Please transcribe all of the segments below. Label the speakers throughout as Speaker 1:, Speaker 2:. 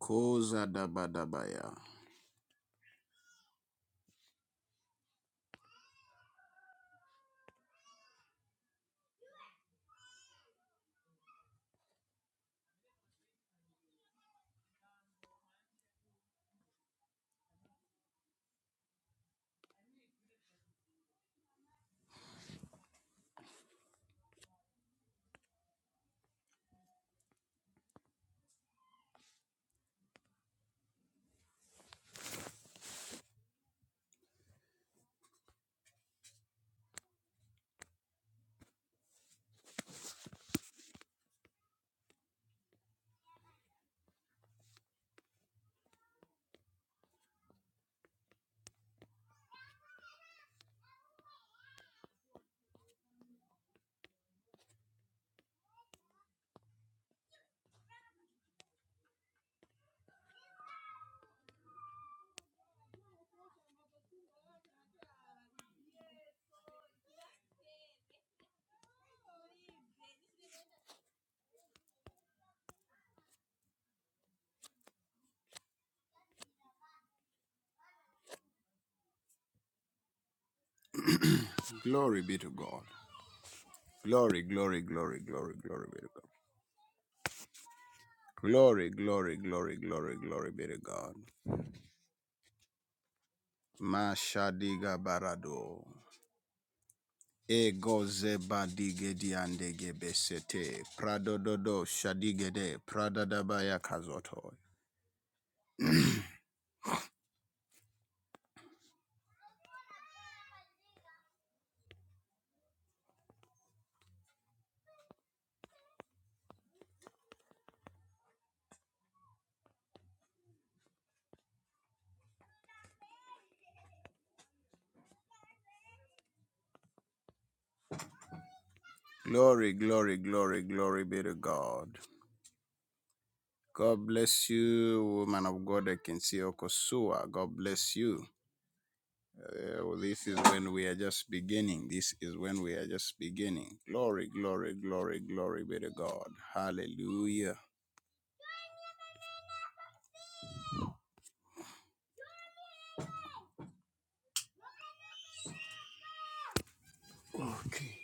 Speaker 1: Kozadabadabaya. Glory be to God. Glory, glory, glory, glory, glory be to God. Glory, glory, glory, glory, glory be to God. Mashadiga barado. Ego zeba digedi andege besete. Pradododo shadigede. Pradadabaya kazoto. Glory, glory, glory, glory be to God. God bless you, woman of God. I can see Okosua. God bless you. Uh, well, this is when we are just beginning. This is when we are just beginning. Glory, glory, glory, glory be to God. Hallelujah. Okay.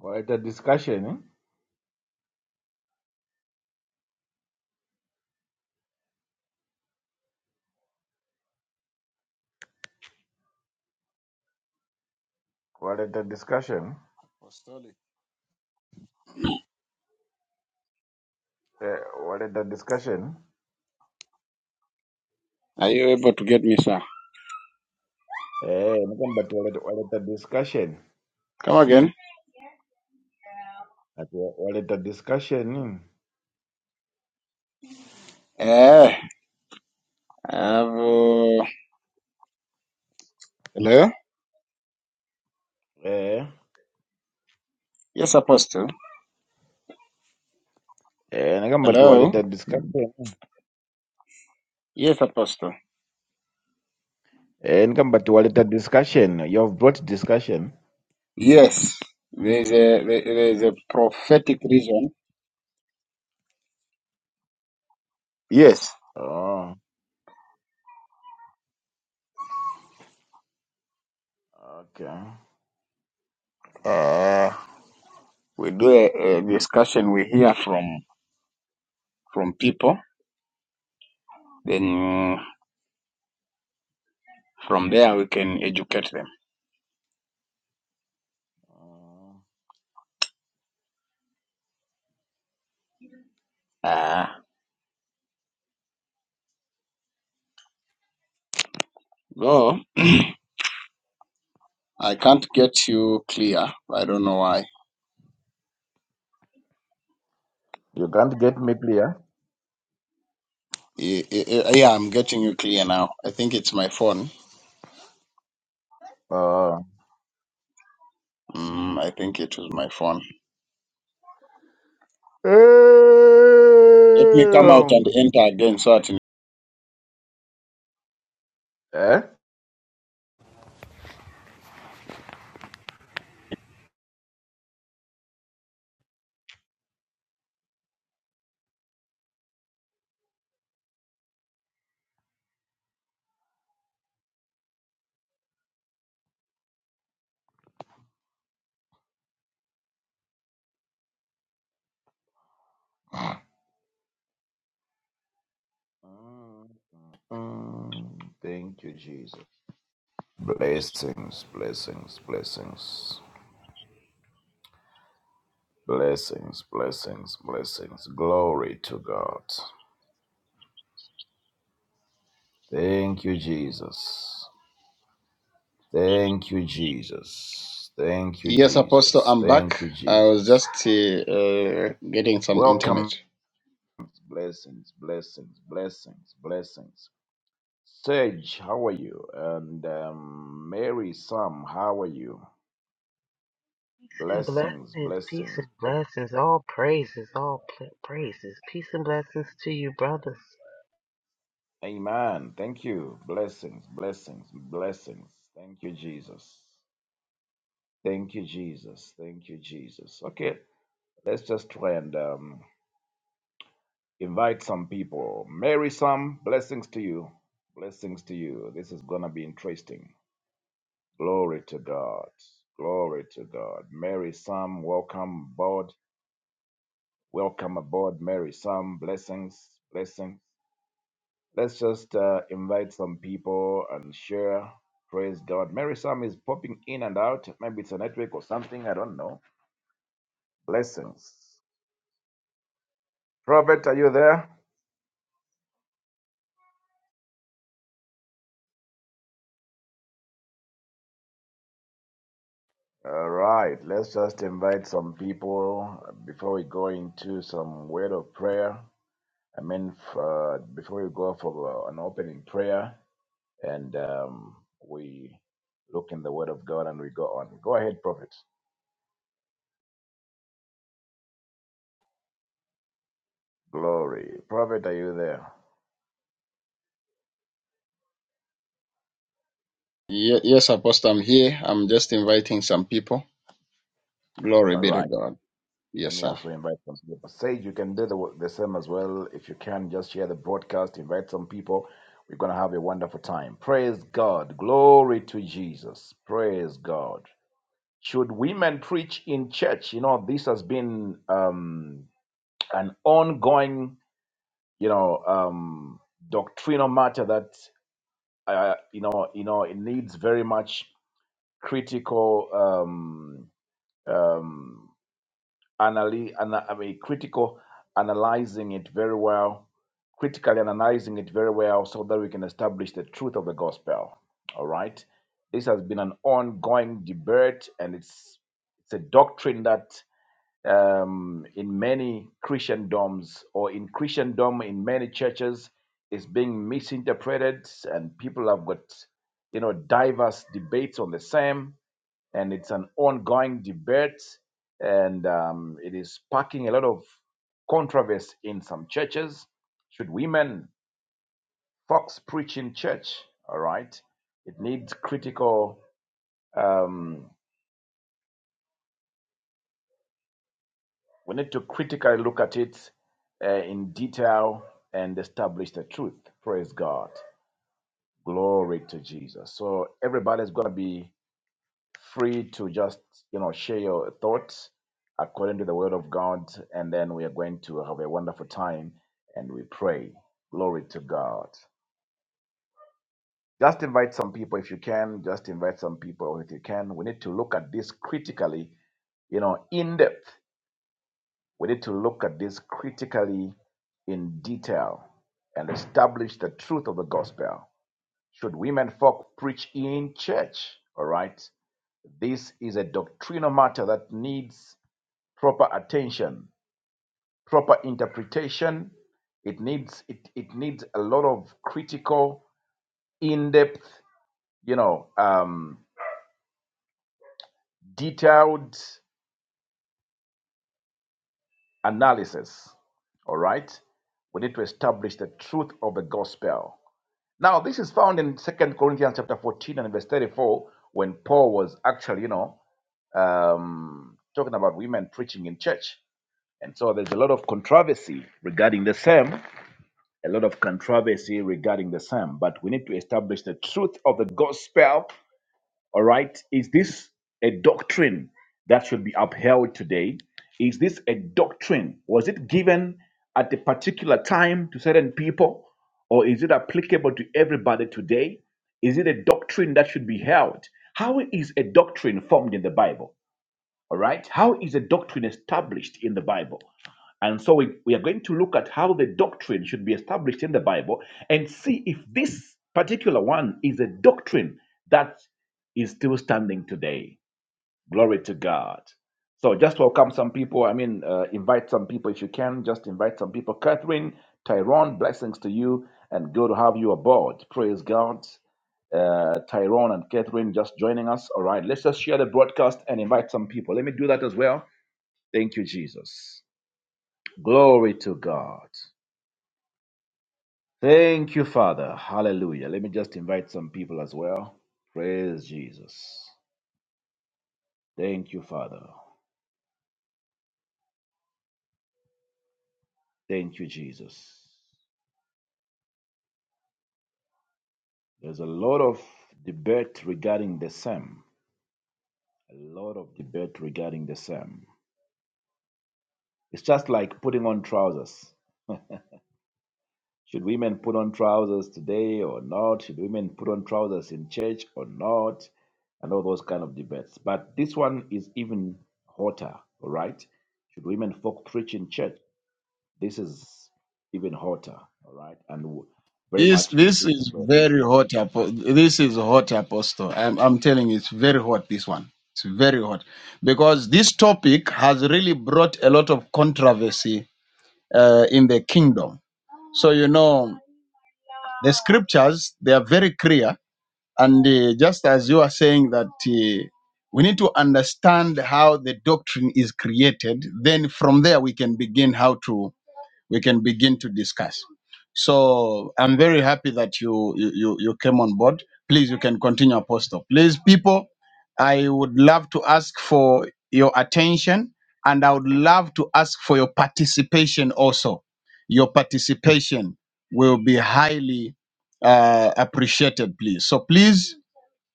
Speaker 2: What a discussion, eh? What a discussion.
Speaker 1: Apostolic.
Speaker 2: Eh, What a discussion.
Speaker 1: Are you able to get me, sir?
Speaker 2: Eh, nothing but what what a discussion.
Speaker 1: Come again.
Speaker 2: At wa- What a discussion.
Speaker 1: Eh, I have, uh, hello?
Speaker 2: eh? Eh,
Speaker 1: Yes, Apostle.
Speaker 2: eh, nothing but what
Speaker 1: Hello?
Speaker 2: a discussion.
Speaker 1: Yes, Apostle.
Speaker 2: Eh, nothing but what a discussion. You've brought discussion.
Speaker 1: Yes. There's a, there- there's a prophetic reason. Yes.
Speaker 2: Oh, okay.
Speaker 1: Uh, we do a, a discussion. We hear from, from people. Then From there, we can educate them.
Speaker 2: Oh.
Speaker 1: Ah, though I can't get you clear. I don't know why.
Speaker 2: You can't get me clear.
Speaker 1: Y- y- y- Yeah, I'm getting you clear now. I think it's my phone.
Speaker 2: Oh.
Speaker 1: Mm, I think it was my phone.
Speaker 2: Eh?
Speaker 1: Let me come out and
Speaker 2: um.
Speaker 1: enter again so that
Speaker 2: Eh? Mm, mm, Thank you, Jesus. Blessings, blessings, blessings, blessings, blessings, blessings. Glory to God. Thank you, Jesus. Thank you, Jesus. Thank you,
Speaker 1: Yes, Apostle,
Speaker 2: Jesus.
Speaker 1: I'm
Speaker 2: Thank
Speaker 1: back.
Speaker 2: you,
Speaker 1: I was
Speaker 2: Jesus.
Speaker 1: just uh, uh, getting some internet.
Speaker 2: Welcome. Blessings, blessings, blessings, blessings. Sage, how are you? And um, Mary, Sam, how are you?
Speaker 3: and
Speaker 2: Blessings,
Speaker 3: blessings, peace
Speaker 2: blessings.
Speaker 3: and blessings, all praises, all pl- praises, peace and blessings to you, brothers.
Speaker 2: Amen. Thank you. Blessings, blessings, blessings. Thank you, Jesus. Thank you, Jesus. Thank you, Jesus. Okay, let's just try and um, invite some people. Mary, some blessings to you. Blessings to you. This is going to be interesting. Glory to God. Glory to God. Mary, some welcome aboard. Welcome aboard, Mary, some blessings, blessings. Let's just uh, invite some people and share. Praise God. Mary Sam is popping in and out. Maybe it's a network or something. I don't know. Blessings. Robert, are you there? All right. Let's just invite some people before we go into some word of prayer. I mean, f- uh, before we go for uh, an opening prayer and um, we look in the word of God and we go on. Go ahead, Prophet. Glory. Prophet, are you there?
Speaker 1: Ye- yes, Apostle, I'm here. I'm just inviting some people. Glory
Speaker 2: All
Speaker 1: be to
Speaker 2: right.
Speaker 1: God.
Speaker 2: Let
Speaker 1: Yes,
Speaker 2: me
Speaker 1: sir.
Speaker 2: also invite some people. Sage, you can do the, the same as well. If you can, just share the broadcast, invite some people. We're going to have a wonderful time. Praise God. Glory to Jesus. Praise God. Should women preach in church? You know, this has been um, an ongoing, you know, um, doctrinal matter that, uh, you know, you know, it needs very much critical um, um, analy- ana- I mean, critical analyzing it very well, critically analyzing it very well so that we can establish the truth of the gospel. All right. This has been an ongoing debate, and it's it's a doctrine that um, in many Christendoms or in Christendom in many churches is being misinterpreted, and people have got you know diverse debates on the same and it's an ongoing debate, and um, it is sparking a lot of controversy in some churches. Should women, folks, preach in church? All right, it needs critical. Um, we need to critically look at it uh, in detail and establish the truth. Praise God. Glory to Jesus. So everybody's going to be free to just you know share your thoughts according to the word of God, and then we are going to have a wonderful time and we pray. Glory to God. Just invite some people if you can. Just invite some people if you can. We need to look at this critically, you know, in depth. We need to look at this critically in detail and establish the truth of the gospel. Should women folk preach in church? All right. This is a doctrinal matter that needs proper attention, proper interpretation. It needs it, it needs a lot of critical, in-depth, you know, um, detailed analysis. All right. We need to establish the truth of the gospel. Now, this is found in Second Corinthians chapter 14 and verse 34, when Paul was actually, you know, um, talking about women preaching in church. And so there's a lot of controversy regarding the same a lot of controversy regarding the psalm, but we need to establish the truth of the gospel. All right. Is this a doctrine that should be upheld today? Is this a doctrine? Was it given at a particular time to certain people, or is it applicable to everybody today? Is it a doctrine that should be held? How is a doctrine formed in the Bible? All right. How is a doctrine established in the Bible? And so we, we are going to look at how the doctrine should be established in the Bible and see if this particular one is a doctrine that is still standing today. Glory to God. So just welcome some people. I mean, uh, invite some people if you can. Just invite some people. Catherine, Tyrone, blessings to you and good to have you aboard. Praise God. Uh, Tyrone and Catherine just joining us. All right, let's just share the broadcast and invite some people. Let me do that as well. Thank you, Jesus. Glory to God. Thank you, Father. Hallelujah. Let me just invite some people as well. Praise Jesus. Thank you, Father. Thank you, Jesus. There's a lot of debate regarding the same. A lot of debate regarding the same. It's just like putting on trousers. Should women put on trousers today or not? Should women put on trousers in church or not? And all those kind of debates. But this one is even hotter, all right? Should women folk preach in church? This is even hotter, all right, and w- very
Speaker 1: This
Speaker 2: much
Speaker 1: this
Speaker 2: missing the
Speaker 1: is
Speaker 2: prayer.
Speaker 1: very hot. apo- This is hot, Apostle. I'm I'm telling you, it's very hot. This one, it's very hot because this topic has really brought a lot of controversy uh, in the kingdom. So you know, the scriptures they are very clear, and uh, just as you are saying that uh, we need to understand how the doctrine is created, then from there we can begin how to we can begin to discuss. So I'm very happy that you you you you came on board. Please, you can continue, Apostle. Please, people, I would love to ask for your attention, and I would love to ask for your participation also. Your participation will be highly uh, appreciated, please. So please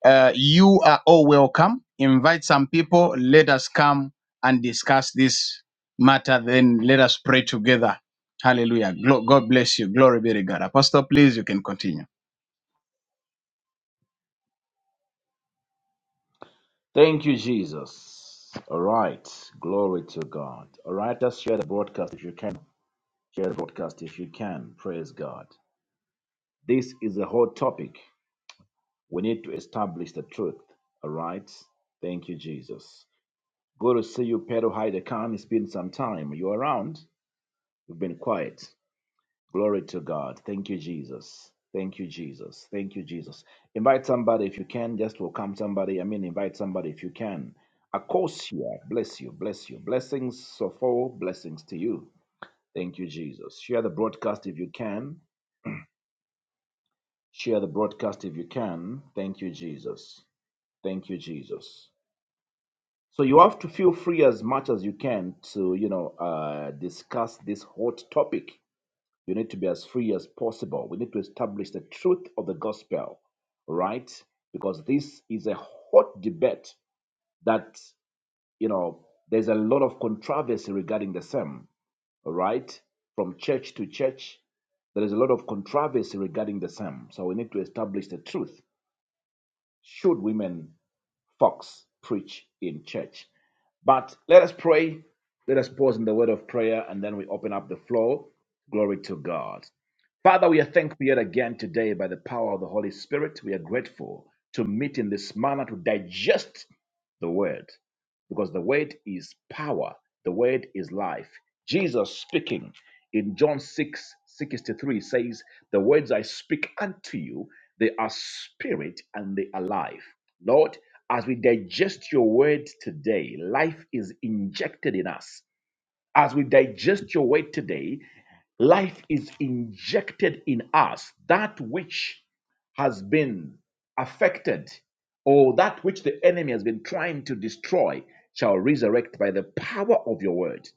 Speaker 1: uh, you are all welcome. Invite some people. Let us come and discuss this matter. Then let us pray together. Hallelujah. Glo- God bless you. Glory be to God. Apostle, please, you can continue.
Speaker 2: Thank you, Jesus. All right, glory to God. All right, let's share the broadcast if you can. Share the broadcast if you can. Praise God. This is a hot topic. We need to establish the truth. All right. Thank you, Jesus. Good to see you, Pedro Heidekan. It's been some time. You're around. You've been quiet. Glory to God. Thank you, Jesus. Thank you, Jesus. Thank you, Jesus. Invite somebody if you can. Just welcome somebody. I mean, invite somebody if you can. Akosia, bless you, bless you. Blessings, Sopho, blessings to you. Thank you, Jesus. Share the broadcast if you can. Share the broadcast if you can. Thank you, Jesus. Thank you, Jesus. So you have to feel free as much as you can to, you know, uh, discuss this hot topic You need to be as free as possible. We need to establish the truth of the gospel, right? Because this is a hot debate that, you know, there's a lot of controversy regarding the same, right? From church to church, there is a lot of controversy regarding the same. So we need to establish the truth. Should women fox preach in church? But let us pray. Let us pause in the word of prayer and then we open up the floor. Glory to God. Father, we are thankful yet again today by the power of the Holy Spirit. We are grateful to meet in this manner to digest the word because the word is power, the word is life. Jesus speaking in John 6 63 says, The words I speak unto you, they are spirit and they are life. Lord, as we digest your word today, life is injected in us. As we digest your word today, life is injected in us, that which has been affected, or that which the enemy has been trying to destroy, shall resurrect by the power of your word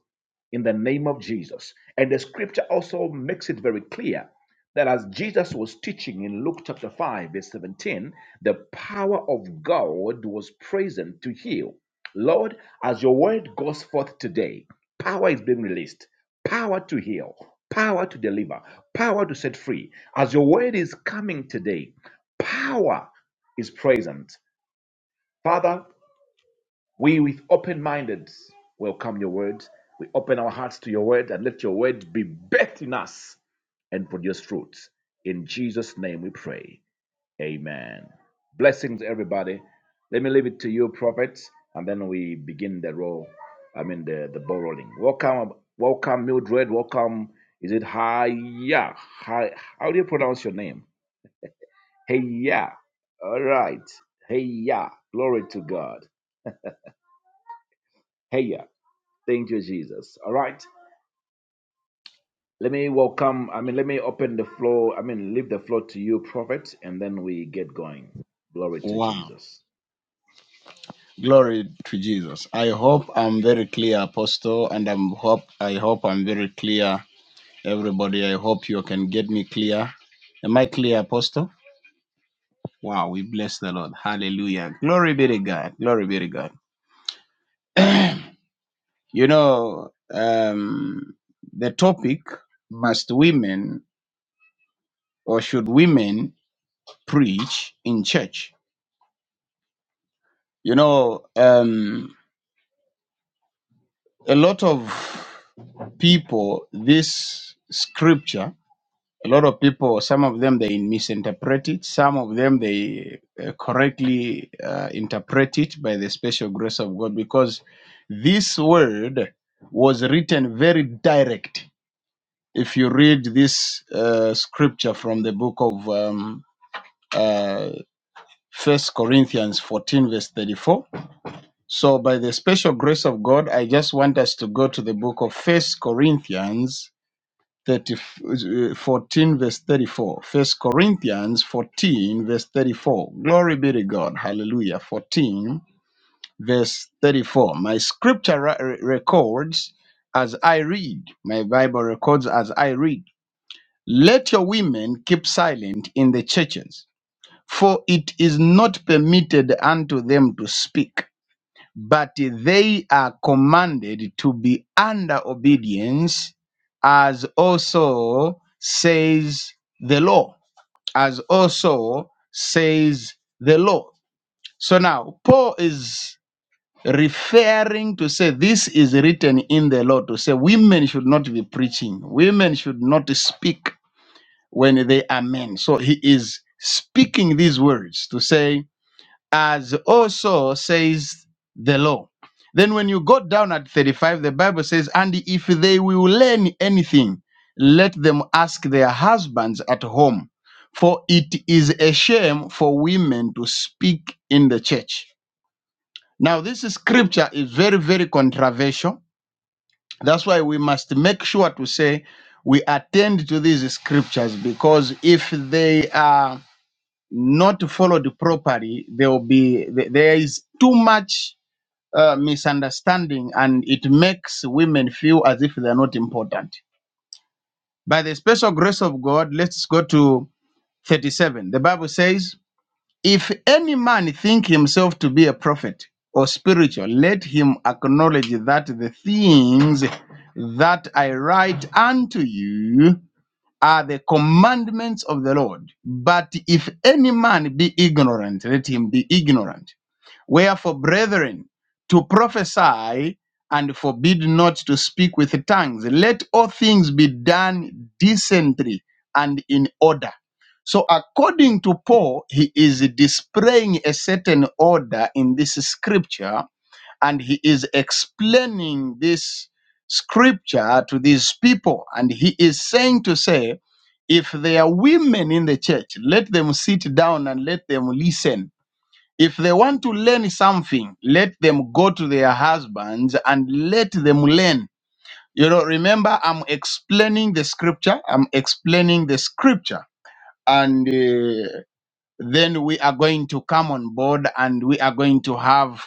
Speaker 2: in the name of Jesus. And the scripture also makes it very clear that as Jesus was teaching in Luke chapter 5, verse 17, the power of God was present to heal. Lord, as your word goes forth today, power is being released, power to heal, power to deliver, power to set free. As your word is coming today, power is present. Father, we, with open minded, welcome your word. We open our hearts to your word and let your word be birthed in us and produce fruit. In Jesus' name we pray. Amen. Blessings, everybody. Let me leave it to you, prophets, and then we begin the roll. I mean, the, the ball rolling. Welcome, welcome, Mildred. Welcome. Is it Haya? Hi, how do you pronounce your name? Heya. All right. Heya. Glory to God. Heya. Thank you, Jesus. All right. Let me welcome, I mean, let me open the floor, I mean, leave the floor to you, prophet, and then we get going. Glory to
Speaker 1: Wow.
Speaker 2: Jesus.
Speaker 1: Glory to Jesus. I hope I'm very clear, Apostle, and I'm hope I hope I'm very clear, everybody. I hope you can get me clear. Am I clear, Apostle? Wow, we bless the Lord. Hallelujah. Glory be to God. Glory be to God. You know, um, the topic must women or should women preach in church? You know, um, a lot of people, this scripture, a lot of people, some of them they misinterpret it, some of them they uh, correctly uh, interpret it by the special grace of God because this word was written very direct If you read this uh, scripture from the book of um, uh, 1 Corinthians 14, verse 34. So, by the special grace of God, I just want us to go to the book of First Corinthians 30, uh, 14, verse 34. First Corinthians 14, verse 34. Glory be to God. Hallelujah. 14, verse 34. My scripture ra- records as I read. My Bible records as I read. Let your women keep silent in the churches, for it is not permitted unto them to speak, but they are commanded to be under obedience, as also says the law. As also says the law. So now, Paul is referring to say this is written in the law to say women should not be preaching, women should not speak when they are men. So he is speaking these words to say, as also says the law. Then when you go down at 35, the Bible says, and if they will learn anything, let them ask their husbands at home. For it is a shame for women to speak in the church. Now, this scripture is very, very controversial. That's why we must make sure to say we attend to these scriptures because if they are not followed properly, there will be th- there is too much uh, misunderstanding, and it makes women feel as if they are not important. By the special grace of God, let's go to 37. The Bible says, "If any man think himself to be a prophet or spiritual, let him acknowledge that the things that I write unto you." are the commandments of the Lord. But if any man be ignorant, let him be ignorant. Wherefore, brethren, to prophesy and forbid not to speak with tongues. Let all things be done decently and in order. So, according to Paul, he is displaying a certain order in this scripture and he is explaining this scripture to these people and he is saying to say if there are women in the church let them sit down and let them listen if they want to learn something, let them go to their husbands and let them learn. You know, remember, I'm explaining the scripture. I'm explaining the scripture. And uh, then we are going to come on board and we are going to have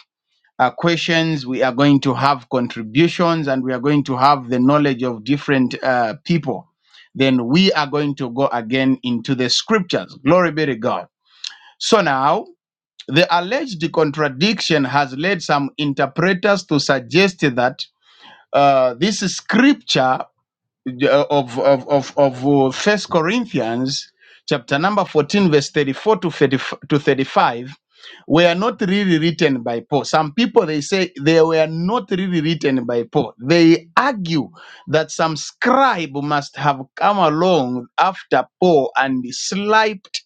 Speaker 1: uh, questions. We are going to have contributions and we are going to have the knowledge of different uh, people. Then we are going to go again into the scriptures. Glory be to God. So now, the alleged contradiction has led some interpreters to suggest that uh, this scripture uh, of of of of uh, First Corinthians chapter number 14 verse 34 to 30, to 35 were not really written by Paul. Some people they say they were not really written by Paul. They argue that some scribe must have come along after Paul and slipped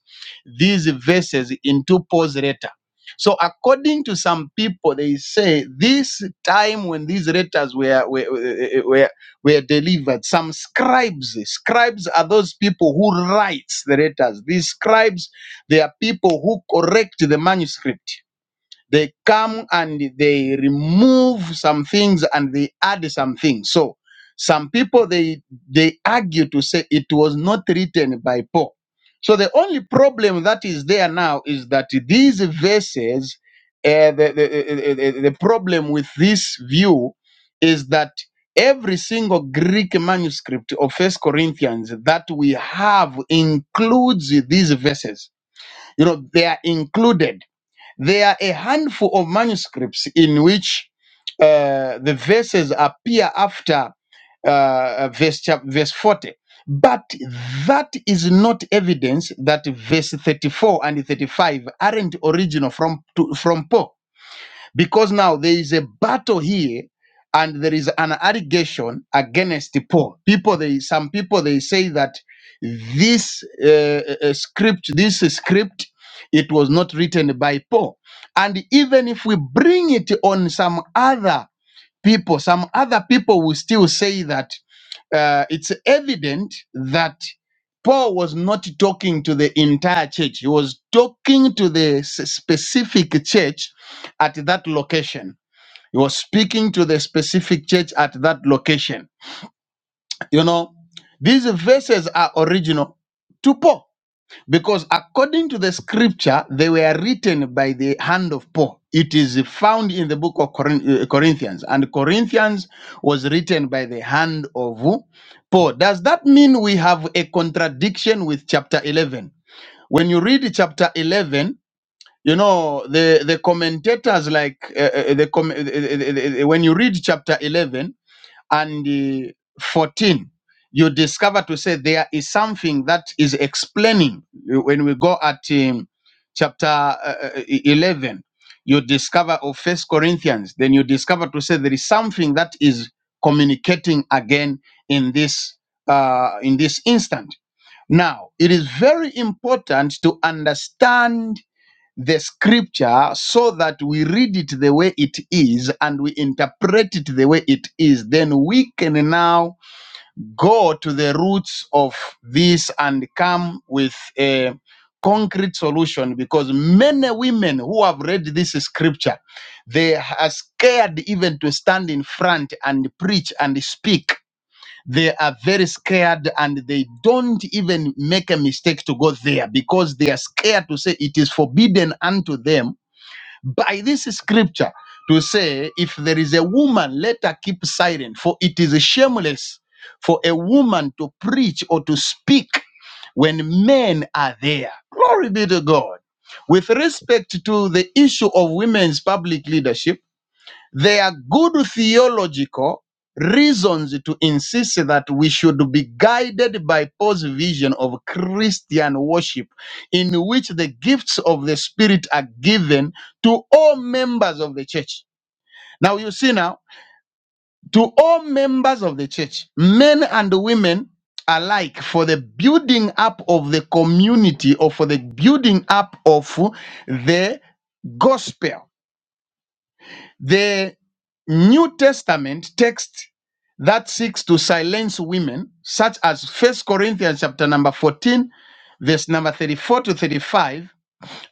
Speaker 1: these verses into Paul's letter. So according to some people, they say this time when these letters were, were, were, were delivered. Some scribes, scribes are those people who write the letters. These scribes, they are people who correct the manuscript. They come and they remove some things and they add some things. So some people they they argue to say it was not written by Paul. So the only problem that is there now is that these verses, uh, the, the, the, the the problem with this view is that every single Greek manuscript of First Corinthians that we have includes these verses. You know, they are included. They are because a battle here and there is an allegation against paul people they some people they say that this uh, uh, uh, script this script it was not written by paul and even if we bring it on some other people some other people will still say that uh, it's evident that paul was not talking to the entire church he was talking to the s- specific church at that location He to the specific church at that location. You know, this regional to Paul. Because according to the scripture, they were written by the hand of Paul. It is found in the book of Corin- uh, Corinthians, and Corinthians was written by the hand of who? Paul. Does that mean we have a contradiction with chapter 11? When you read chapter 11, you know the the commentators like uh, uh, the com- uh, uh, uh, uh, uh, when you read chapter 11 and uh, 14 you discover to say there is something that is explaining uh, when we go at um, chapter uh, uh, 11 you discover of first corinthians then you discover to say there is something that is communicating again in this uh, in this instant now it is very important to understand the scripture so that we read it the way it is and we interpret it the way it is, then we can now go to the roots of this and come with a concrete solution because many women who have read this scripture they are scared even to stand in front and preach and speak they are very scared and they don't even make a mistake to go there because they are scared to say it is forbidden unto them by this scripture to say, if there is a woman, let her keep silent, for it is shameless for a woman to preach or to speak when men are there. Glory be to God. With respect to the issue of women's public leadership, there are good theological reasons to insist that we should be guided by Paul's vision of Christian worship, in which the gifts of the Spirit are given to all members of the church. Now, you see, now, to all members of the church, men and women alike, for the building up of the community or for the building up of the gospel. The New Testament text that seeks to silence women, such as First Corinthians chapter number 14, verse number 34 to 35.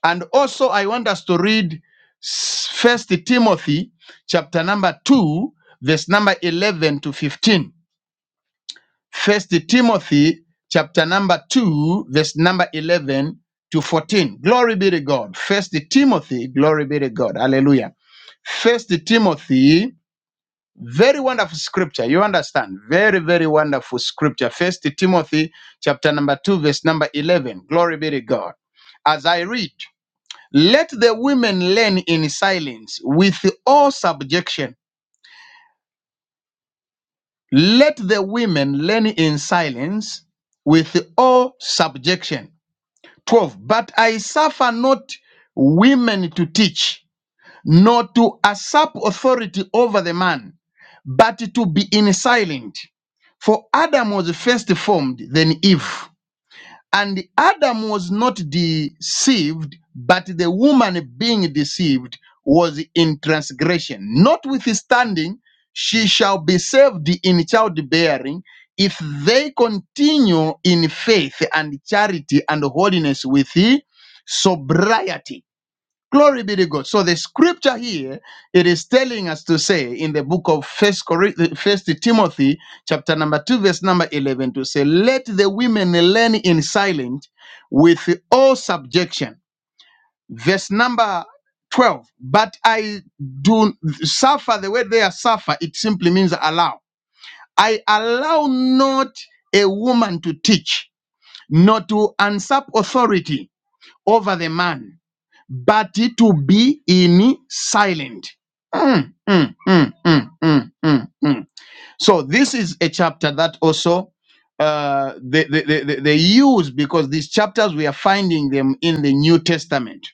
Speaker 1: And also I want us to read First Timothy chapter number 2, verse number 11 to 15. First Timothy chapter number 2, verse number 11 to 14. Glory be to God. First Timothy, glory be to God. Hallelujah. First Timothy very wonderful scripture. You understand? Very, very wonderful scripture. First Timothy chapter number two, verse number eleven. Glory be to God. As I read, let the women learn in silence with all subjection. Let the women learn in silence with all subjection. 12. But I suffer not women to teach nor to usurp authority over the man, but to be in silent. For Adam was first formed, then Eve. And Adam was not deceived, but the woman being deceived was in transgression. Notwithstanding, she shall be saved in childbearing if they continue in faith and charity and holiness with sobriety. Glory be to God. So the scripture here it is telling us to say in the book of First, First Timothy, chapter number two, verse number eleven, to say, "Let the women learn in silence, with all subjection." Verse number twelve. But I do suffer the way they are suffer. It simply means allow. I allow not a woman to teach, nor to usurp authority over the man but to be in silent. Mm, mm, mm, mm, mm, mm, mm. So this is a chapter that also uh, they, they, they, they they use because these chapters we are finding them in the New Testament.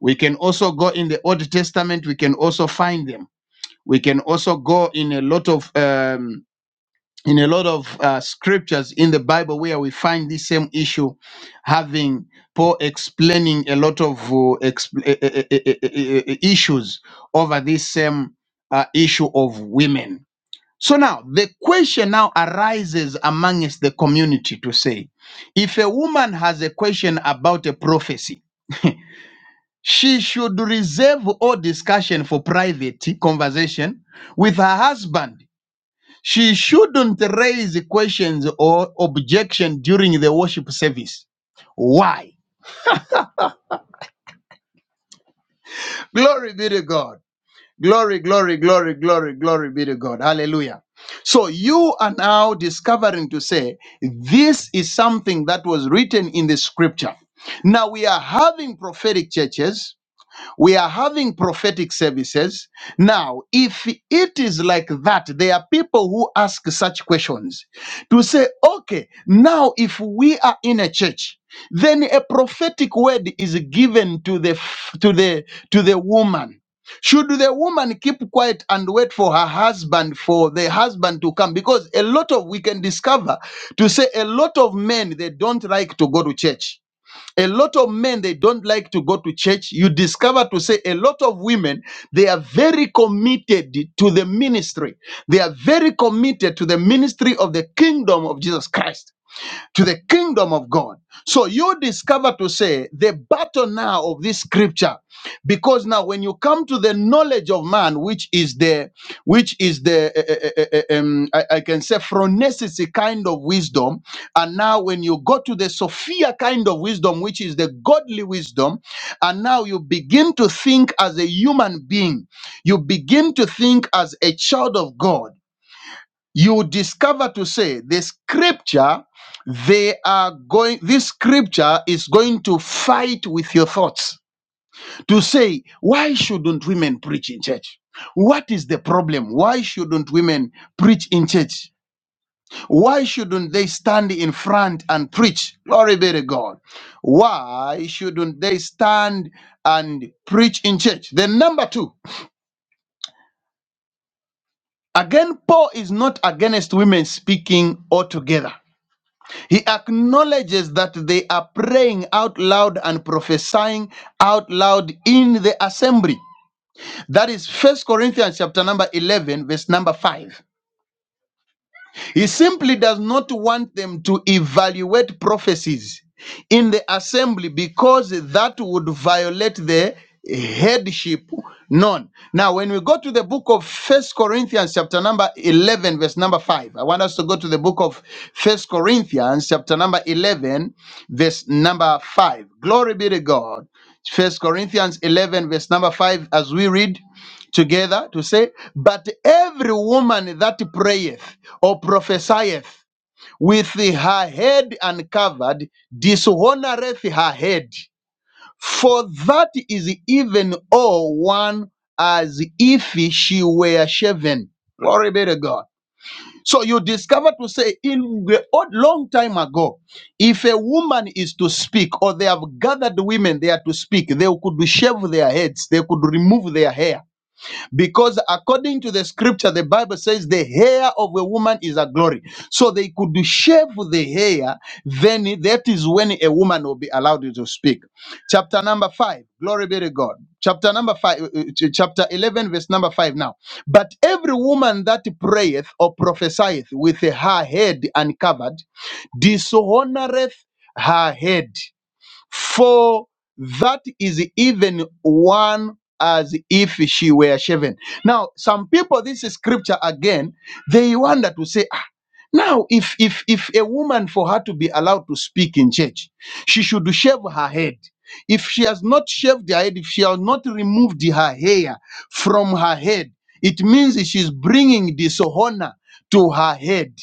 Speaker 1: We can also go in the Old Testament. We can also find them. We can also go in a lot of um, in a lot of uh, scriptures in the Bible where we find this same issue, having Paul explaining a lot of uh, expl- eh, eh, eh, eh, eh, eh, eh, eh, issues over this same uh, issue of women. So now the question now arises amongst the community to say, if a woman has a question about a prophecy, she should reserve all discussion for private conversation with her husband she shouldn't raise questions or objection during the worship service. Why? Glory be to God. Glory, glory, glory, glory, glory be to God. Hallelujah. So you are now discovering to say this is something that was written in the scripture. Now we are having prophetic churches we are having prophetic services now if it is like that there are people who ask such questions to say okay now if we are in a church then a prophetic word is given to the f- to the to the woman should the woman keep quiet and wait for her husband for the husband to come because a lot of we can discover to say a lot of men they don't like to go to church a lot of men they don't like to go to church you discover to say a lot of women they are very committed to the ministry they are very committed to the ministry of the kingdom of jesus christ to the kingdom of God. So you discover to say the battle now of this scripture, because now when you come to the knowledge of man, which is the, which is the, eh, eh, eh, eh, eh, um, I, I can say phronesis kind of wisdom, and now when you go to the Sophia kind of wisdom, which is the godly wisdom, and now you begin to think as a human being, you begin to think as a child of God you discover to say the scripture they are going this scripture is going to fight with your thoughts to say why shouldn't women preach in church what is the problem why shouldn't women preach in church why shouldn't they stand in front and preach glory be to god why shouldn't they stand and preach in church then number two again paul is not against women speaking altogether He acknowledges that they are praying out loud and prophesying out loud in the assembly. That is First Corinthians chapter number 11 verse number 5. He simply does not want them to evaluate prophecies in the assembly because that would violate the headship none now when we go to the book of first corinthians chapter number 11 verse number 5 i want us to go to the book of first corinthians chapter number 11 verse number 5 glory be to god first corinthians 11 verse number 5 as we read together to say, But every woman that prayeth or prophesieth with her head uncovered dishonoreth her head, for that is even all one as if she were shaven. Glory be to God. So you discover to say in the old long time ago, if a woman is to speak, or they have gathered women there to speak, they could shave their heads, they could remove their hair because according to the scripture, the Bible says the hair of a woman is a glory. So they could shave the hair, then that is when a woman will be allowed to speak. Chapter number five, glory be to God. Chapter number five, uh, uh, ch- chapter 11, verse number five now. But every woman that prayeth or prophesieth with her head uncovered dishonoreth her head for that is even one as if she were shaven. Now, some people, this is scripture again, they wonder to say, ah, now if if if a woman for her to be allowed to speak in church, she should shave her head. If she has not shaved her head, if she has not removed her hair from her head, it means she's bringing dishonor to her head.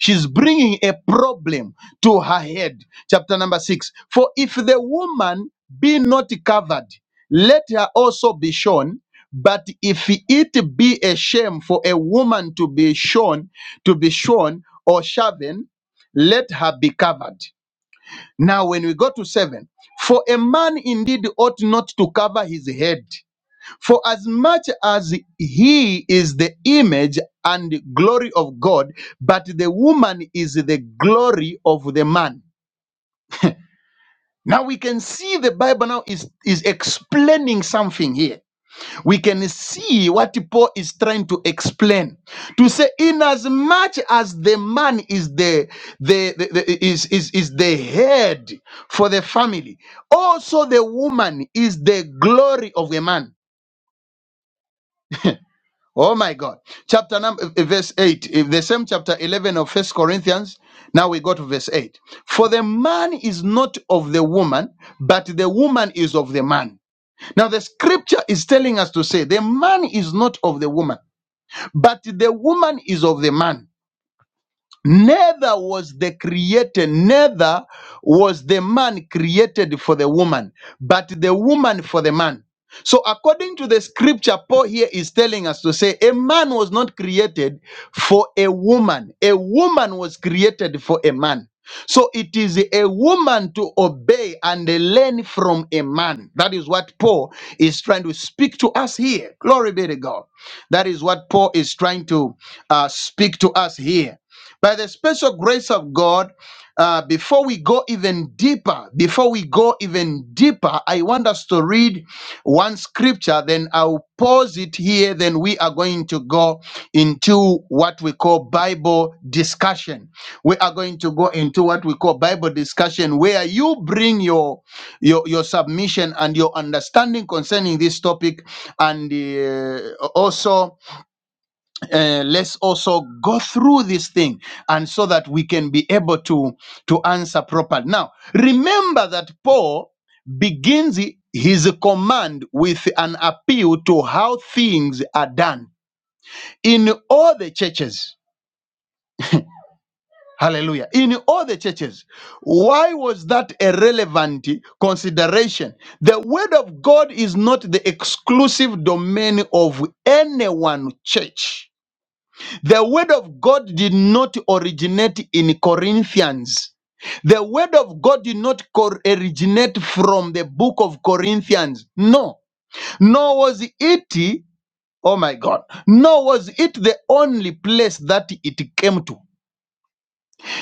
Speaker 1: She's bringing a problem to her head chapter number 6 for if the woman be not covered let her also be shorn but if it be a shame for a woman to be shorn to be shorn or shaven let her be covered now when we go to 7 for a man indeed ought not to cover his head for as much as he is the image and glory of god but the woman is the glory of the man now we can see the Bible now is, is explaining something here. We can see what Paul is trying to explain. To say, in as much as the man is the, the, the, the- is, is, is the head for the family, also the woman is the glory of the man. Oh my God. Chapter number verse 8. If The same chapter 11 of First Corinthians. Now we go to verse 8. For the man is not of the woman, but the woman is of the man. Now, the scripture is telling us to say the man is not of the woman, but the woman is of the man. Neither was the created, neither was the man created for the woman, but the woman for the man. So, according to the scripture, Paul here is telling us to say a man was not created for a woman, a woman was created for a man. So, it is a woman to obey and learn from a man. That is what Paul is trying to speak to us here. Glory be to God. That is what Paul is trying to uh, speak to us here by the special grace of God, uh, before we go even deeper, before we go even deeper, I want us to read one scripture, then I'll pause it here, then we are going to go into what we call Bible discussion. We are going to go into what we call Bible discussion, where you bring your your, your submission and your understanding concerning this topic, and uh, also uh, let's also go through this thing and so that we can be able to to answer properly now remember that paul begins his command with an appeal to how things are done in all the churches hallelujah in all the churches why was that a relevant consideration the word of god is not the exclusive domain of any one church The word of God did not originate in Corinthians. The word of God did not cor- originate from the book of Corinthians. No. Nor was it, oh my God, nor was it the only place that it came to.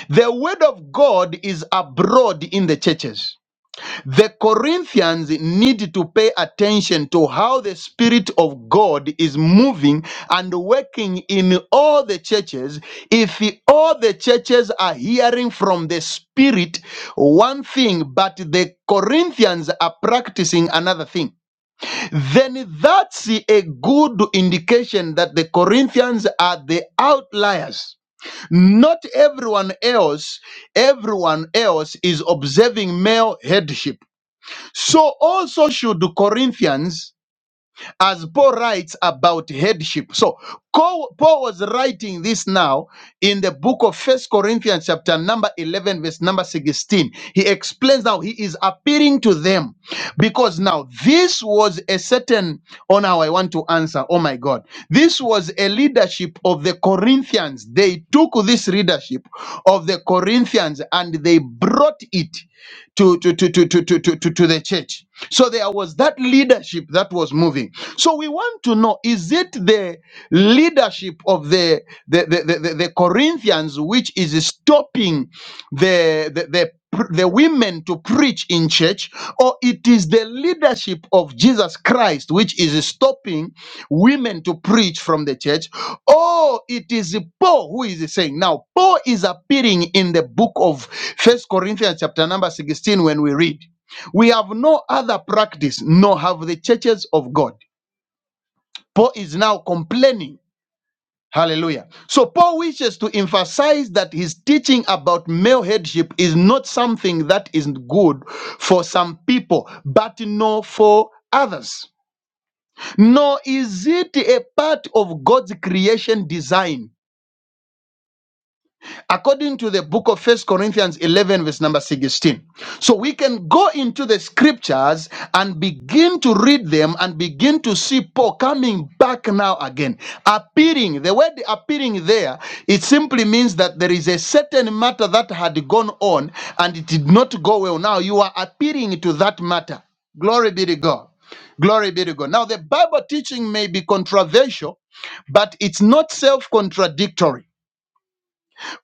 Speaker 1: The word of God is abroad in the churches. The Corinthians need to pay attention to how the Spirit of God is moving and working in all the churches. If all the churches are hearing from the Spirit one thing, but the Corinthians are practicing another thing, then that's a good indication that the Corinthians are the outliers. Not everyone else, everyone else is observing male headship so also should the Corinthians, as Paul writes about headship. So Co- Paul was writing this now in the book of First Corinthians, chapter number 11, verse number 16. He explains now he is appealing to them because now this was a certain. Oh, now I want to answer. Oh my God, this was a leadership of the Corinthians. They took this leadership of the Corinthians and they brought it to to to to to to to, to, to the church so there was that leadership that was moving so we want to know is it the leadership of the the the, the, the, the corinthians which is stopping the the, the pr- the women to preach in church or it is the leadership of jesus christ which is stopping women to preach from the church. Oh, it is Paul who is saying. Now, Paul is appearing in the book of First Corinthians, chapter number 16, when we read, We have no other practice, nor have the churches of God. Paul is now complaining. Hallelujah. So Paul wishes to emphasize that his teaching about male headship is not something that is good for some people, but no for others. Nor is it a part of God's creation design according to the book of First Corinthians 11, verse number 16. So we can go into the scriptures and begin to read them and begin to see Paul coming back now again. Appearing, the word appearing there, it simply means that there is a certain matter that had gone on and it did not go well. Now you are appearing to that matter. Glory be to God. Glory be to God. Now, the Bible teaching may be controversial, but it's not self contradictory.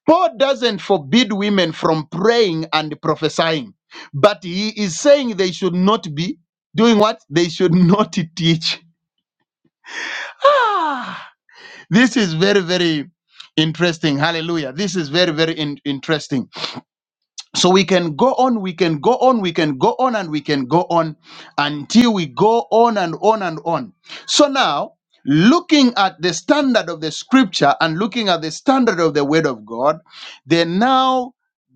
Speaker 1: Paul doesn't forbid women from praying and prophesying, but he is saying they should not be doing what? They should not teach. Ah, this is very, very interesting. Hallelujah. This is very, very in- interesting so we can go on, we can go on, we can go on, and we can go on until we go on and on and on. So now, looking at the standard of the scripture and looking at the standard of the word of God, then now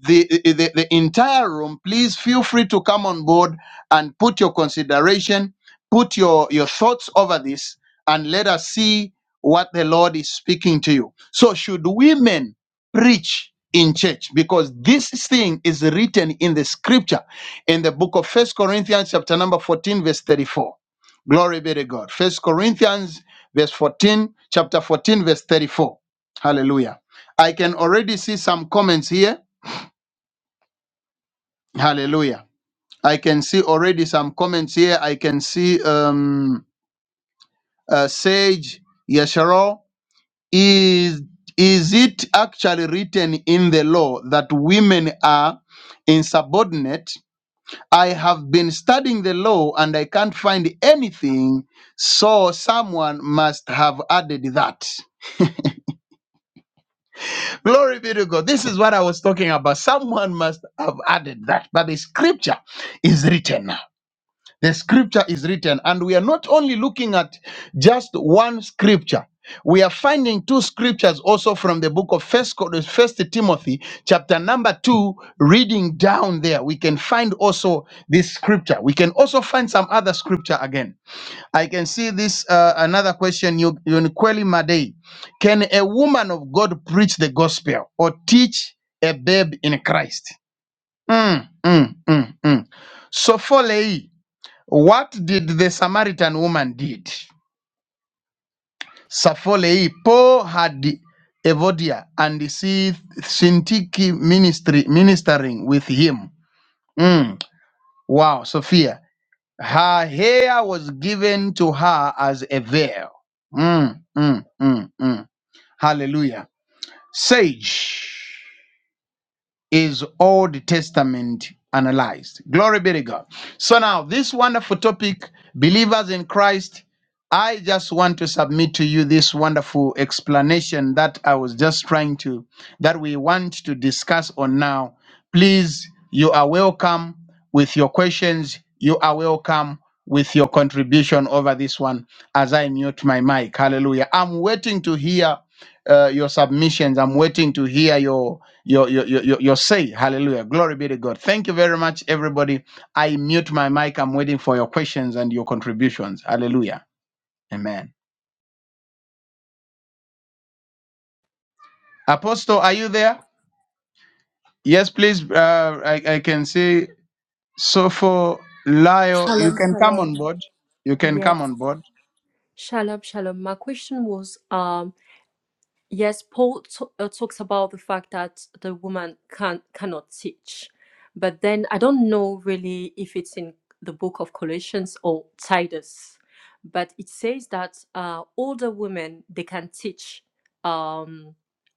Speaker 1: the, the, the entire room, please feel free to come on board and put your consideration, put your, your thoughts over this, and let us see what the Lord is speaking to you. So, should women preach in church because this thing is written in the scripture in the book of first corinthians chapter number 14 verse 34 glory be to god first corinthians verse 14 chapter 14 verse 34 hallelujah i can already see some comments here hallelujah i can see already some comments here i can see um uh, sage yesharo Is, is it actually written in the law that women are insubordinate? I have been studying the law and I can't find anything, so someone must have added that. Glory be to God. This is what I was talking about. Someone must have added that, but the scripture is written. The scripture is written, and we are not only looking at just one scripture. We are finding two scriptures also from the book of First, Cor- First Timothy, chapter number two. Reading down there, we can find also this scripture. We can also find some other scripture again. I can see this uh, another question. You, Yunikweli Madei, can a woman of God preach the gospel or teach a babe in Christ? Mm, mm, mm, mm. Sopholei, what did the Samaritan woman did? Sapholei, Paul had Evodia and see Syntyche ministry ministering with him. Mm, Wow, Sophia. Her hair was given to her as a veil. Mm, mm, mm, mm. Hallelujah. Sage. is Old Testament analyzed. Glory be to God. So now, this wonderful topic, believers in Christ, I just want to submit to you this wonderful explanation that I was just trying to, that we want to discuss on now. Please, you are welcome with your questions. You are welcome with your contribution over this one as I mute my mic. Hallelujah. I'm waiting to hear uh, your submissions. I'm waiting to hear your you're, you're, you're, you're saved. Hallelujah. Glory be to God. Thank you very much, everybody. I mute my mic. I'm waiting for your questions and your contributions. Hallelujah. Amen. Apostle, are you there? Yes, please. Uh, I, I can see. So for Lio, you
Speaker 4: Shalom,
Speaker 1: can come
Speaker 4: shalom.
Speaker 1: on board. You can
Speaker 4: Yes,
Speaker 1: come on board.
Speaker 4: shalom, shalom. My question was, um, yes, Paul t- uh, talks about the fact that the woman can cannot teach, but then I don't know really if it's in the book of Colossians or Titus, but it says that uh, older women they can teach um,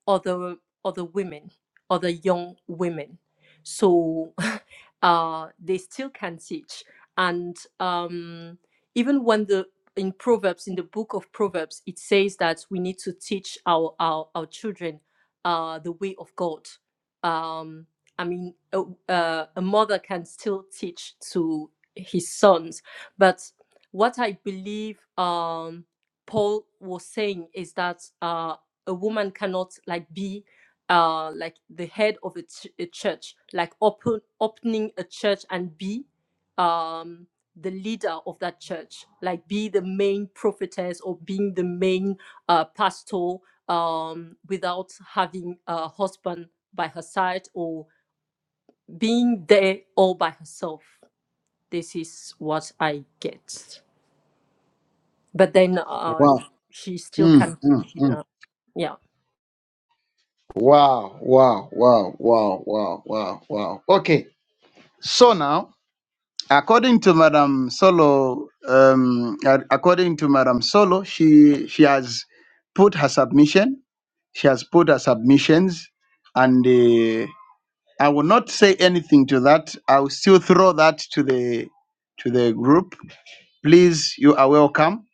Speaker 4: other other women, other young women, so uh, they still can teach and. Um, even when the in Proverbs, in the book of Proverbs, it says that we need to teach our our, our children uh, the way of God. Um, I mean, a, uh, a mother can still teach to his sons, but what I believe um, Paul was saying is that uh, a woman cannot like be uh, like the head of a, ch- a church, like open opening a church and be. Um, the leader of that church, like be the main prophetess or being the main uh, pastor um, without having a husband by her side or being there all by herself. This is what I get. But then uh,
Speaker 1: Wow.
Speaker 4: she still
Speaker 1: Mm.
Speaker 4: can preach, you know. Yeah,
Speaker 1: Wow. Wow. Wow. Wow. Wow. Wow. Wow. Okay. So now. According to Madam Solo, um, a- according to Madam Solo, she she has put her submission. She has put her submissions, and uh, I will not say anything to that. I will still throw that to the to the group. Please, you are welcome.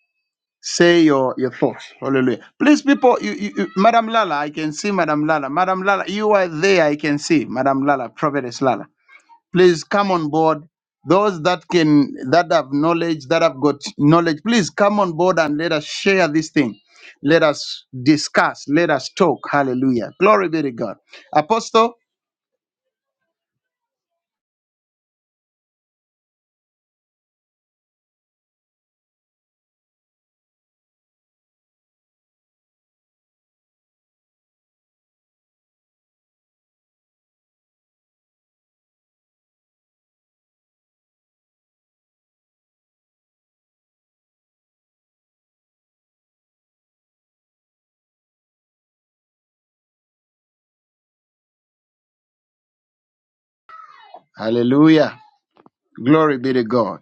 Speaker 1: Say your your thoughts. Hallelujah. Please, people, you, you, you- Madam Lala, I can see Madam Lala. Madam Lala, you are there. I can see Madam Lala, Prophetess Lala please come on board those that can that have knowledge that have got knowledge please come on board and let us share this thing let us discuss let us talk hallelujah glory be to god apostle hallelujah glory be to god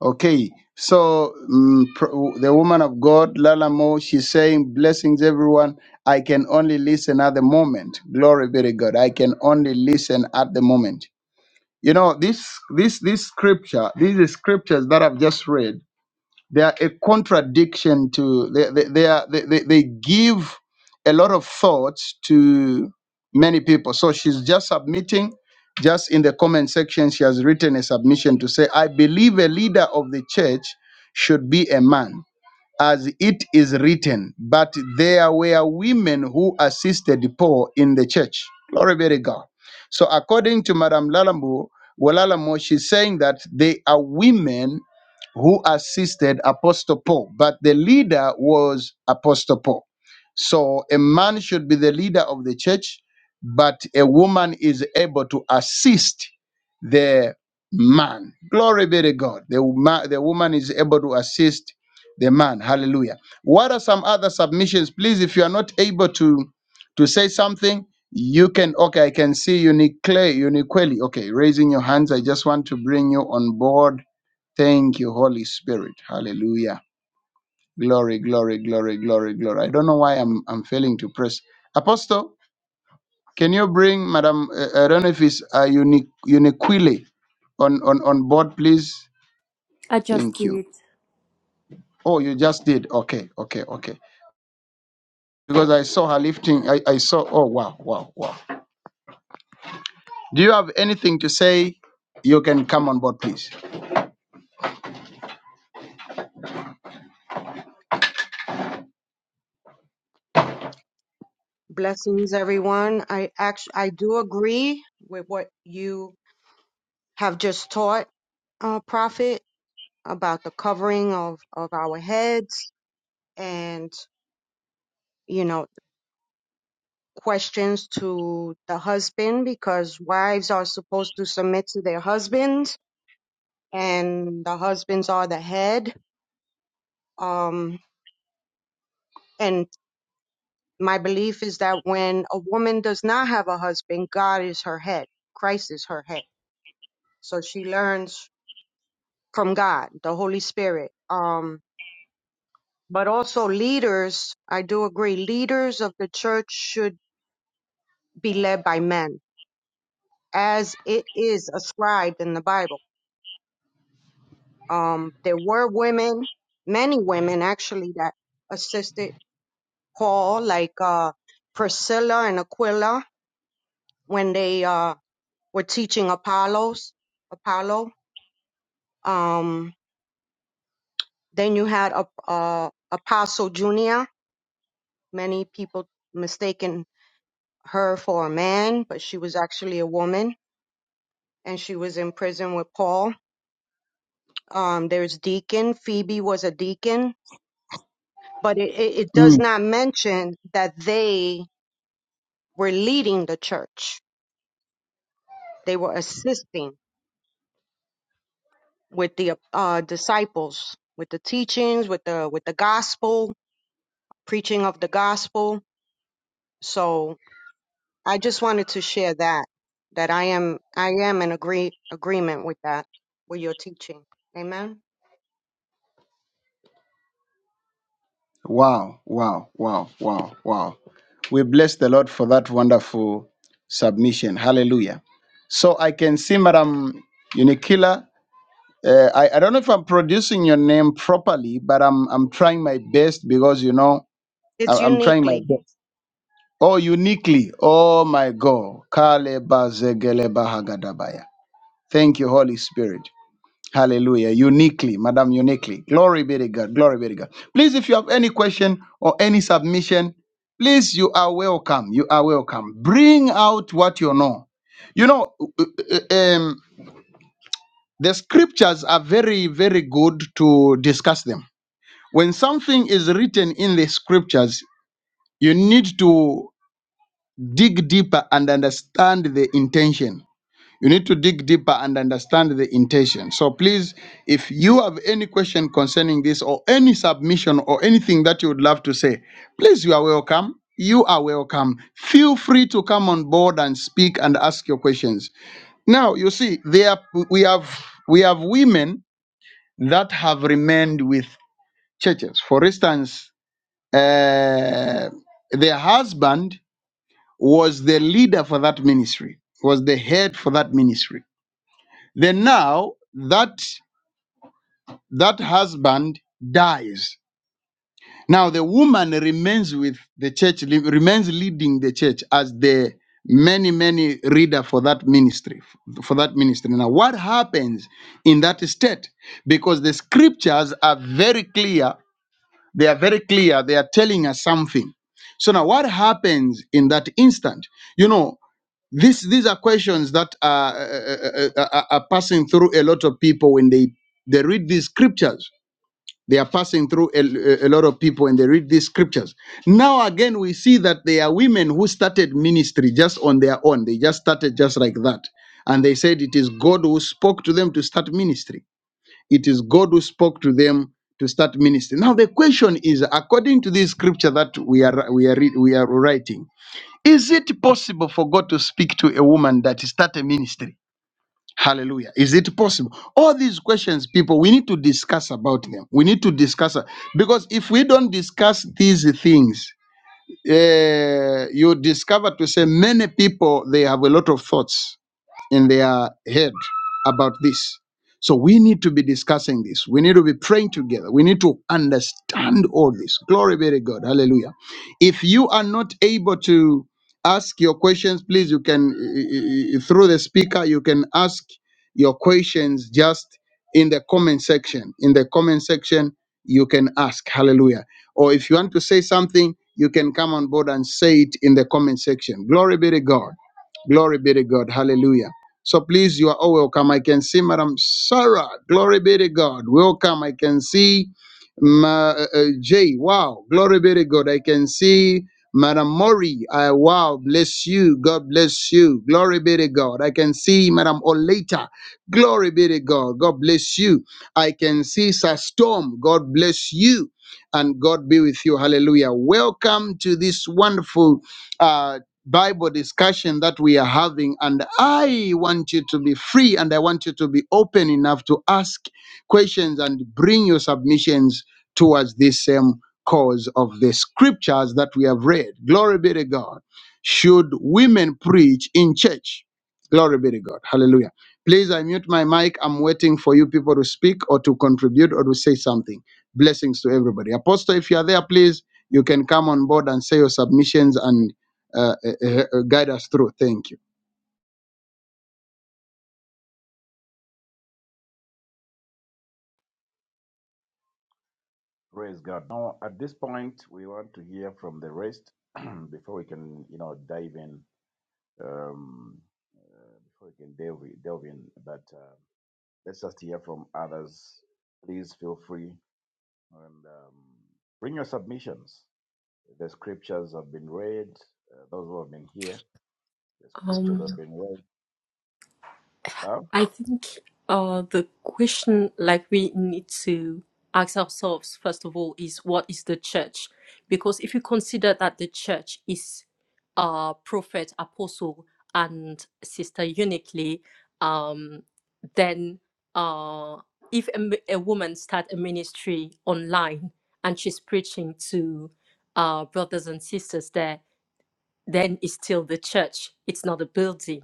Speaker 1: okay so mm, pr- the woman of god lala mo she's saying blessings everyone i can only listen at the moment glory to god i can only listen at the moment you know addiction to they they they, are, they they they give a lot of thoughts to many people so she's just submitting just in the comment section she has written a submission to say i believe a leader of the church should be a man as it is written but there were women who assisted paul in the church glory be to god so according to madam lalambo walalamo she's saying that they are women apart. So woman is able to assist the man. Glory be to God. The, ma- the woman is able to assist the man. Hallelujah. What are some other submissions? Please, if you are not able to, to say something, you can, okay, I can see uniquely, uniquely. Okay, raising your hands. I just want to bring you on board. Thank you, Holy Spirit. Yeah. So, can you bring Madam, uh, I don't know if it's uh, unique, uniquely on, on, on board, please?
Speaker 4: I just
Speaker 1: Thank you.
Speaker 4: did.
Speaker 1: Oh, you just did. Okay, okay, okay. because I saw her lifting. I, I saw, oh, wow, wow, wow. Do you have anything to say? You can come on board, please.
Speaker 5: Blessings, everyone. I actually I do agree with what you have just taught, uh, Prophet, about the covering of of our heads and you know questions to the husband because wives are supposed to submit to their husbands and the husbands are the head. Um, and my belief is that when a woman does not have a husband, God is her head. Christ is her head. So she learns from God, the Holy Spirit. Um, but also leaders, I do agree, leaders of the church should be led by men, as it is ascribed in the Bible. Um, there were women, many women actually, that assisted Paul, like uh, Priscilla and Aquila, when they uh, were teaching Apollos, Apollo. Um, then you had a, uh, Apostle Junia. Many people mistaken her for a man, but she was actually a woman, and she was in prison with Paul. Um, there's deacon. Phoebe was a deacon, but it, it, it does
Speaker 1: Mm.
Speaker 5: not mention that they were leading the church. They were assisting with the uh, disciples, with the teachings, with the with the gospel, preaching of the gospel. So I just wanted to share that that I am I am in agree agreement with that with your teaching. Amen.
Speaker 1: Wow, wow, wow, wow, wow. We bless the Lord for that wonderful submission. Hallelujah. So I can see, Madam, you need-
Speaker 5: It's uniquely
Speaker 1: are welcome. Bring out what you know. You know, uh, uh, uh, um, the scriptures are very, very good to discuss them. When something is written in the scriptures, you need to dig deeper and understand the intention You need to dig deeper and understand the intention. So please, if you have any question concerning this or any submission or anything that you would love to say, please, you are welcome. You are welcome. Feel free to come on board and speak and ask your questions. Now, you see, there we have we have women that have remained with churches. For instance, uh, their husband was the leader for that ministry, was the head for that ministry then now that that husband dies. Now the woman remains with the church, li- remains leading the church as the many many reader for that ministry for that ministry now what happens in that state because the scriptures are very clear they are very clear they are telling us something so now what happens in that instant you know this, these are questions that are, uh, uh, uh, uh, are passing through a lot of people when they, they read these scriptures. They are passing through a, a lot of people when they read these scriptures. Now, again, we see that there are women who started ministry just on their own. They just started just like that. And they said it is God who spoke to them to start ministry. It is God who spoke to them to start ministry. Now, the question is according to this scripture that we are, we are, we are writing, is it possible for God to speak to a woman that start a ministry? Hallelujah. Is it possible? All these questions, people, we need to discuss about them. We need to discuss uh, because if we don't discuss these things, uh, you discover to say many people they have a lot of thoughts in their head about this. So we need to be discussing this. We need to be praying together. We need to understand all this. Glory be to God. Hallelujah. If you are not able to ask your questions, please, you can, eh, eh, eh, through the speaker, you can ask your questions just in the comment section. In the comment section, you can ask. Hallelujah. Or if you want to say something, you can come on board and say it in the comment section. Glory be to God. Glory be to God. Hallelujah. So please, you are all welcome. I can see Madam Sarah. Glory be to God. Welcome. I can see Ma, uh, uh, Jay. Wow. Glory be to God. I can see Madam Mori. I wow. Bless you. God bless you. Glory be to God. I can see Madam Oleta. Glory be to God. God bless you. I can see Sir Storm. God bless you. And God be with you. Hallelujah. Welcome to this wonderful uh, Bible discussion that we are having, and I want you to be free and I want you to be open enough to ask questions and bring your submissions towards this same cause of the scriptures that we have read. Glory be to God. Should women preach in church? Glory be to God. Hallelujah. Please, I mute my mic. I'm waiting for you people to speak or to contribute or to say something. Blessings to everybody. Apostle, if you are there, please, you can come on board and say your submissions and uh, uh, uh, guide us through. Thank you.
Speaker 2: Praise God. Now, at this point, we want to hear from the rest before we can, you know, dive in. Um, uh, before we can delve, delve in, but uh, let's just hear from others. Please feel free and um, bring your submissions. The scriptures have been read. Uh, those who have been here, the scriptures
Speaker 4: Um,
Speaker 2: have been read. No?
Speaker 4: I think uh, the question like we need to ask ourselves first of all is what is the church? Because if you consider that the church is uh, prophet, apostle, and sister uniquely, um, then uh, if a, m- a woman start a ministry online and she's preaching to uh, brothers and sisters there, then it's still the church. It's not a building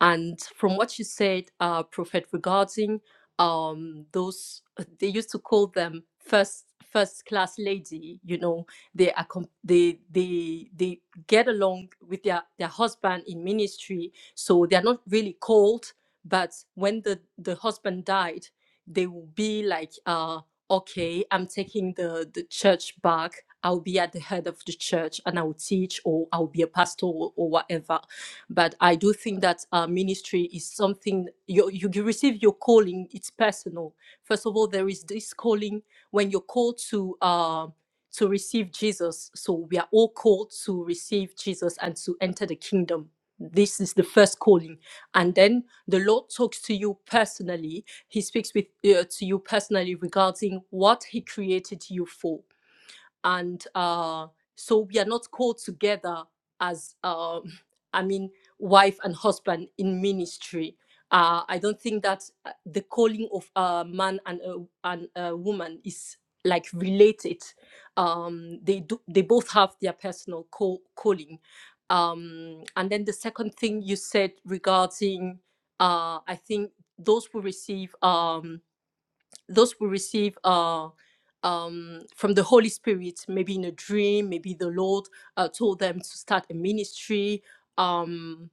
Speaker 4: and from what you said, uh, Prophet, regarding um, those, uh, they used to call them first first class lady. You know, they are com- they they they get along with their their husband in ministry, so they are not really called. But when the the husband died, they will be like, uh, okay, I'm taking the the church back. I'll be at the head of the church and I will teach, or I'll be a pastor, or, or whatever but I do think that uh, ministry is something you, you you receive your calling. It's personal. First of all, there is this calling when you're called to. Uh, to receive Jesus. So we are all called to receive Jesus and to enter the kingdom. This is the first calling. And then the Lord talks to you personally. He speaks with uh, to you personally regarding what he created you for and uh, so we are not called together as um, i mean wife and husband in ministry uh, i don't think that uh, the calling of a man and a, and a woman is like related um, they do they both have their personal call, calling um, and then the second thing you said regarding uh, i think those who receive um, those we receive uh, um, from the Holy Spirit, maybe in a dream, maybe the Lord uh, told them to start a ministry. Um,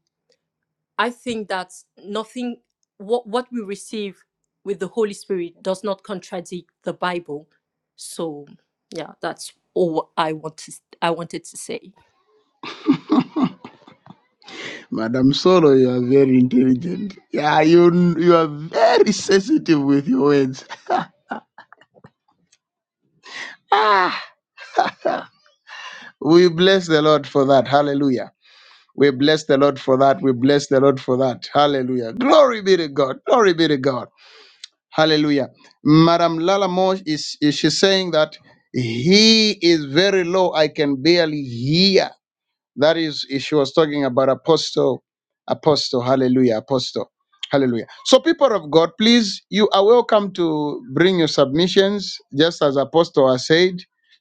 Speaker 4: I think that nothing, what, what we receive with the Holy Spirit does not contradict the Bible. So, yeah, that's all I want to, I wanted to say.
Speaker 1: Madam Solo, you are very intelligent. Yeah, you you are very sensitive. Bless the Lord for that. Hallelujah. We bless the Lord for that. We bless the Lord for that. Hallelujah. Glory be to God. Glory be to God. Hallelujah. Madam Lala Mosh is, is she saying that he is very low. I can barely hear. That is, she was talking about Apostle. Apostle, hallelujah, apostle, hallelujah. So, people of God, please, you are welcome to bring your submissions, just as apostle has said,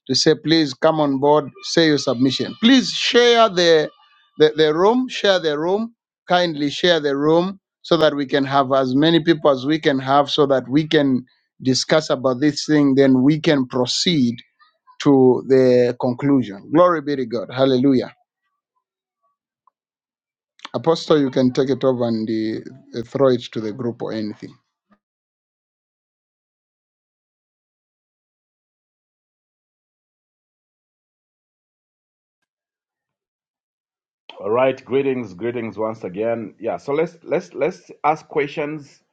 Speaker 1: to say, please come on board, say your submission. Please share the, the, the room, share the room, kindly share the room so that we can have as many people as we can have so that we can discuss about this thing, then we can proceed to the conclusion. Glory be to God. Hallelujah. Apostle, you can take in the for anything.
Speaker 2: All right. Greetings, greetings once again. Yeah. So let's let's let's ask questions.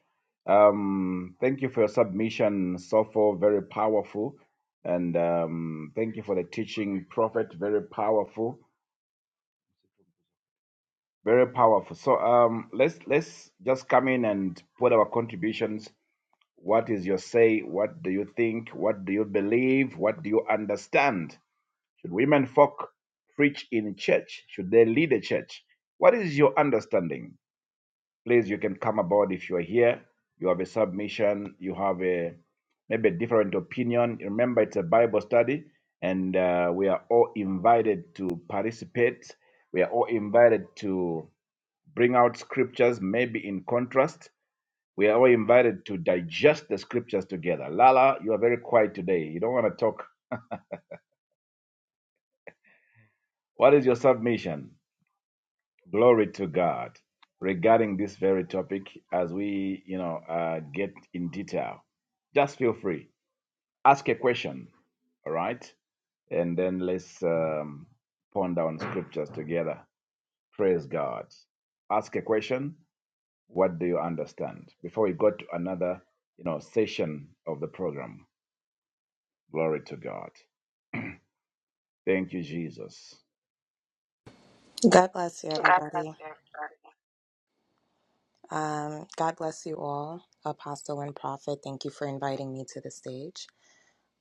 Speaker 2: Um, thank you for your submission, Sopho. Very powerful, and um, thank you for the teaching, Prophet. Very powerful, very powerful. So um, let's let's just come in and put our contributions. What is your say? What do you think? What do you believe? What do you understand? Should women folk preach in church? Should they lead a church? What is your understanding? Please, you can come aboard if you are here. You have a submission. You have a maybe a different opinion. Remember, it's a Bible study, and uh, we are all invited to participate. We are all invited to bring out scriptures, maybe in contrast. We are all invited to digest the scriptures together. Lala, you are very quiet today. You don't want to talk. What is your submission? Glory to God. Regarding this very topic, as we, you know, uh, get in detail, just feel free. Ask a question, all right? And then let's um, ponder on scriptures together. Praise God. Ask a question. What do you understand? Before we go to another, you know, session of the program. Glory to God. Thank you, Jesus.
Speaker 6: God bless you,
Speaker 2: God bless
Speaker 6: everybody.
Speaker 2: you.
Speaker 6: Um, God bless you all, Apostle and Prophet. Thank you for inviting me to the stage.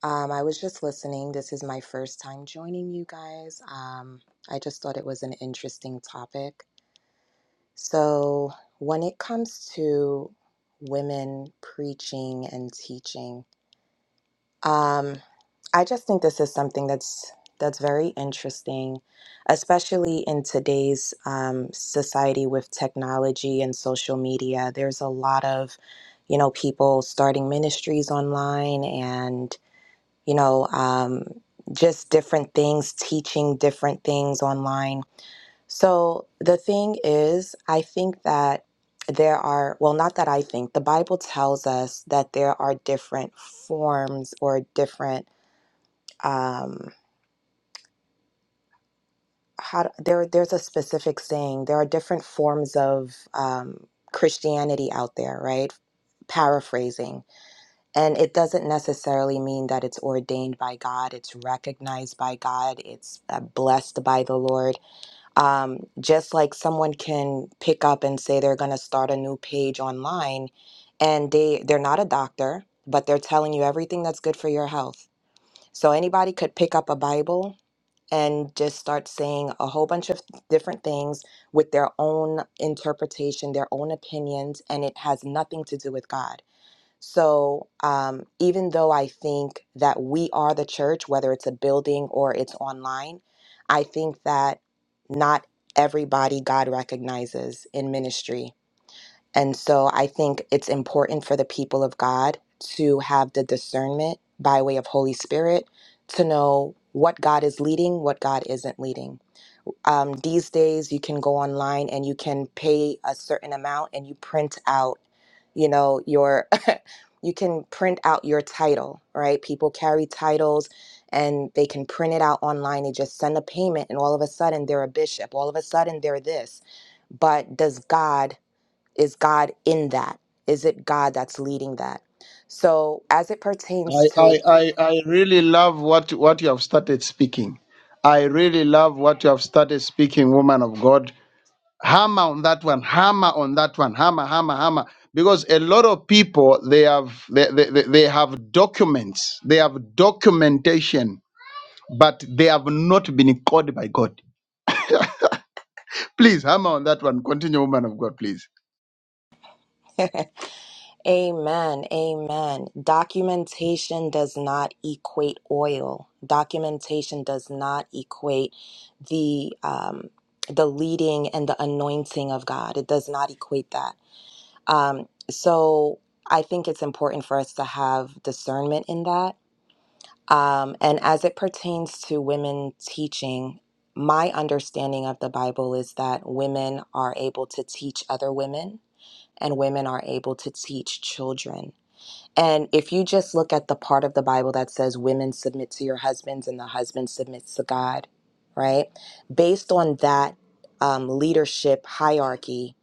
Speaker 6: Um, I was just listening. This is my first time joining you guys. Um, I just thought it was an interesting topic. So, when it comes to women preaching and teaching, um, I just think this is something that's that's very interesting, especially in today's um, society with technology and social media. There's a lot of, you know, people starting ministries online and you know um, just different things, teaching different things online. So the thing is, I think that there are well not that i think the bible tells us that there are different forms or different um, how there there's a specific saying there are different forms of um, christianity out there right paraphrasing and it doesn't necessarily mean that it's ordained by god it's recognized by god it's uh, blessed by the lord um, just like someone can pick up and say they're going to start a new page online and they they're not a doctor but they're telling you everything that's good for your health so anybody could pick up a bible and just start saying a whole bunch of different things with their own interpretation, their own opinions, and it has nothing to do with God. So, um, even though I think that we are the church, whether it's a building or it's online, I think that not everybody God recognizes in ministry. And so I think it's important for the people of God to have the discernment by way of Holy Spirit to know what God is leading, what God isn't leading. Um, these days, you can go online and you can pay a certain amount and you print out, you know, your, you can print out your title, right? People carry titles and they can print it out online. They just send a payment and all of a sudden they're a bishop. All of a sudden they're this. But does God is God in that? Is it God that's leading that? So, as it pertains
Speaker 1: I,
Speaker 6: to
Speaker 1: I, I, I really love what, what you have started speaking. I really love what you have started speaking, woman of God. Hammer on that one, hammer on that one, hammer, hammer, hammer. Because a lot of people they have they, they, they they have documents, they have documentation, but they have not been called by God. Please hammer on that one. Continue, woman of God, please.
Speaker 6: Amen, amen. Documentation does not equate oil. Documentation does not equate the um, the leading and the anointing of God. It does not equate that. Um, so I think it's important for us to have discernment in that Um, and as it pertains to women teaching, my understanding of the Bible is that women are able to teach other women and women are able to teach children. And if you just look at the part of the Bible that says women submit to your husbands and the husband submits to God, right? Based on that um, leadership hierarchy,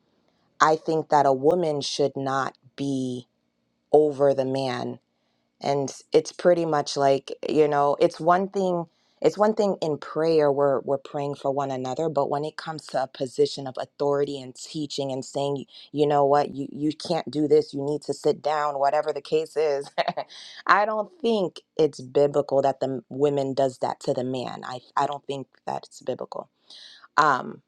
Speaker 6: I think that a woman should not be over the man and it's pretty much like you know it's one thing it's one thing in prayer we're we're praying for one another but when it comes to a position of authority and teaching and saying you know what you, you can't do this you need to sit down whatever the case is i don't think it's biblical that the m- women does that to the man i, I don't think that's biblical um,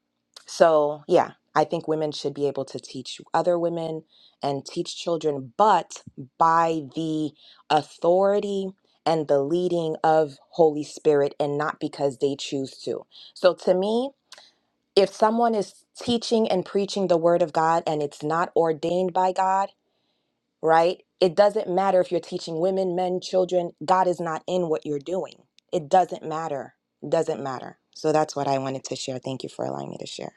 Speaker 6: so, yeah, I think women should be able to teach other women and teach children, but by the authority and the leading of Holy Spirit and not because they choose to. So, to me, if someone is teaching and preaching the word of God and it's not ordained by God, right? It doesn't matter if you're teaching women, men, children, God is not in what you're doing. It doesn't matter. doesn't matter. So that's what I wanted to share. Thank you for allowing me to share.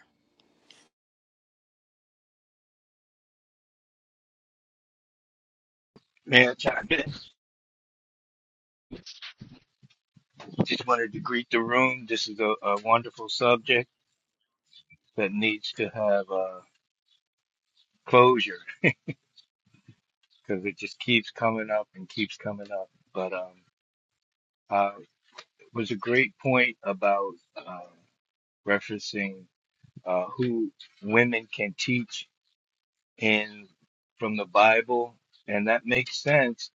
Speaker 7: May I chime in? Just wanted to greet the room. This is a, a wonderful subject that needs to have uh, closure because it just keeps coming up and keeps coming up. But um, uh, it was a great point about uh, referencing uh, who women can teach in from the Bible, and that makes sense.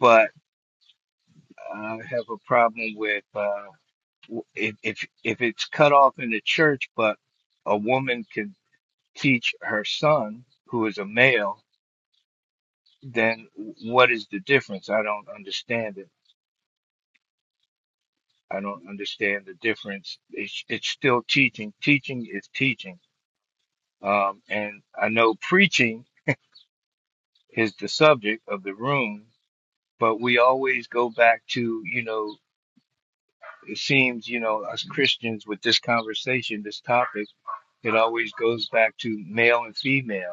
Speaker 7: But I have a problem with uh, w- if if if it's cut off in the church, but a woman can. teach her son, who is a male, then what is the difference? I don't understand it. I don't understand the difference. It's, it's still teaching. Teaching is teaching. Um, and I know preaching is the subject of the room, but we always go back to, you know, it seems, you know, us Christians with this conversation, this topic, it always goes back to male and female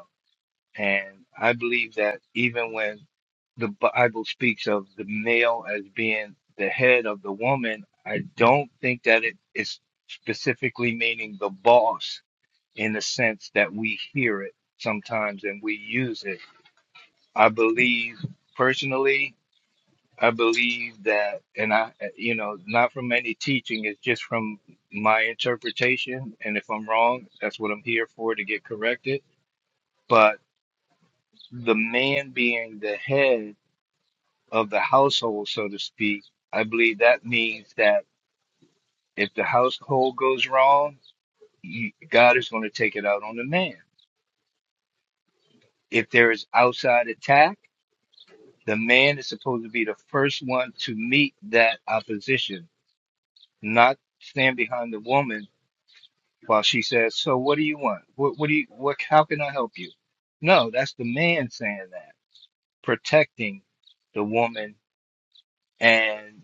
Speaker 7: And I believe that even when the Bible speaks of the male as being the head of the woman, I don't think that it is specifically meaning the boss in the sense that we hear it sometimes and we use it. I believe personally, I believe that, and I, you know, not from any teaching, it's just from my interpretation. And if I'm wrong, that's what I'm here for to get corrected. But the man being the head of the household, so to speak, I believe that means that if the household goes wrong, you, God is going to take it out on the man. If there is outside attack, the man is supposed to be the first one to meet that opposition, not stand behind the woman while she says, "So what do you want? What what do you what? How can I help you?" No, that's the man saying that, protecting the woman and.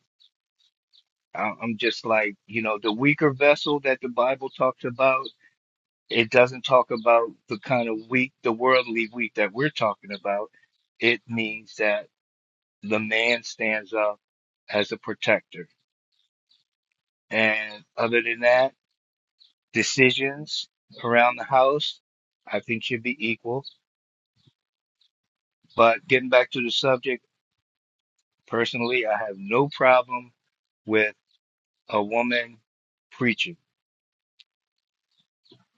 Speaker 7: I- I'm just like, you know, the weaker vessel that the Bible talks about, it doesn't talk about the kind of weak, the worldly weak that we're talking about. It means that the man stands up as a protector. And other than that, decisions around the house, I think should be equal. But getting back to the subject, personally, I have no problem with a woman preaching,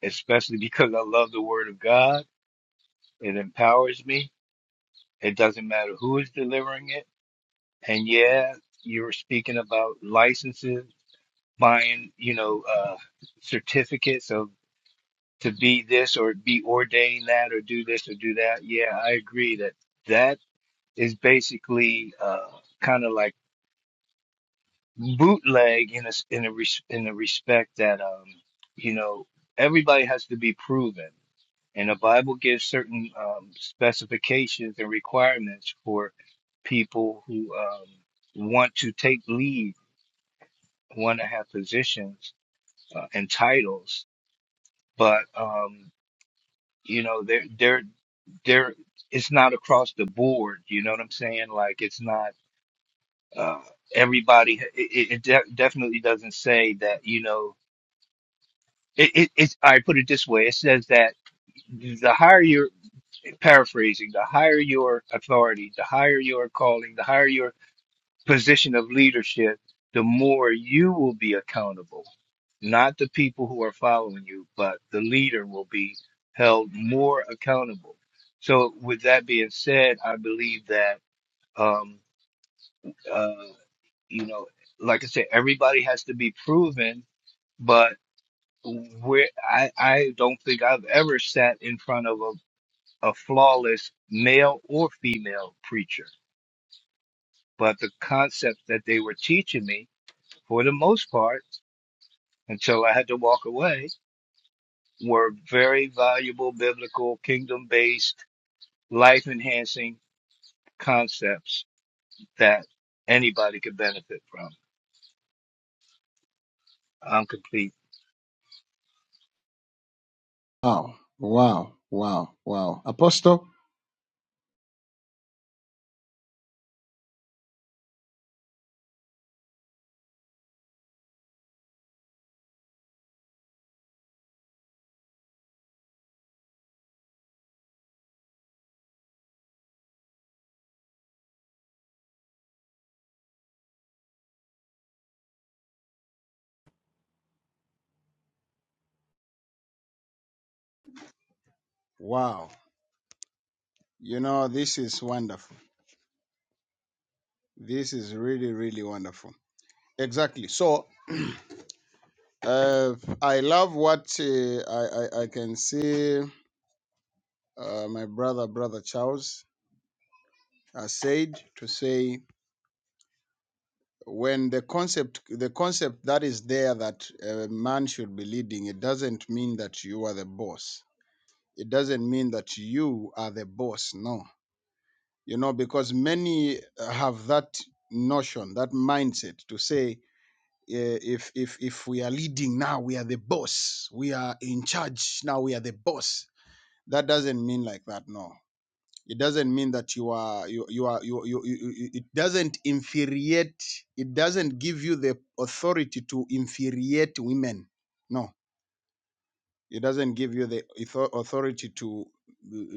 Speaker 7: especially because I love the word of God. It empowers me It doesn't matter who is delivering it. And yeah, you were speaking about licenses, buying, you know, uh, certificates of to be this or be ordained that or do this or do that. Yeah, I agree that that is basically uh, kind of like bootleg in a s- in a res, in a respect that um, you know everybody has to be proven. And the Bible gives certain um, specifications and requirements for people who um, want to take lead, want to have positions uh, and titles, but um, you know, they're they're they're it's not across the board. You know what I'm saying? Like it's not uh, everybody. It, it it de- definitely doesn't say that. You know, it, it it's. I put it this way. It says that the higher paraphrasing, the higher your authority, the higher your calling, the higher your position of leadership, the more you will be accountable. Not the people who are following you, but the leader will be held more accountable. So, with that being said, I believe that, um, uh, you know, like I said, everybody has to be proven, but where I, I don't think I've ever sat in front of a flawless male or female preacher. But the concepts that they were teaching me, for the most part, until I had to walk away, were very valuable biblical, kingdom based, life enhancing concepts that anybody could benefit from. I'm complete.
Speaker 1: Wow, wow, wow, wow. Apostle, wow. You know, this is wonderful. This is really, really wonderful. Exactly. So uh, I love what uh, I, I, I can see uh, my brother, brother Charles, has said to say when the concept, the concept that is there that a man should be leading, it doesn't mean that you are the boss. It doesn't mean that you are the boss. No, you know, because many uh, have that notion, that mindset to say eh, if if if we are leading now we are the boss we are in charge now we are the boss that doesn't mean like that no it doesn't mean that you are you you are you, you, you you- it doesn't infuriate it doesn't give you the authority to infuriate women no it doesn't give you the author- authority to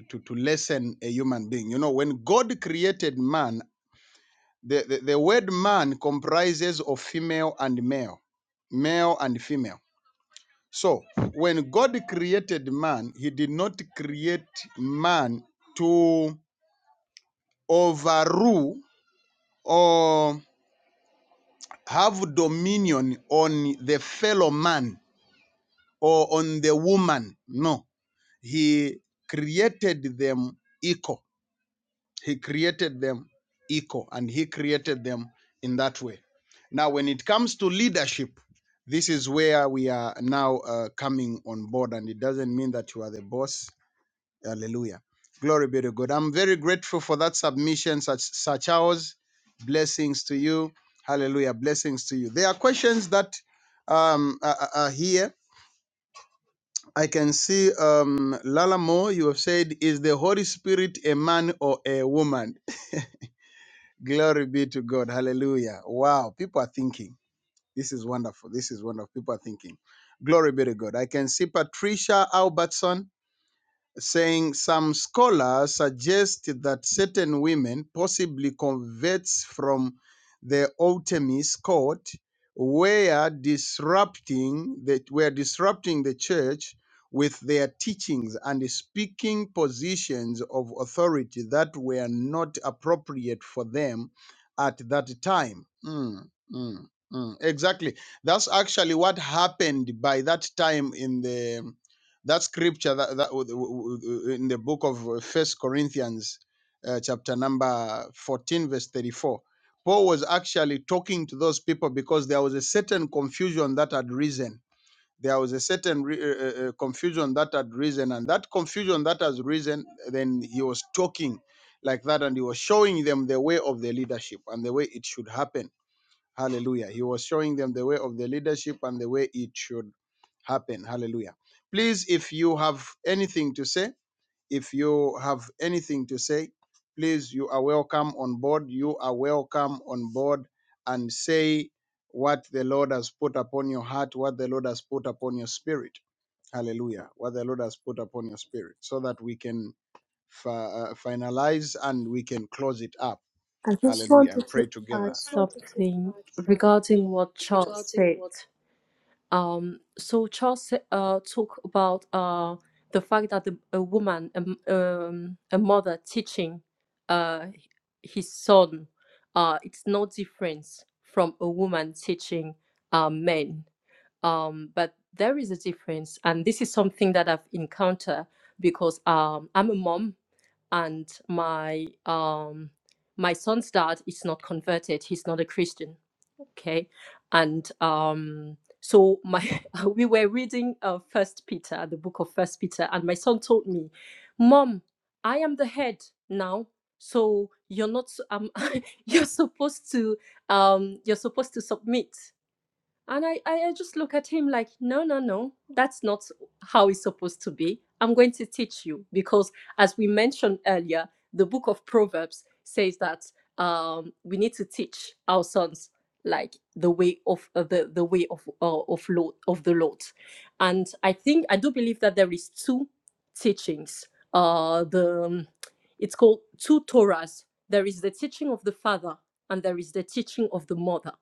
Speaker 1: to to lessen a human being you know when god created man the, the, the word man comprises of female and male male and female so when god created man he did not create man to. overrule or have dominion on the fellow man or on the woman. No, he created them equal. He created them equal and he created them in that way. Now, when it comes to leadership, this is where we are now uh, coming on board, and it doesn't mean that you are the boss. Hallelujah. Glory be to God. I'm very grateful for that submission, such Sir Charles. Blessings to you. Hallelujah. Blessings to you. There are questions that um, are, are here. I can see um, Lala Moore, you have said, Is the Holy Spirit a man or a woman? Glory be to God. Hallelujah. Wow. People are thinking. This is wonderful. This is wonderful. People are thinking. Glory be to God. I can see Patricia Albertson. saying some scholars suggest that certain women, possibly converts from the Artemis court, were disrupting that were disrupting the church with their teachings and speaking positions of authority that were not appropriate for them at that time. Mm, mm, mm. Exactly. That's actually what happened by that time in the that scripture that, that w- w- w- in the book of uh, first corinthians uh, chapter number 14 verse 34 paul was actually talking to those people because there was a certain confusion that had risen there was a certain re- uh, uh, uh, confusion that had risen and that confusion that has risen then he was talking like that and he was showing them the way of the leadership and the way it should happen hallelujah he was showing them the way of the leadership and the way it should happen. Hallelujah. Please, if you have anything to say, if you have anything to say, please, you are welcome on board. You are welcome on board and say what the Lord has put upon your heart, what the Lord has put upon your spirit. Hallelujah. What the Lord has put upon your spirit so that we can fi- uh, finalize and we can close it up.
Speaker 4: I just
Speaker 1: Hallelujah. And
Speaker 4: wanted
Speaker 1: pray
Speaker 4: to
Speaker 1: I together.
Speaker 4: add
Speaker 1: just wanted to
Speaker 4: something
Speaker 1: add
Speaker 4: regarding what Charles said. Um, so Charles sa- uh, talked about uh, the fact that the, a woman, um, um, a mother teaching uh, his son, uh, it's no difference from a woman teaching uh, men um, but there is a difference and this is something that i've encountered because um, i'm a mom and my um, my son's dad is not converted he's not a christian okay and um, so my we were reading uh, first peter the book of first peter and my son told me mom i am the head now so you're not s- um, you're supposed to um, you're supposed to submit and I, I, I just look at him like, no, no, no, that's not how it's supposed to be. I'm going to teach you because, as we mentioned earlier, the book of Proverbs says that um, we need to teach our sons like the way of uh, the the way of uh, of Lord of the Lord, and I think I do believe that there is two teachings. Uh, the um, it's called two Torahs. There is the teaching of the father, and there is the teaching of the mother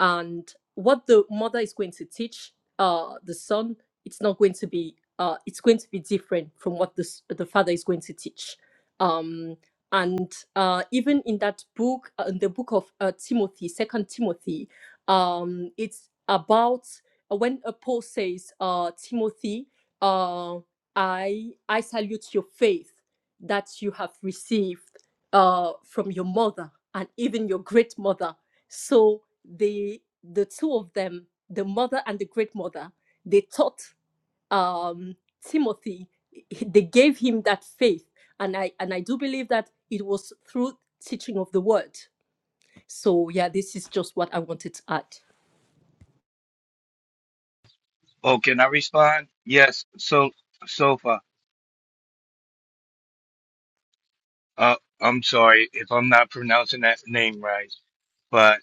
Speaker 4: and what the mother is going to teach uh, the son it's not going to be uh, it's going to be different from what the, s- the father is going to teach um, and uh, even in that book uh, in the book of uh, timothy second timothy um, it's about uh, when uh, paul says uh, timothy uh, i i salute your faith that you have received uh, from your mother and even your great mother so the the two of them, the mother and the great mother, they taught um, Timothy. They gave him that faith, and I and I do believe that it was through teaching of the word. So yeah, this is just what I wanted to add.
Speaker 7: Oh, can I respond? Yes. So, Sofa, uh, I'm sorry if I'm not pronouncing that name right, but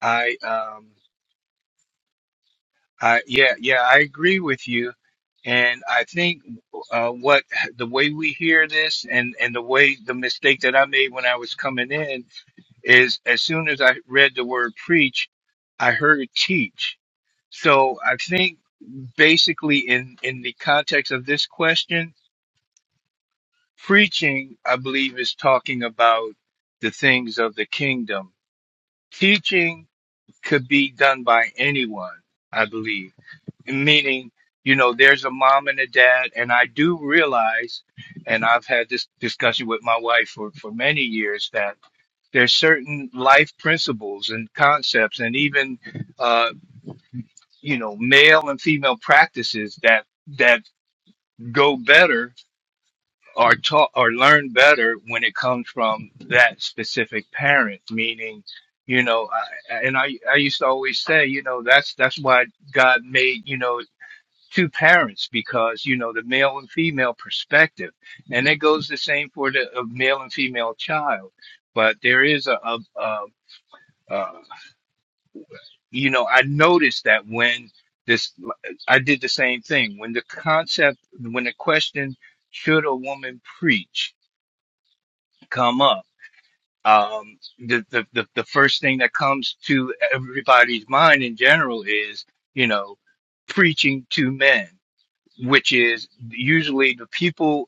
Speaker 7: I um I yeah, yeah, I agree with you, and I think uh, what the way we hear this, and and the way the mistake that I made when I was coming in is, as soon as I read the word preach, I heard teach. So I think basically in in the context of this question, preaching, I believe, is talking about the things of the kingdom. Teaching could be done by anyone, I believe meaning you know there's a mom and a dad and i do realize and i've had this discussion with my wife for, for many years that there's certain life principles and concepts and even uh, you know male and female practices that that go better or taught or learn better when it comes from that specific parent meaning you know I, and I, I used to always say you know that's that's why god made you know two parents because you know the male and female perspective and it goes the same for the uh, male and female child but there is a, a, a, a you know i noticed that when this i did the same thing when the concept when the question should a woman preach come up um the the, the, the first thing that comes to everybody's mind in general is you know preaching to men which is usually the people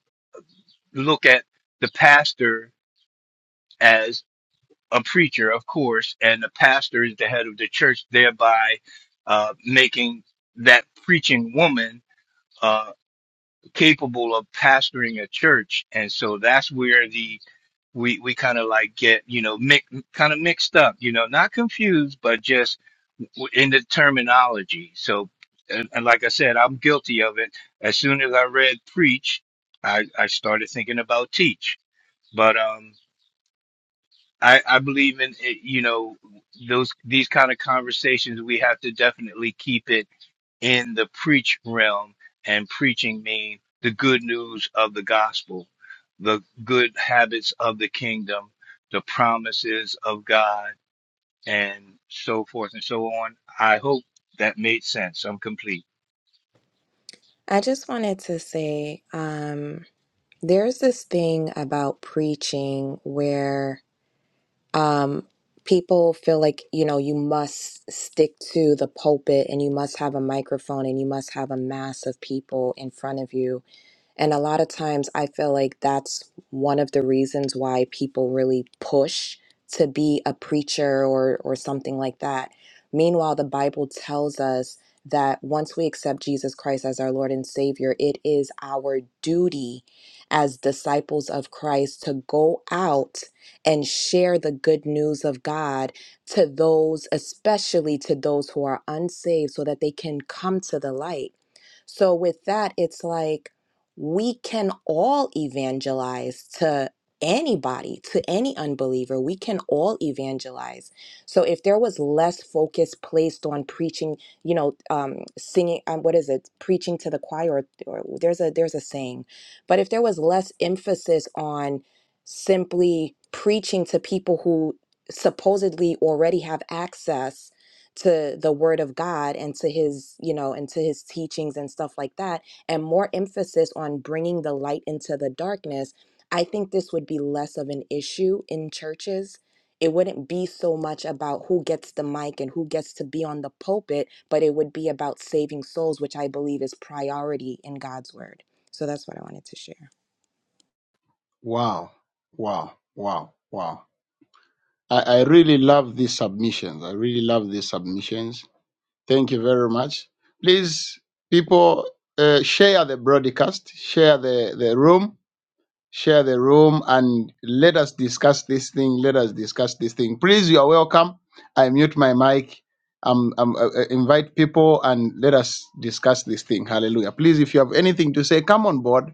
Speaker 7: look at the pastor as a preacher, of course, and the pastor is the head of the church, thereby uh, making that preaching woman uh, capable of pastoring a church. And so that's where the we we kind of like get you know mix, kind of mixed up, you know, not confused, but just w- in the terminology. So. And, and like I said, I'm guilty of it. As soon as I read preach, I, I started thinking about teach. But um, I, I believe in it, you know those these kind of conversations we have to definitely keep it in the preach realm and preaching mean the good news of the gospel the good habits of the kingdom the promises of God and so forth and so on I hope that made sense I'm complete
Speaker 6: I just wanted to say um, there's this thing about preaching where um, people feel like, you know, you must stick to the pulpit and you must have a microphone and you must have a mass of people in front of you. And a lot of times I feel like that's one of the reasons why people really push to be a preacher or or something like that. Meanwhile, the Bible tells us that once we accept Jesus Christ as our Lord and Savior, it is our duty as disciples of Christ to go out and share the good news of God to those, especially to those who are unsaved, so that they can come to the light. So, with that, it's like, we can all evangelize to anybody, to any unbeliever. We can all evangelize. So if there was less focus placed on preaching, you know, um, singing, um, what is it, preaching to the choir, or, or there's a there's a saying, but if there was less emphasis on simply preaching to people who supposedly already have access to the word of God and to his, you know, and to his teachings and stuff like that and more emphasis on bringing the light into the darkness, I think this would be less of an issue in churches. It wouldn't be so much about who gets the mic and who gets to be on the pulpit, but it would be about saving souls, which I believe is priority in God's word. So that's what I wanted to share.
Speaker 1: Wow. Wow. Wow. Wow. I, I really love these submissions. I really love these submissions. Thank you very much. Please, people, uh, share the broadcast, share the, the room, share the room, and let us discuss this thing. Let us discuss this thing. Please, you are welcome. I mute my mic. Um, um, uh, uh, invite people and let us discuss this thing. Hallelujah. Please, if you have anything to say, come on board.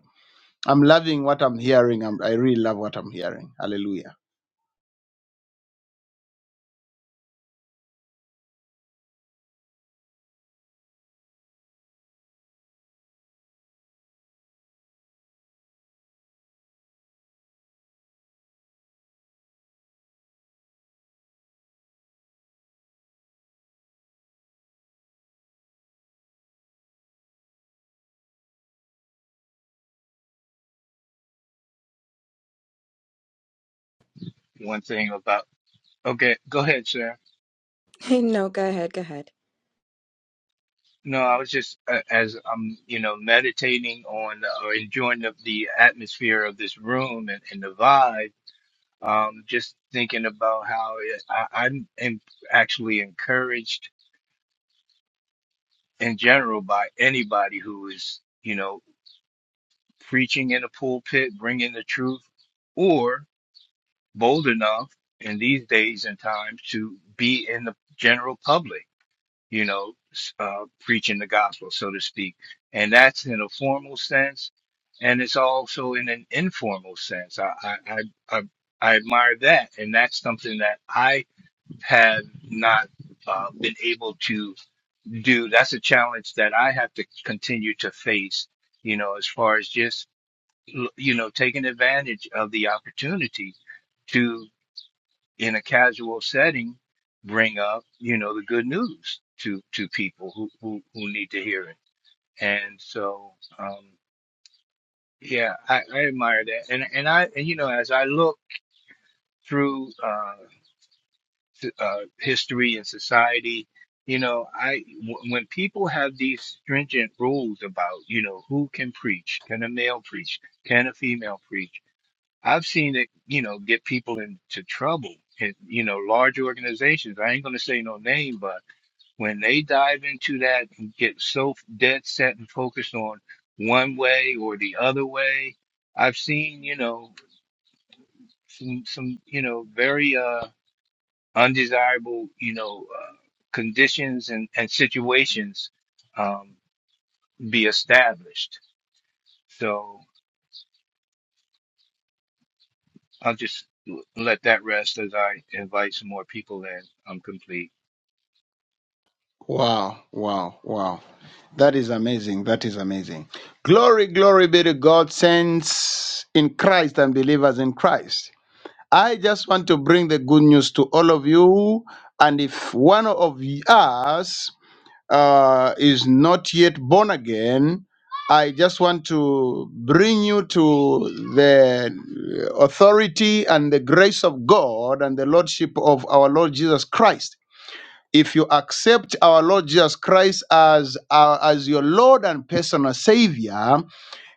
Speaker 1: I'm loving what I'm hearing. I'm, I really love what I'm hearing. Hallelujah.
Speaker 7: one thing about okay go ahead Sam.
Speaker 6: no, go ahead, go ahead.
Speaker 7: No, I was just uh, as I'm, you know, meditating on uh, or enjoying the, the atmosphere of this room and, and the vibe. Um, just thinking about how it, I, I'm in, actually encouraged in general by anybody who is, you know, preaching in a pulpit, bringing the truth, or bold enough in these days and times to be in the general public. you know, s- uh, preaching the gospel, so to speak. And that's in a formal sense, and it's also in an informal sense. I, I, I, I, I admire that, and that's something that I have not uh, been able to do. That's a challenge that I have to continue to face, you know, as far as just, you know, taking advantage of the opportunity in a casual setting bring up you know the good news to to people who who, who need to hear it and so um yeah I, I admire that and and i and you know as i look through uh, th- uh history and society you know i w- when people have these stringent rules about you know who can preach can a male preach can a female preach I've seen it, you know, get people into trouble. It, you know, large organizations. I ain't gonna say no name, but when they dive into that and get so dead set and focused on one way or the other way, I've seen, you know, some some, you know, very uh undesirable, you know, uh, conditions and and situations um be established. So I'll just let that rest as I invite some more people in. I'm complete.
Speaker 1: Wow, wow, wow. That is amazing. That is amazing. Glory, glory be to God, saints in Christ and believers in Christ. I just want to bring the good news to all of you. And if one of us uh, is not yet born again, I just want to bring you to the authority and the grace of God and the Lordship of our Lord Jesus Christ. If you accept our Lord Jesus Christ as, uh, as your Lord and personal Savior,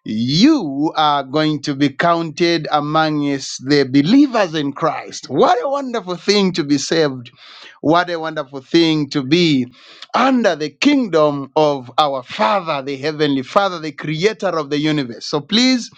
Speaker 1: you are going to be counted among us, the believers in Christ. What a wonderful thing to be saved. What a wonderful thing to be under the kingdom of our Father, the Heavenly Father, the Creator of the universe. So please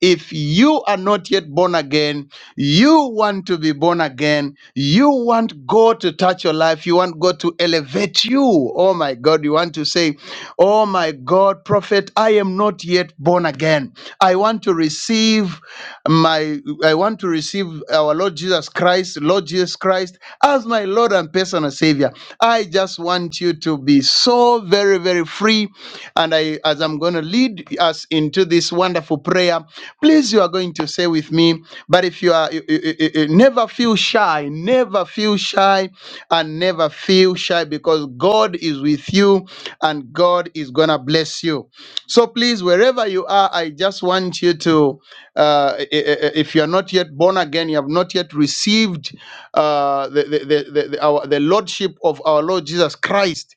Speaker 1: if you are not yet born again, you want to be born again, you want God to touch your life, you want God to elevate you. Oh my God, you want to say, Oh my God, prophet, I am not yet born again. I want to receive my, I want to receive our Lord Jesus Christ, Lord Jesus Christ, as my Lord and personal Savior. I just want you to be so very, very free. And I, as I'm going to lead us into this wonderful prayer, please, you are going to say with me. But if you are, you- you- you- you never feel shy, never feel shy, and never feel shy because God is with you and God is going to bless you. So please, wherever you are, I just want you to uh, i- i- if you are not yet born again, you have not yet received uh, the, the, the, the, the- our, the Lordship of our Lord Jesus Christ.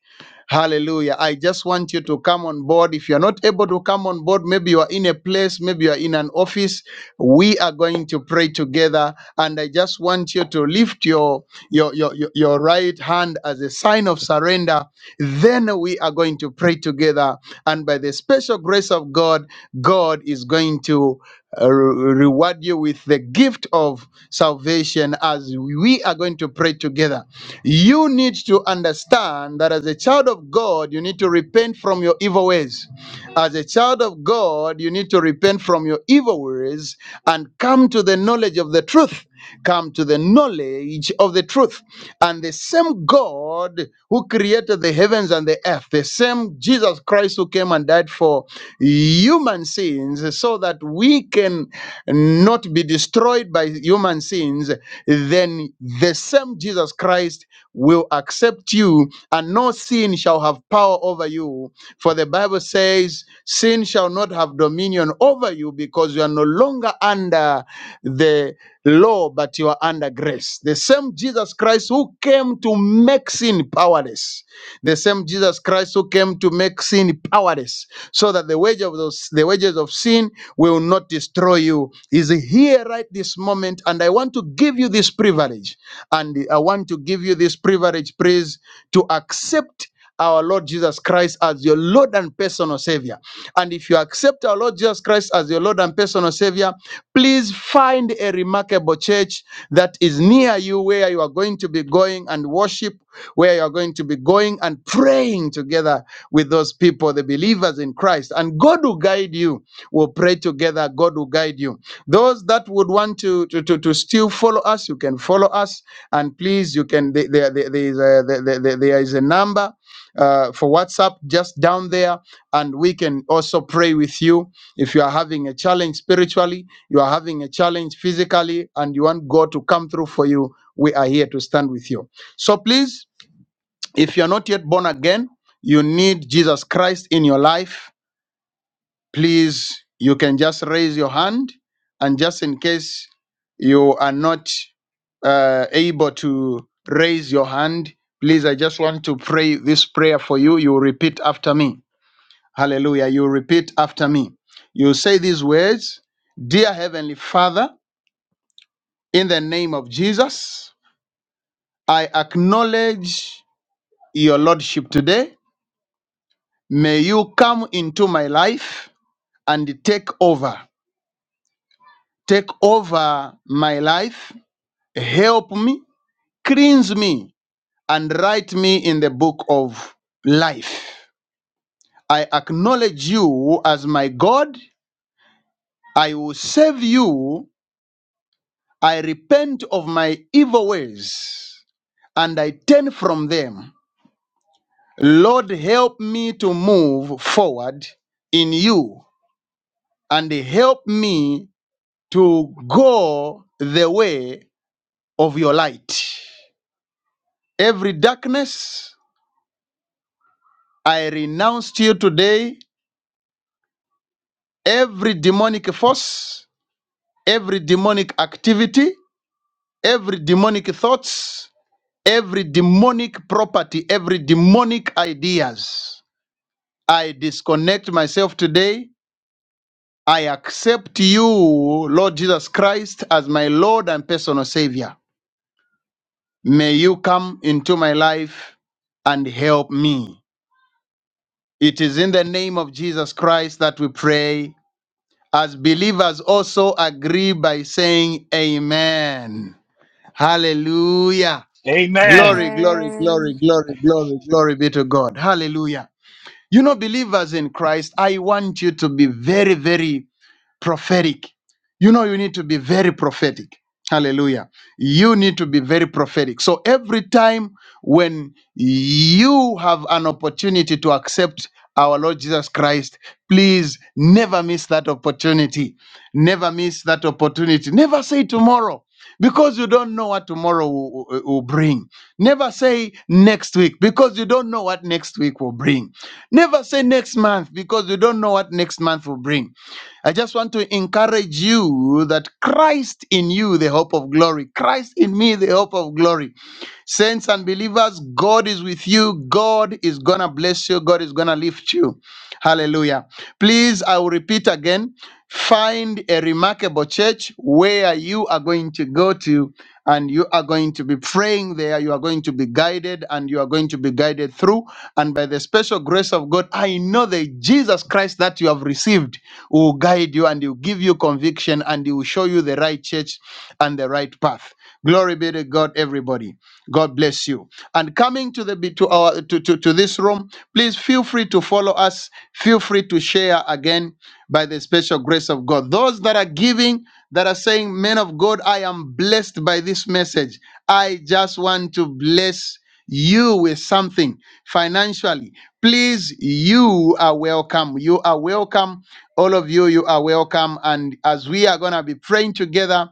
Speaker 1: Hallelujah. I just want you to come on board. If you're not able to come on board, maybe you are in a place, maybe you are in an office. We are going to pray together. And I just want you to lift your, your, your, your your right hand as a sign of surrender. Then we are going to pray together. And by the special grace of God, God is going to uh, reward you with the gift of salvation as we are going to pray together. You need to understand that as a child of God, you need to repent from your evil ways. As a child of God, you need to repent from your evil ways and come to the knowledge of the truth. Come to the knowledge of the truth. And the same God who created the heavens and the earth, the same Jesus Christ who came and died for human sins so that we can not be destroyed by human sins, then the same Jesus Christ will accept you and no sin shall have power over you. For the Bible says, sin shall not have dominion over you because you are no longer under the law, but you are under grace. The same Jesus Christ who came to make sin powerless, the same Jesus Christ who came to make sin powerless so that the wage of those the wages of sin will not destroy you is here right this moment and i want to give you this privilege and i want to give you this privilege praise to accept our Lord Jesus Christ as your Lord and personal Savior. And if you accept our Lord Jesus Christ as your Lord and personal Savior, Please find a remarkable church that is near you where you are going to be going and worship, where you are going to be going and praying together with those people, the believers in Christ. And God will guide you. We'll pray together. God will guide you. Those that would want to, to, to, to still follow us, you can follow us. And please, you can, there, there, there is, a, there, there there is a number uh, for WhatsApp just down there, and we can also pray with you if you are having a challenge spiritually you are having a challenge physically and you want God to come through for you, we are here to stand with you. So please, if you're not yet born again, you need Jesus Christ in your life, please, you can just raise your hand. And just in case you are not uh, able to raise your hand, please, I just want to pray this prayer for you. You repeat after me. Hallelujah. You repeat after me. You say these words Dear Heavenly Father, In the name of Jesus, I acknowledge your Lordship today. May you come into my life and take over. Take over my life. Help me, cleanse me, and write me in the book of life. I acknowledge you as my God. I will save you. I repent of my evil ways and I turn from them. Lord, help me to move forward in you and help me to go the way of your light. Every darkness, I renounce to you today. Every demonic force, every demonic activity, every demonic thoughts, every demonic property, every demonic ideas. I disconnect myself today I accept you, Lord Jesus Christ, as my Lord and personal Savior. May you come into my life and help me. It is in the name of Jesus Christ that we pray. As believers, also agree by saying, Amen. Hallelujah.
Speaker 7: Amen.
Speaker 1: Glory, glory,
Speaker 4: Amen.
Speaker 1: glory, glory, glory, glory be to God. Hallelujah. You know, believers in Christ, I want you to be very, very prophetic. You know, you need to be very prophetic. Hallelujah. You need to be very prophetic. So every time when you have an opportunity to accept our Lord Jesus Christ, please never miss that opportunity. Never miss that opportunity. Never say tomorrow because you don't know what tomorrow will, will will bring. Never say next week because you don't know what next week will bring. Never say next month because you don't know what next month will bring. I just want to encourage you that Christ in you, the hope of glory, Christ in me, the hope of glory. Saints and believers, God is with you. God is going to bless you. God is going to lift you. Hallelujah. Please, I will repeat again find a remarkable church where you are going to go to and you are going to be praying there. You are going to be guided and you are going to be guided through. And by the special grace of God, I know that Jesus Christ that you have received will guide you and he will give you conviction and he will show you the right church and the right path. Glory be to God, everybody. God bless you. And coming to the to our to, to, to this room, please feel free to follow us. Feel free to share again by the special grace of God. Those that are giving, that are saying, Men of God, I am blessed by this message. I just want to bless you with something financially. Please, you are welcome. You are welcome. All of you, you are welcome. And as we are gonna be praying together,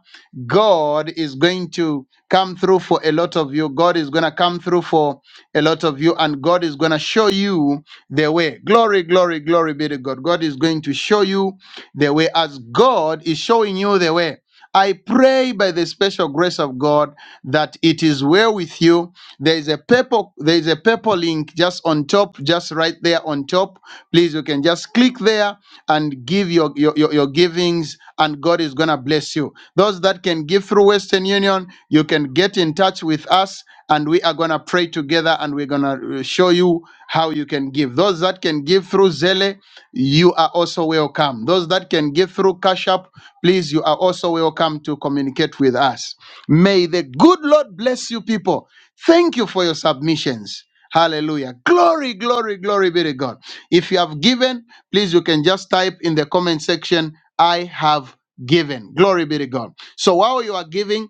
Speaker 1: God is going to come through for a lot of you. God is going to come through for a lot of you, and God is going to show you the way. Glory, glory, glory be to God. God is going to show you the way as God is showing you the way. I pray by the special grace of God that it is well with you. There is a purple, there is a purple link just on top, just right there on top. Please, you can just click there and give your, your, your, your givings, and God is going to bless you. Those that can give through Western Union, you can get in touch with us, and we are going to pray together and we're going to show you how you can give. Those that can give through Zelle, you are also welcome. Those that can give through Cash App, please, you are also welcome to communicate with us. May the good Lord bless you, people. Thank you for your submissions. Hallelujah. Glory, glory, glory be to God. If you have given, please you can just type in the comment section i have given glory be to god so while you are giving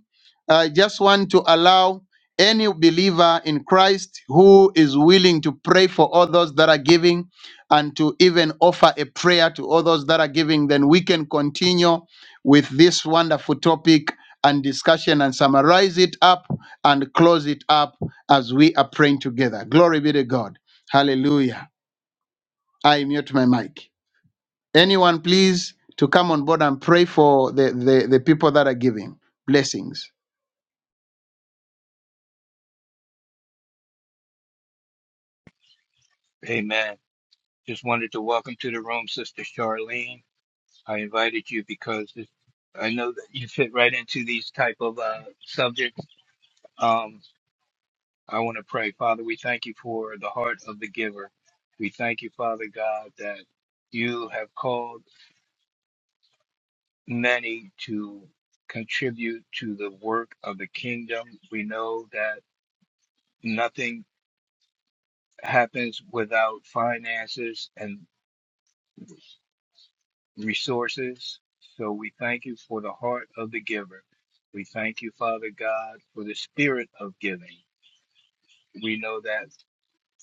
Speaker 1: i just want to allow any believer in christ who is willing to pray for others that are giving and to even offer a prayer to others that are giving then we can continue with this wonderful topic and discussion and summarize it up and close it up as we are praying together glory be to god hallelujah i mute my mic Anyone, please, to come on board and pray for the, the, the people that are giving. Blessings.
Speaker 7: Amen. Just wanted to welcome to the room, Sister Charlene. I invited you because it- I know that you fit right into these type of uh, subjects. Um, I want to pray, Father. We thank you for the heart of the giver. We thank you, Father God, that you have called many to contribute to the work of the kingdom. We know that nothing happens without finances, and. resources. So we thank you for the heart of the giver. We thank you, Father God, for the spirit of giving. We know that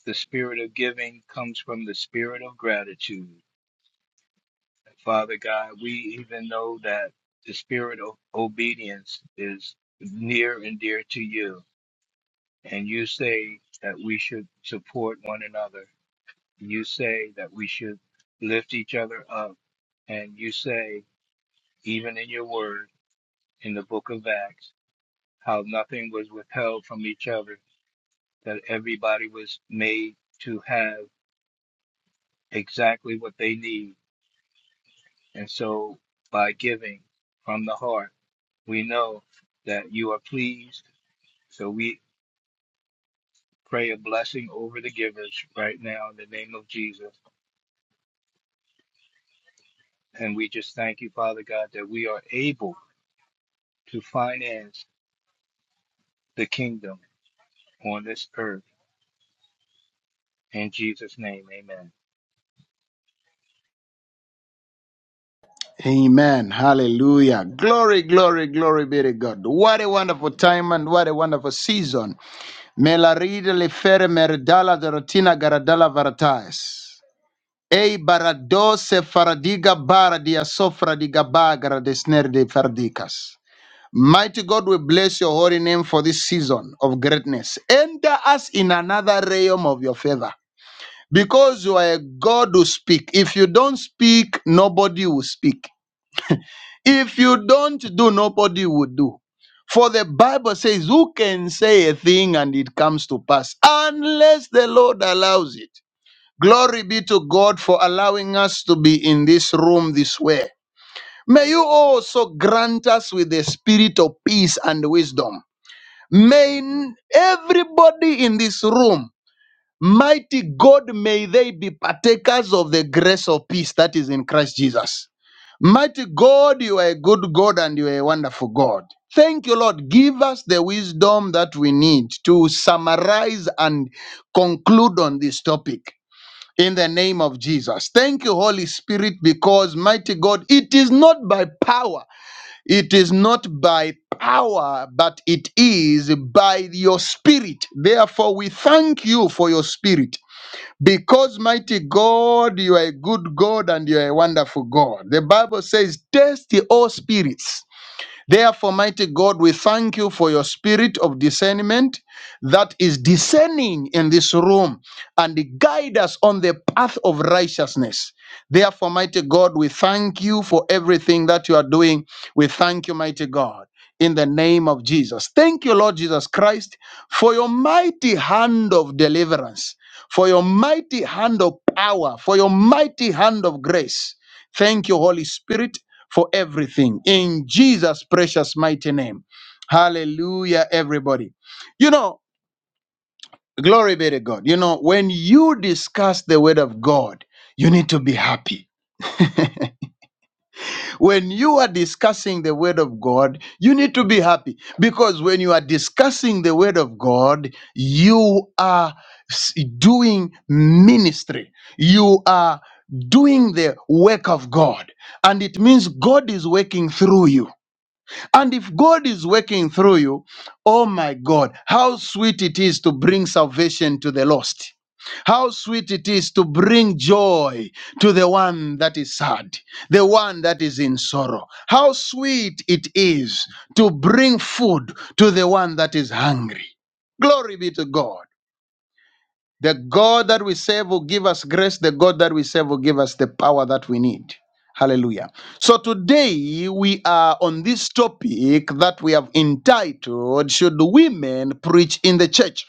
Speaker 7: the spirit of giving comes from the spirit of gratitude. Father God, we even know that the spirit of obedience is near and dear to you. And you say that we should support one another. You say that we should lift each other up. And you say, even in your word. in the book of Acts, how nothing was withheld from each other, that everybody was made to have exactly what they need. And so, by giving from the heart, we know that you are pleased. So, we pray a blessing over the givers right now in the name of Jesus. And we just thank you, Father God, that we are able to finance the kingdom on this earth. In Jesus' name, amen.
Speaker 1: Amen. Hallelujah. Glory, glory, glory be to God. What a wonderful time and what a wonderful season. Melaride lefere meridala dorotina garadala varatais. Ei baradose faradiga bara dia bagara desner fardicas. Mighty God, we bless your holy name for this season of greatness. Enter us in another realm of your favor. because you are a God who speak. If you don't speak, nobody will speak. If you don't do, nobody will do. For the Bible says, Who can say a thing and it comes to pass unless the Lord allows it? Glory be to God for allowing us to be in this room this way. May you also grant us with the spirit of peace and wisdom. May n- everybody in this room Mighty God, may they be partakers of the grace of peace that is in Christ Jesus. Mighty God, you are a good God and you are a wonderful God. Thank you, Lord. Give us the wisdom that we need to summarize and conclude on this topic in the name of Jesus. Thank you, Holy Spirit, because, mighty God, it is not by power, it is not by power, but it is by your spirit. Therefore, we thank you for your spirit. Because, mighty God, you are a good God and you are a wonderful God. The Bible says, Test the all spirits. Therefore, mighty God, we thank you for your spirit of discernment that is discerning in this room and guide us on the path of righteousness. Therefore, mighty God, we thank you for everything that you are doing. We thank you, mighty God, in the name of Jesus. Thank you, Lord Jesus Christ, for your mighty hand of deliverance, for your mighty hand of power, for your mighty hand of grace. Thank you, Holy Spirit for everything in Jesus' precious mighty name. Hallelujah, everybody. You know, glory be to God. You know, when you discuss the word of God, you need to be happy. When you are discussing the word of God, you need to be happy because when you are discussing the word of God, you are s- doing ministry. You are doing the work of God. And it means God is working through you. And if God is working through you, oh my God, how sweet it is to bring salvation to the lost. How sweet it is to bring joy to the one that is sad, the one that is in sorrow. How sweet it is to bring food to the one that is hungry. Glory be to God. The God that we serve will give us grace. The God that we serve will give us the power that we need. Hallelujah. So today we are on this topic that we have entitled Should Women Preach in the Church?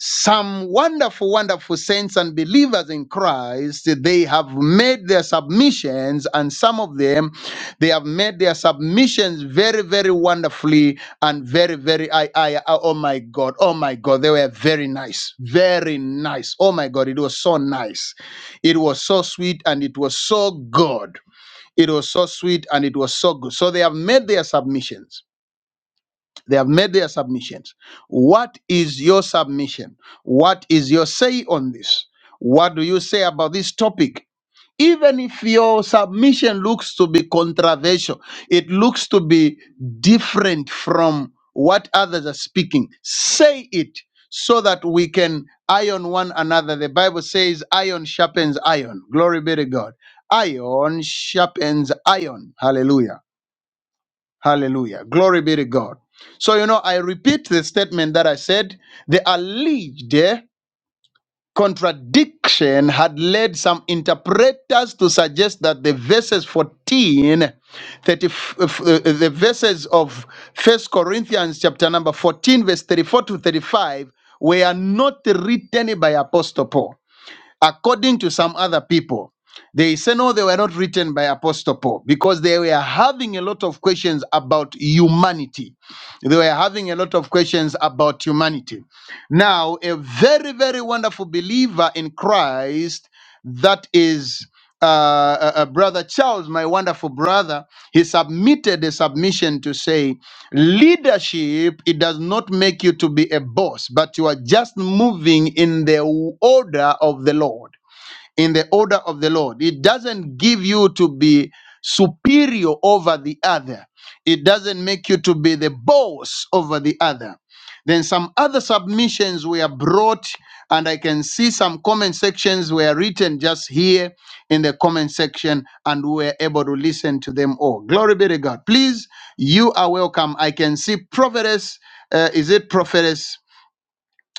Speaker 1: some wonderful, wonderful saints and believers in Christ, they have made their submissions, and some of them, they have made their submissions very, very wonderfully and very, very. I, I, I- oh my God, oh my God, they were very nice, very nice. Oh my God, it was so nice, it was so sweet, and it was so good. It was so sweet and it was so good. So they have made their submissions they have made their submissions. What is your submission? What is your say on this? What do you say about this topic? Even if your submission looks to be controversial, it looks to be different from what others are speaking, say it so that we can iron one another. The Bible says, iron sharpens iron. Glory be to God. Iron sharpens iron. Hallelujah. Hallelujah. Glory be to God. So, you know, I repeat the statement that I said the alleged contradiction had led some interpreters to suggest that the verses 14, 30, f- f- uh, uh, the verses of first corinthians chapter number 14 verse 34 to 35 were not written by apostle paul according to some other people, they say no, they were not written by Apostle Paul because they were having a lot of questions about humanity. They were having a lot of questions about humanity. Now, a very, very wonderful believer in Christ, that is uh, uh, uh, Brother Charles, my wonderful brother, he submitted a submission to say, Leadership, it does not make you to be a boss, but you are just moving in the order of the Lord in the order of the Lord. It doesn't give you to be superior over the other, it doesn't make you to be the boss over the other. Then some other submissions were brought, and I can see some comment sections were written just here in the comment section, and we were able to listen to them all. Glory be to God. Please, you are welcome. I can see prophetess. Uh, is it prophetess?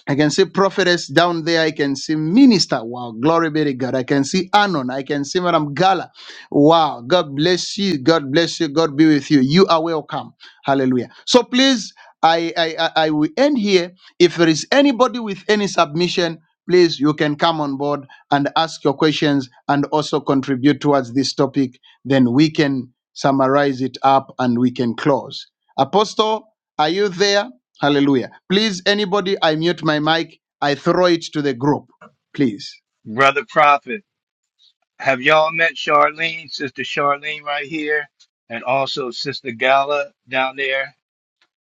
Speaker 1: I can see prophetess down there. I can see minister. Wow, glory be to God. I can see Anon. I can see Madam Gala. Wow, God bless you. God bless you. God be with you. You are welcome. Hallelujah. So please, I I I, I will end here. If there is anybody with any submission, please you can come on board and ask your questions and also contribute towards this topic. Then we can summarize it up and we can close. Apostle, are you there? Hallelujah. Please, anybody, I mute my mic. I throw it to the group, please.
Speaker 7: Brother Prophet. Have y'all met Charlene, Sister Charlene right here, and also Sister Gala down there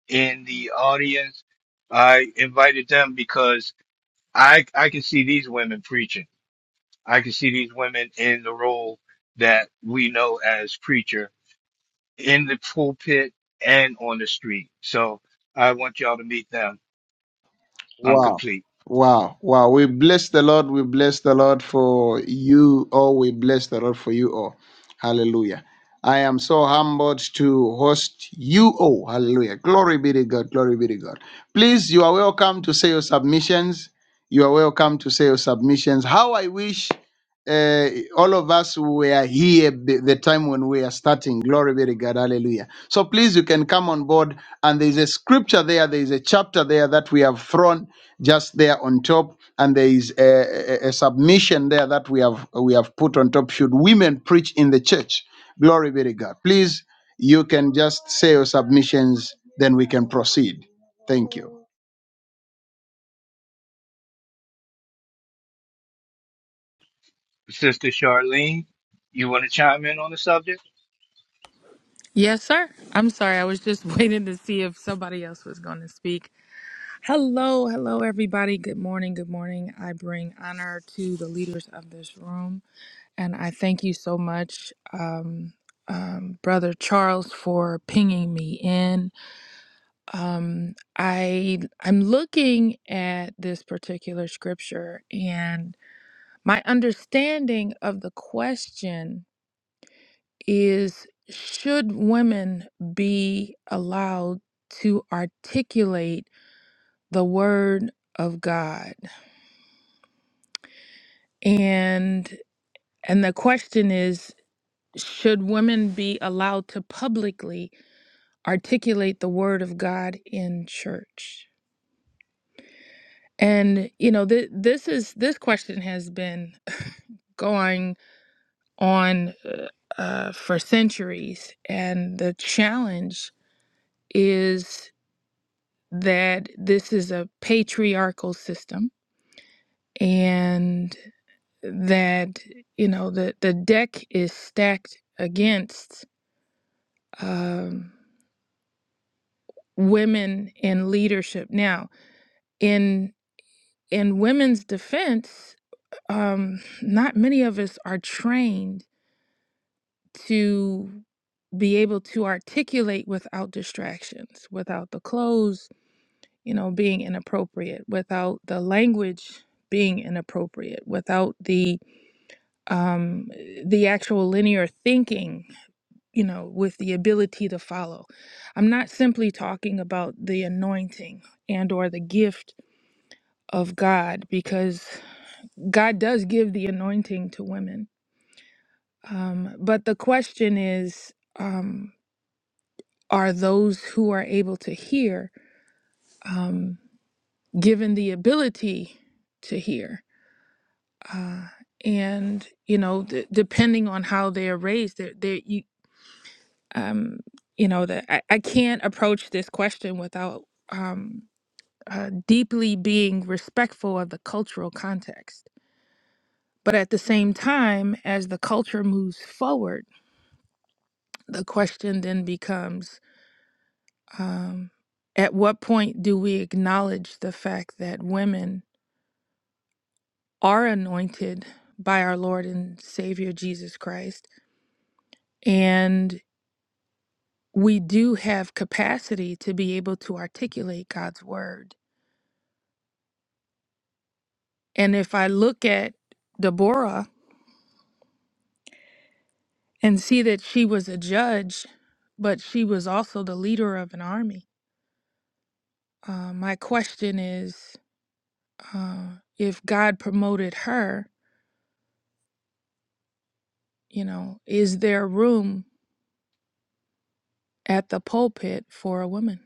Speaker 7: in the audience? I invited them because I I can see these women preaching. I can see these women in the role that we know as preacher in the pulpit and on the street. So I want y'all to meet them. I'm
Speaker 1: Wow.
Speaker 7: complete.
Speaker 1: Wow. Wow. We bless the Lord. We bless the Lord for you all. We bless the Lord for you all. Hallelujah. I am so humbled to host you all. Hallelujah. Glory be to God. Glory be to God. Please, you are welcome to say your submissions. You are welcome to say your submissions. How I wish. uh, all of us who were here b- the time when we are starting. Glory be to God. Hallelujah. So please, you can come on board. And there is a scripture there, there is a chapter there that we have thrown just there on top. And there is a, a, a submission there that we have we have put on top. Should women preach in the church? Glory be to God. Please, you can just say your submissions, then we can proceed. Thank you.
Speaker 7: Sister Charlene, you want to chime in on the subject?
Speaker 8: Yes, sir. I'm sorry. I was just waiting to see if somebody else was going to speak. Hello, hello, everybody. Good morning. Good morning. I bring honor to the leaders of this room. And I thank you so much, um, um, Brother Charles, for pinging me in. Um, I I'm looking at this particular scripture, and my understanding of the question is should women be allowed to articulate the word of God? And and the question is should women be allowed to publicly articulate the word of God in church? And you know, th- this is this question has been going on uh, uh, for centuries, and the challenge is. that this is a patriarchal system and that you know the the deck is stacked against um, women in leadership now in in women's defense um, not many of us are trained to be able to articulate without distractions without the clothes you know being inappropriate without the language being inappropriate without the um, the actual linear thinking, you know, with the ability to follow. I'm not simply talking about the anointing and or the gift of God because God does give the anointing to women. Um, but the question is, um, are those who are able to hear um, given the ability to hear? Uh, and you know, d- depending on how they are raised, there, there, you um, you know that I, I can't approach this question without um, uh, deeply being respectful of the cultural context but at the same time as the culture moves forward the question then becomes um, at what point do we acknowledge the fact that women are anointed by our lord and savior jesus christ and we do have capacity to be able to articulate god's word And if I look at Deborah and see that she was a judge, but she was also the leader of an army, uh, my question is uh, if God promoted her, you know, is there room at the pulpit for a woman?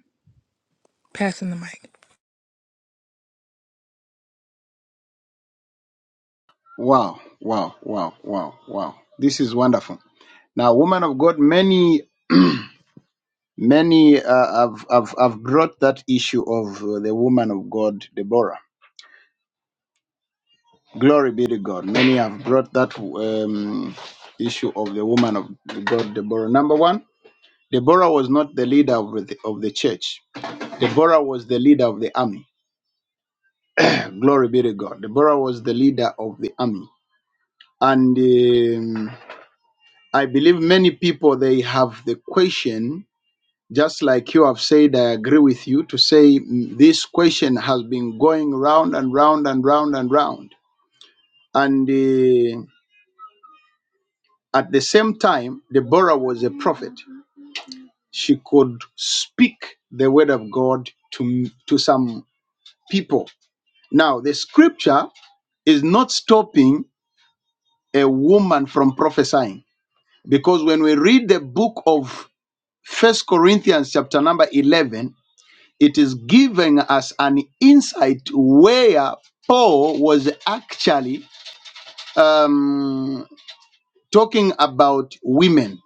Speaker 8: Passing the mic.
Speaker 1: Wow, wow, wow, wow, wow. This is wonderful. Now, woman of God, many Many uh, have, have, have brought that issue of uh, the woman of God, Deborah. Glory be to God. Many have brought that um, issue of the woman of God, Deborah. Number one, Deborah was not the leader of the, of the church, Deborah was the leader of the army. Glory be to God. Deborah was the leader of the army. And um, I believe many people, they have the question Just like you have said, I agree with you to say mm, this question has been going round and round and round and round. And uh, at the same time, Deborah was a prophet. She could speak the word of God to, to some people. Now, the scripture is not stopping a woman from prophesying because when we read the book of first corinthians chapter number 11 it is giving us an insight where Paul was actually um, talking about women.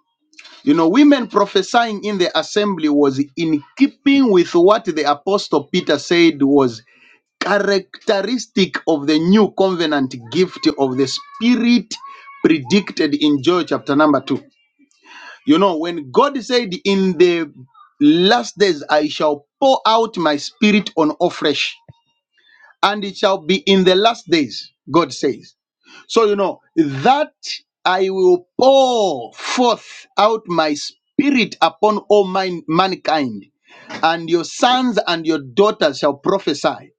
Speaker 1: You know, women prophesying in the assembly was in keeping with what the apostle Peter said was characteristic of the new covenant gift of the spirit predicted in Joel chapter number 2. You know, when God said in the last days I shall pour out my spirit on all flesh and it shall be in the last days, God says. So, you know, that I will pour forth out my spirit upon all mine, mankind, and your sons and your daughters shall prophesy.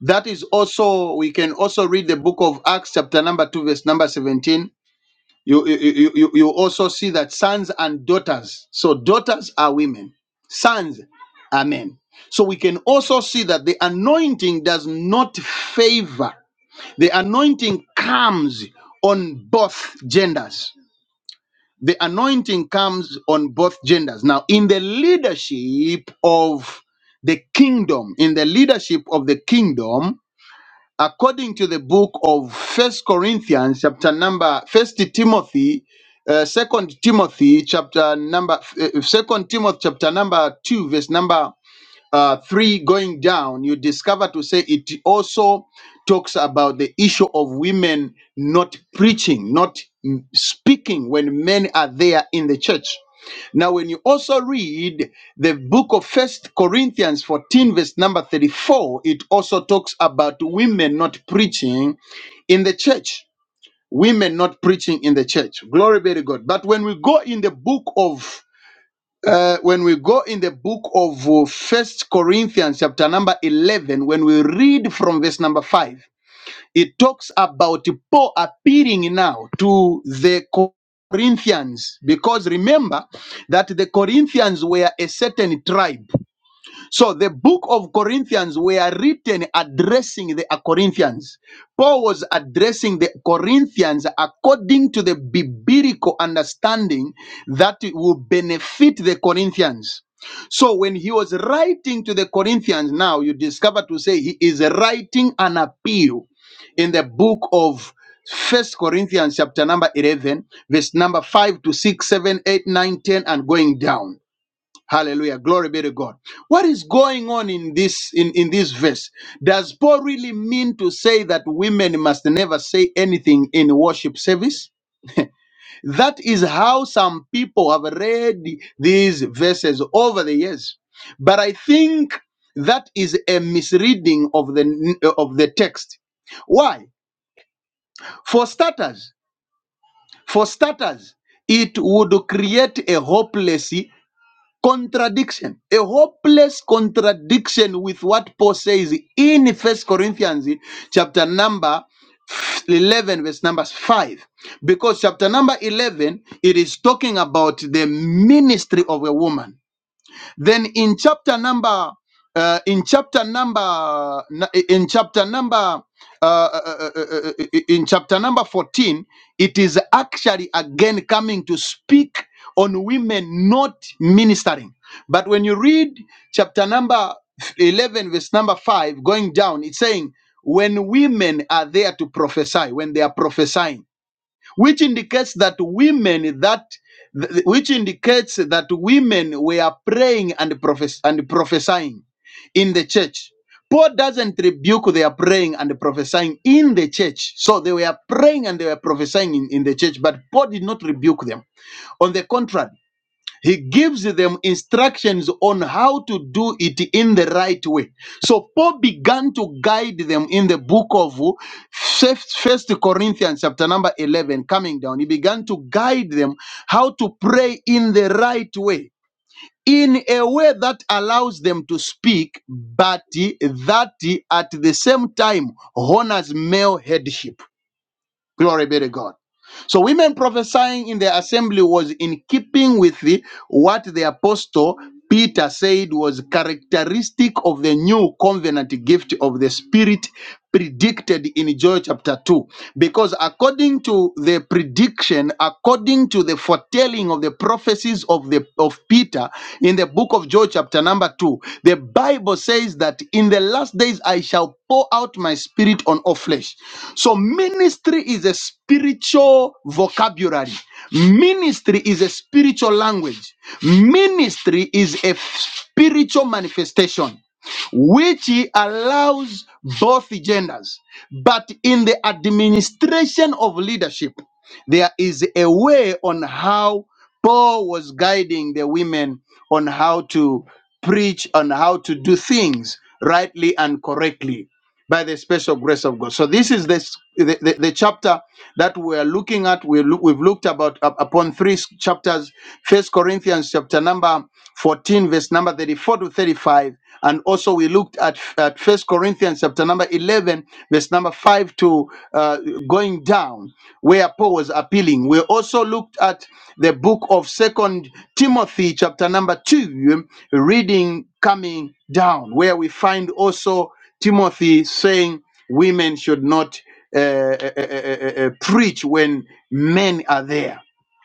Speaker 1: That is also, we can also read the book of Acts, chapter number 2, verse number 17. You, you, you, you you also see that sons and daughters, so daughters are women, sons are men. So we can also see that the anointing does not favor the anointing comes on both genders. The anointing comes on both genders. Now, in the leadership of the kingdom, in the leadership of the kingdom, according to the book of First Corinthians, chapter number First Timothy, uh, Second Timothy, chapter number uh, Second Timothy, chapter number two, verse number uh, 3 going down, you discover to say it also talks about the issue of women not preaching, not mm, speaking when men are there in the church. Now, when you also read the book of First Corinthians 14, verse number 34, it also talks about women not preaching in the church. Women not preaching in the church. Glory be to God. But when we go in the book of uh, when we go in the book of uh, First Corinthians, chapter number eleven, when we read from verse number five, it talks about Paul appearing now to the Corinthians, because remember that the Corinthians were a certain tribe. So the book of Corinthians were written addressing the Corinthians. Paul was addressing the Corinthians according to the biblical understanding that it will benefit the Corinthians. So when he was writing to the Corinthians, now you discover to say he is writing an appeal in the book of First Corinthians chapter number 11, verse number 5 to 6, 7, 8, 9, 10, and going down. Hallelujah. Glory be to God. What is going on in this in, in this verse? Does Paul really mean to say that women must never say anything in worship service? That is how some people have read these verses over the years. But I think that is a misreading of the of the text. Why? For starters, for starters, it would create a hopeless contradiction a hopeless contradiction with what paul says in first corinthians chapter number 11 verse number 5 because chapter number 11 it is talking about the ministry of a woman then in chapter number uh, in chapter number in chapter number uh, uh, uh, uh, uh, uh, uh, uh, in chapter number 14 it is actually again coming to speak on women not ministering but when you read chapter number 11 verse number 5 going down it's saying when women are there to prophesy when they are prophesying which indicates that women that th- which indicates that women were praying and prophes- and prophesying in the church paul doesn't rebuke their praying and prophesying in the church so they were praying and they were prophesying in, in the church but paul did not rebuke them on the contrary he gives them instructions on how to do it in the right way. So Paul began to guide them in the book of First Corinthians, chapter number 11, coming down. He began to guide them how to pray in the right way, in a way that allows them to speak, but that at the same time honors male headship. Glory be to God. So women prophesying in the assembly was in keeping with the, what the apostle Peter said was characteristic of the new covenant gift of the Spirit predicted in Joel chapter 2. Because according to the prediction, according to the foretelling of the prophecies of the of Peter in the book of Joel chapter number chapter 2, the Bible says that in the last days I shall pour out my spirit on all flesh. So ministry is a spiritual vocabulary. Ministry is a spiritual language. Ministry is a spiritual manifestation which allows both genders. But in the administration of leadership, there is a way on how Paul was guiding the women on how to preach, on how to do things rightly and correctly by the special grace of God. So this is this, the, the, the chapter that we are looking at. We look, we've looked about up- upon three s- chapters, First Corinthians chapter number 14, verse number 34 to 35. And also we looked at, at First Corinthians chapter number 11, verse number 5 to uh, going down, where Paul was appealing. We also looked at the book of second timothy chapter number 2 reading coming down where we find also timothy saying women should not uh, uh, uh, uh, uh, uh, preach when men are there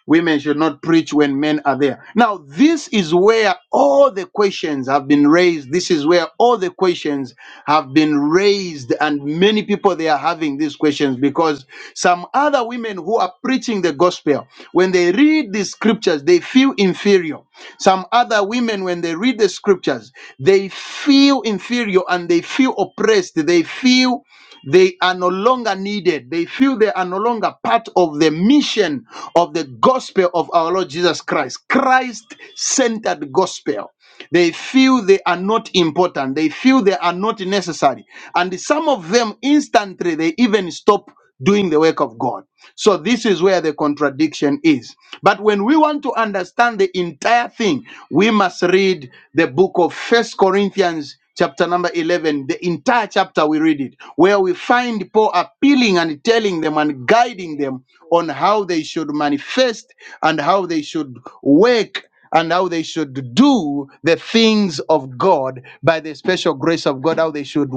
Speaker 1: Women should not preach when men are there. Now, this is where all the questions have been raised. This is where all the questions have been raised, and many people they are having these questions because some other women who are preaching the gospel, when they read the scriptures, they feel inferior. Some other women, when they read the scriptures, they feel inferior and they feel oppressed. They feel they are no longer needed. They feel they are no longer part of the mission of the gospel of our Lord Jesus Christ, Christ centered gospel. They feel they are not important. They feel they are not necessary. And some of them instantly, they even stop doing the work of God. So this is where the contradiction is. But when we want to understand the entire thing, we must read the book of First Corinthians chapter number 11, the entire chapter we read it, where we find Paul appealing and telling them and guiding them on how they should manifest and how they should work and how they should do the things of God by the special grace of God, how they should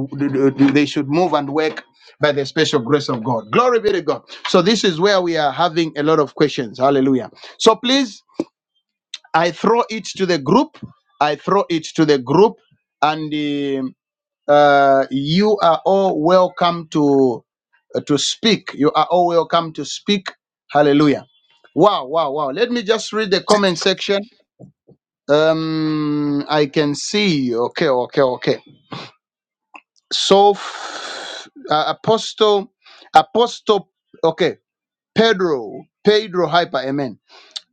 Speaker 1: they should move and work by the special grace of God. Glory be to God. So this is where we are having a lot of questions. Hallelujah. So please, I throw it to the group. I throw it to the group and uh, uh, you are all welcome to uh, to speak. You are all welcome to speak. Hallelujah. Wow, wow, wow. Let me just read the comment section. Um, I can see. Okay, okay, okay. So, f- uh, Apostle, Apostle, okay, Pedro, Pedro Hyper, amen.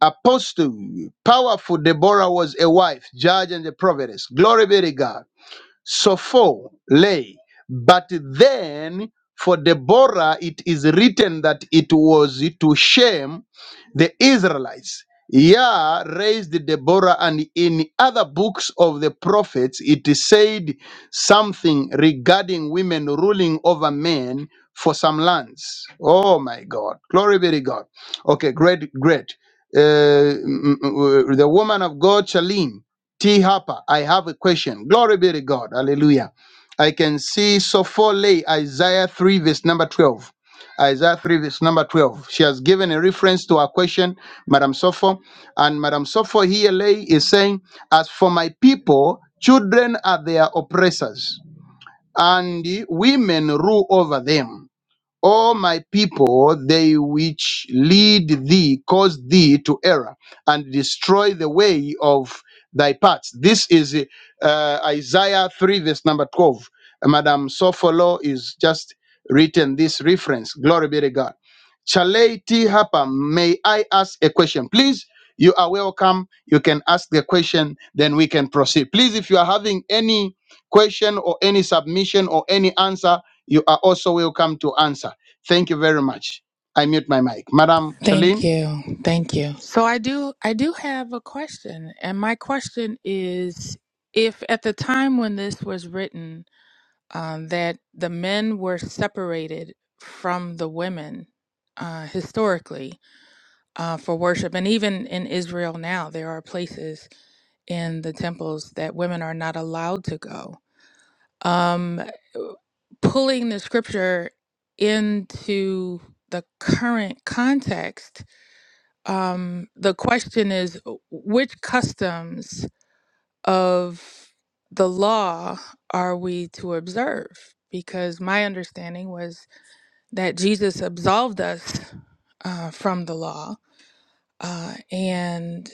Speaker 1: Apostle, powerful Deborah was a wife, judge, and a prophetess. Glory be to God. So for lay. But then for Deborah it is written that it was to shame the Israelites. Yah raised Deborah, and in other books of the prophets it is said something regarding women ruling over men for some lands. Oh my God. Glory be to God. Okay, great, great. Uh, mm, mm, mm, uh, the woman of God, Shalim. T. Harper, I have a question. Glory be to God. Hallelujah. I can see Sophole, Isaiah 3, verse number 12. Isaiah 3, verse number 12. She has given a reference to her question, Madam Sopho. And Madam Sopho here lay is saying, As for my people, children are their oppressors, and women rule over them. O my people, they which lead thee cause thee to error and destroy the way of thy paths. This is uh, Isaiah 3, verse number 12. Uh, Madam Sofolo is just written this reference. Glory be to God. Charity Harper, may I ask a question? Please, you are welcome. You can ask the question, then we can proceed. Please, if you are having any question or any submission or any answer, you are also welcome to answer. Thank you very much. I mute my mic. Madam
Speaker 8: Thank
Speaker 1: Charlene,
Speaker 8: you. Thank you. So I do I do have a question and my question is if at the time when this was written uh, that the men were separated from the women uh, historically uh, for worship. And even in Israel now, there are places in the temples that women are not allowed to go. Um, pulling the scripture into the current context, um, the question is which customs of the law are we to observe? Because my understanding was that Jesus absolved us uh, from the law, uh, and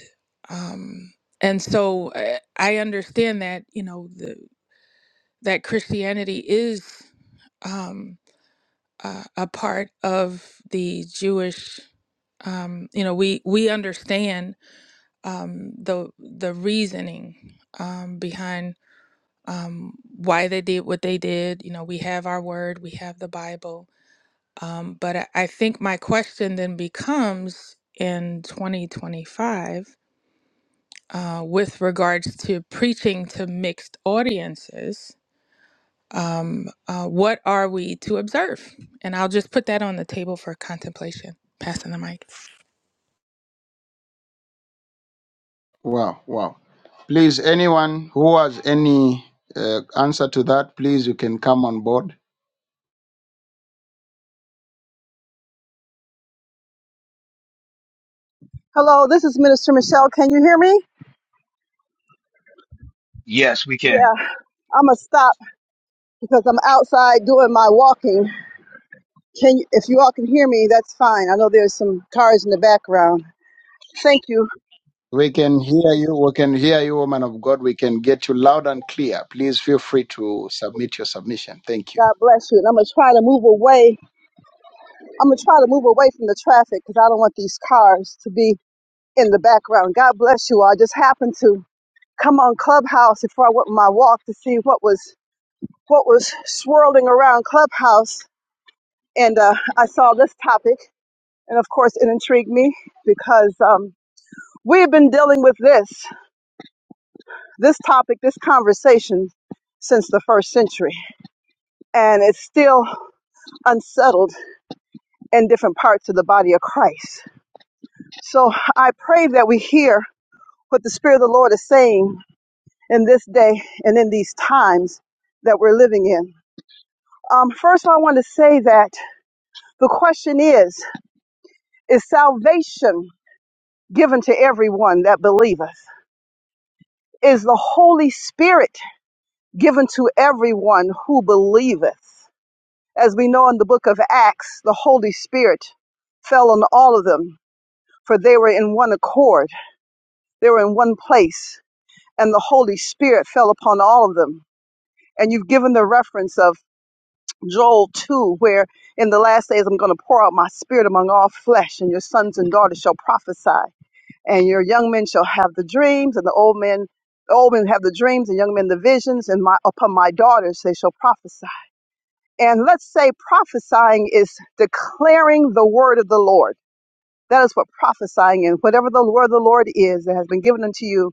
Speaker 8: um, and so I, I understand that you know the, that Christianity is um, uh, a part of the Jewish. Um, you know, we we understand um, the the reasoning um, behind um, why they did what they did. You know, we have our word, we have the Bible. Um, but I, I think my question then becomes in 2025 uh, with regards to preaching to mixed audiences, um, uh, what are we to observe? And I'll just put that on the table for contemplation. Passing the mic.
Speaker 1: wow, wow. Please, anyone who has any uh, answer to that, please, you can come on board.
Speaker 9: Hello, this is Minister Michelle. Can you hear me?
Speaker 7: Yes, we can.
Speaker 9: Yeah, I'm gonna stop because I'm outside doing my walking. Can you, if you all can hear me, that's fine. I know there's some cars in the background. Thank you.
Speaker 1: We can hear you. We can hear you, woman of God. We can get you loud and clear. Please feel free to submit your submission. Thank you.
Speaker 9: God bless you. And I'm gonna try to move away. I'm gonna try to move away from the traffic because I don't want these cars to be in the background. God bless you. all. I just happened to come on Clubhouse before I went on my walk to see what was what was swirling around Clubhouse, and uh, I saw this topic. And of course, it intrigued me because um, we've been dealing with this, this topic, this conversation since the first century. And it's still unsettled in different parts of the body of Christ. So I pray that we hear what the Spirit of the Lord is saying in this day and in these times that we're living in. Um, first, I want to say that the question is Is salvation given to everyone that believeth? Is the Holy Spirit given to everyone who believeth. As we know in the book of Acts, the Holy Spirit fell on all of them, for they were in one accord, they were in one place, and the Holy Spirit fell upon all of them. And you've given the reference of Joel 2, where in the last days I'm going to pour out my spirit among all flesh, and your sons and daughters shall prophesy, and your young men shall have the dreams, and the old men. The old men have the dreams, and young men the visions, and my, upon my daughters they shall prophesy And let's say prophesying is declaring the word of the Lord. That is what prophesying is. Whatever the word of the Lord is that has been given unto you,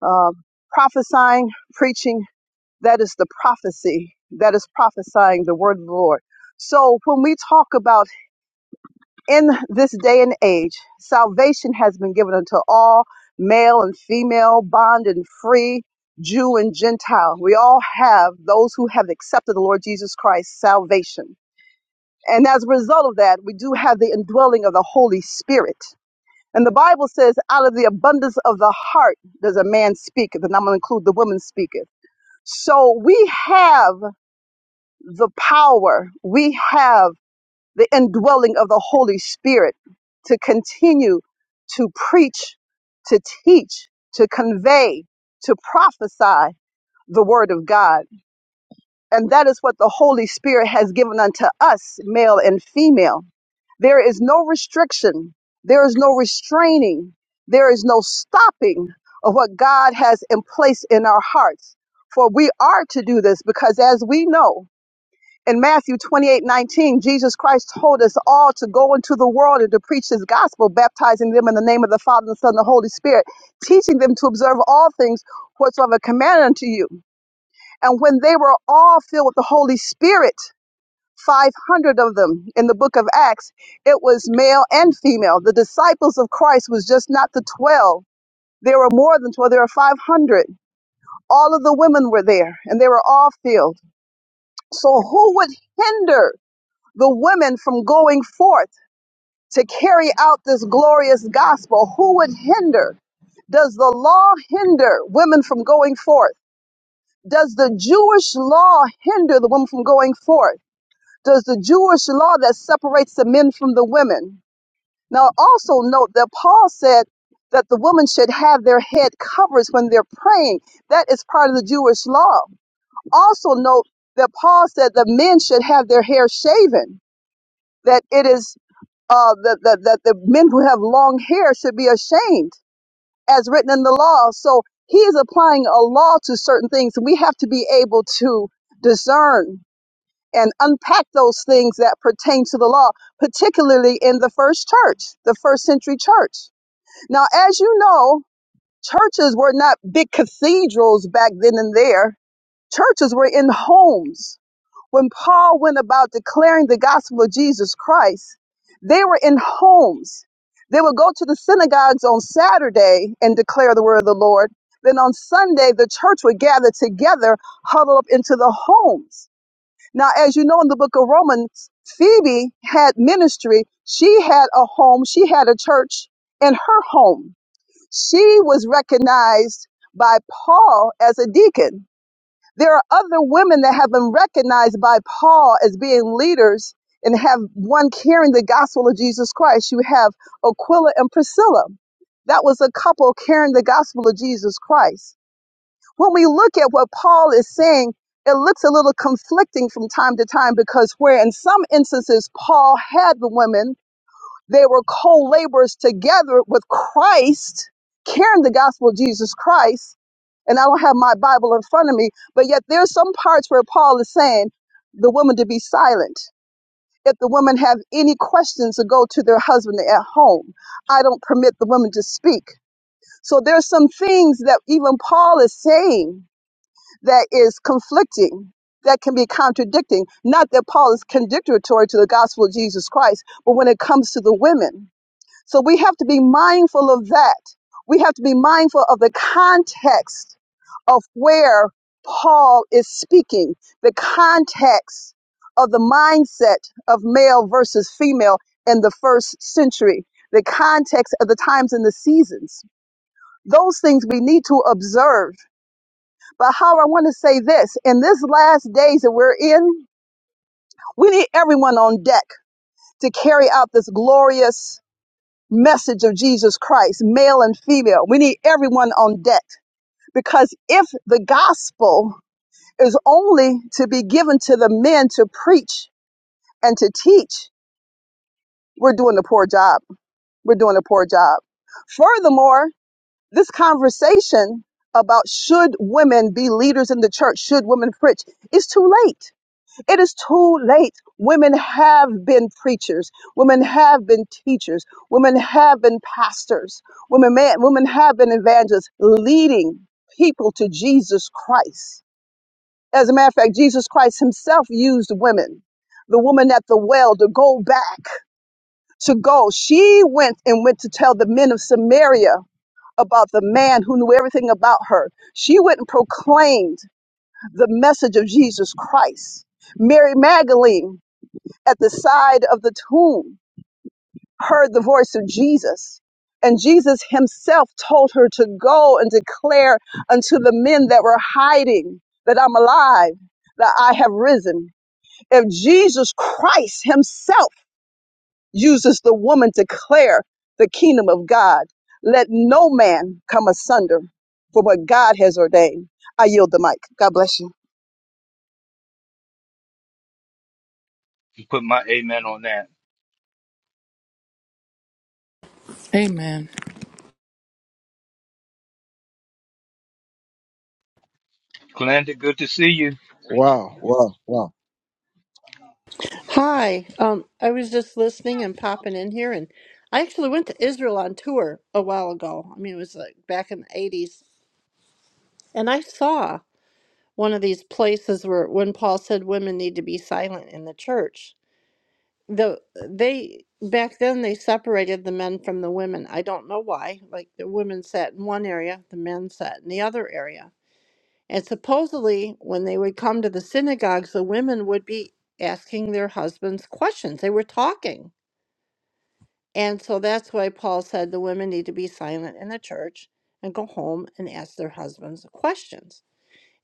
Speaker 9: uh, prophesying, preaching, that is the prophecy. That is prophesying the word of the Lord. So when we talk about in this day and age, salvation has been given unto all, male and female, bond and free, Jew and Gentile. We all have those who have accepted the Lord Jesus Christ, salvation and as a result of that, we do have the indwelling of the Holy Spirit. And the Bible says, out of the abundance of the heart does a man speaketh, and I'm going to include the woman speaketh. So we have the power, we have the indwelling of the Holy Spirit to continue to preach, to teach, to convey, to prophesy the Word of God. And that is what the Holy Spirit has given unto us, male and female There is no restriction. There is no restraining. There is no stopping of what God has in place in our hearts. For we are to do this because as we know in Matthew 28 19, Jesus Christ told us all to go into the world and to preach his gospel, baptizing them in the name of the Father, the Son, and the Holy Spirit, teaching them to observe all things whatsoever commanded unto you. And when they were all filled with the Holy Spirit, 500 of them in the book of Acts. It was male and female. The disciples of Christ was just not the 12. There were more than 12. There were 500. All of the women were there and they were all filled. So who would hinder the women from going forth to carry out this glorious gospel? Who would hinder? Does the law hinder women from going forth? Does the Jewish law hinder the woman from going forth? Does the Jewish law that separates the men from the women? Now, also note that Paul said that the woman should have their head covers when they're praying. That is part of the Jewish law. Also note that Paul said the men should have their hair shaven. That it is uh, that, that that the men who have long hair should be ashamed, as written in the law. So he is applying a law to certain things. We have to be able to discern and unpack those things that pertain to the law, particularly in the first church, the first century church. Now, as you know, churches were not big cathedrals back then and there. Churches were in homes. When Paul went about declaring the gospel of Jesus Christ, they were in homes. They would go to the synagogues on Saturday and declare the word of the Lord. Then on Sunday, the church would gather together, huddle up into the homes. Now, as you know in the book of Romans, Phoebe had ministry. She had a home, she had a church in her home. She was recognized by Paul as a deacon. There are other women that have been recognized by Paul as being leaders and have one carrying the gospel of Jesus Christ. You have Aquila and Priscilla. That was a couple carrying the gospel of Jesus Christ. When we look at what Paul is saying, it looks a little conflicting from time to time because where in some instances Paul had the women they were co-laborers together with Christ, carrying the gospel of Jesus Christ. And I don't have my Bible in front of me, but yet there's some parts where Paul is saying the woman to be silent. If the women have any questions to go to their husband at home, I don't permit the women to speak. So there's some things that even Paul is saying that is conflicting that can be contradicting. Not that Paul is contradictory to the gospel of Jesus Christ, but when it comes to the women. So we have to be mindful of that. We have to be mindful of the context of where Paul is speaking, the context of the mindset of male versus female in the first century, the context of the times and the seasons. Those things we need to observe. But how I want to say this in this last days that we're in, we need everyone on deck to carry out this glorious message of Jesus Christ, male and female. We need everyone on deck because if the gospel is only to be given to the men to preach and to teach, we're doing a poor job. We're doing a poor job. Furthermore, this conversation about should women be leaders in the church, should women preach, is too late It is too late. Women have been preachers. Women have been teachers. Women have been pastors. Women, man, women have been evangelists leading people to Jesus Christ. As a matter of fact, Jesus Christ himself used women. The woman at the well to go back, to go. She went and went to tell the men of Samaria about the man who knew everything about her. She went and proclaimed the message of Jesus Christ. Mary Magdalene at the side of the tomb heard the voice of Jesus. And Jesus himself told her to go and declare unto the men that were hiding that I'm alive, that I have risen. If Jesus Christ himself uses the woman to declare the kingdom of God, let no man come asunder for what God has ordained. I yield the mic. God bless you.
Speaker 7: You put my amen on that.
Speaker 8: Amen.
Speaker 7: Glenda, good to see you.
Speaker 1: Wow, wow, wow.
Speaker 10: Hi. Um, I was just listening and popping in here, and I actually went to Israel on tour a while ago. I mean, it was like back in the 80s. And I saw one of these places where when Paul said women need to be silent in the church. The they back then they separated the men from the women. I don't know why. Like the women sat in one area, the men sat in the other area. And supposedly when they would come to the synagogues, the women would be asking their husbands questions. They were talking And so that's why Paul said the women need to be silent in the church and go home and ask their husbands questions.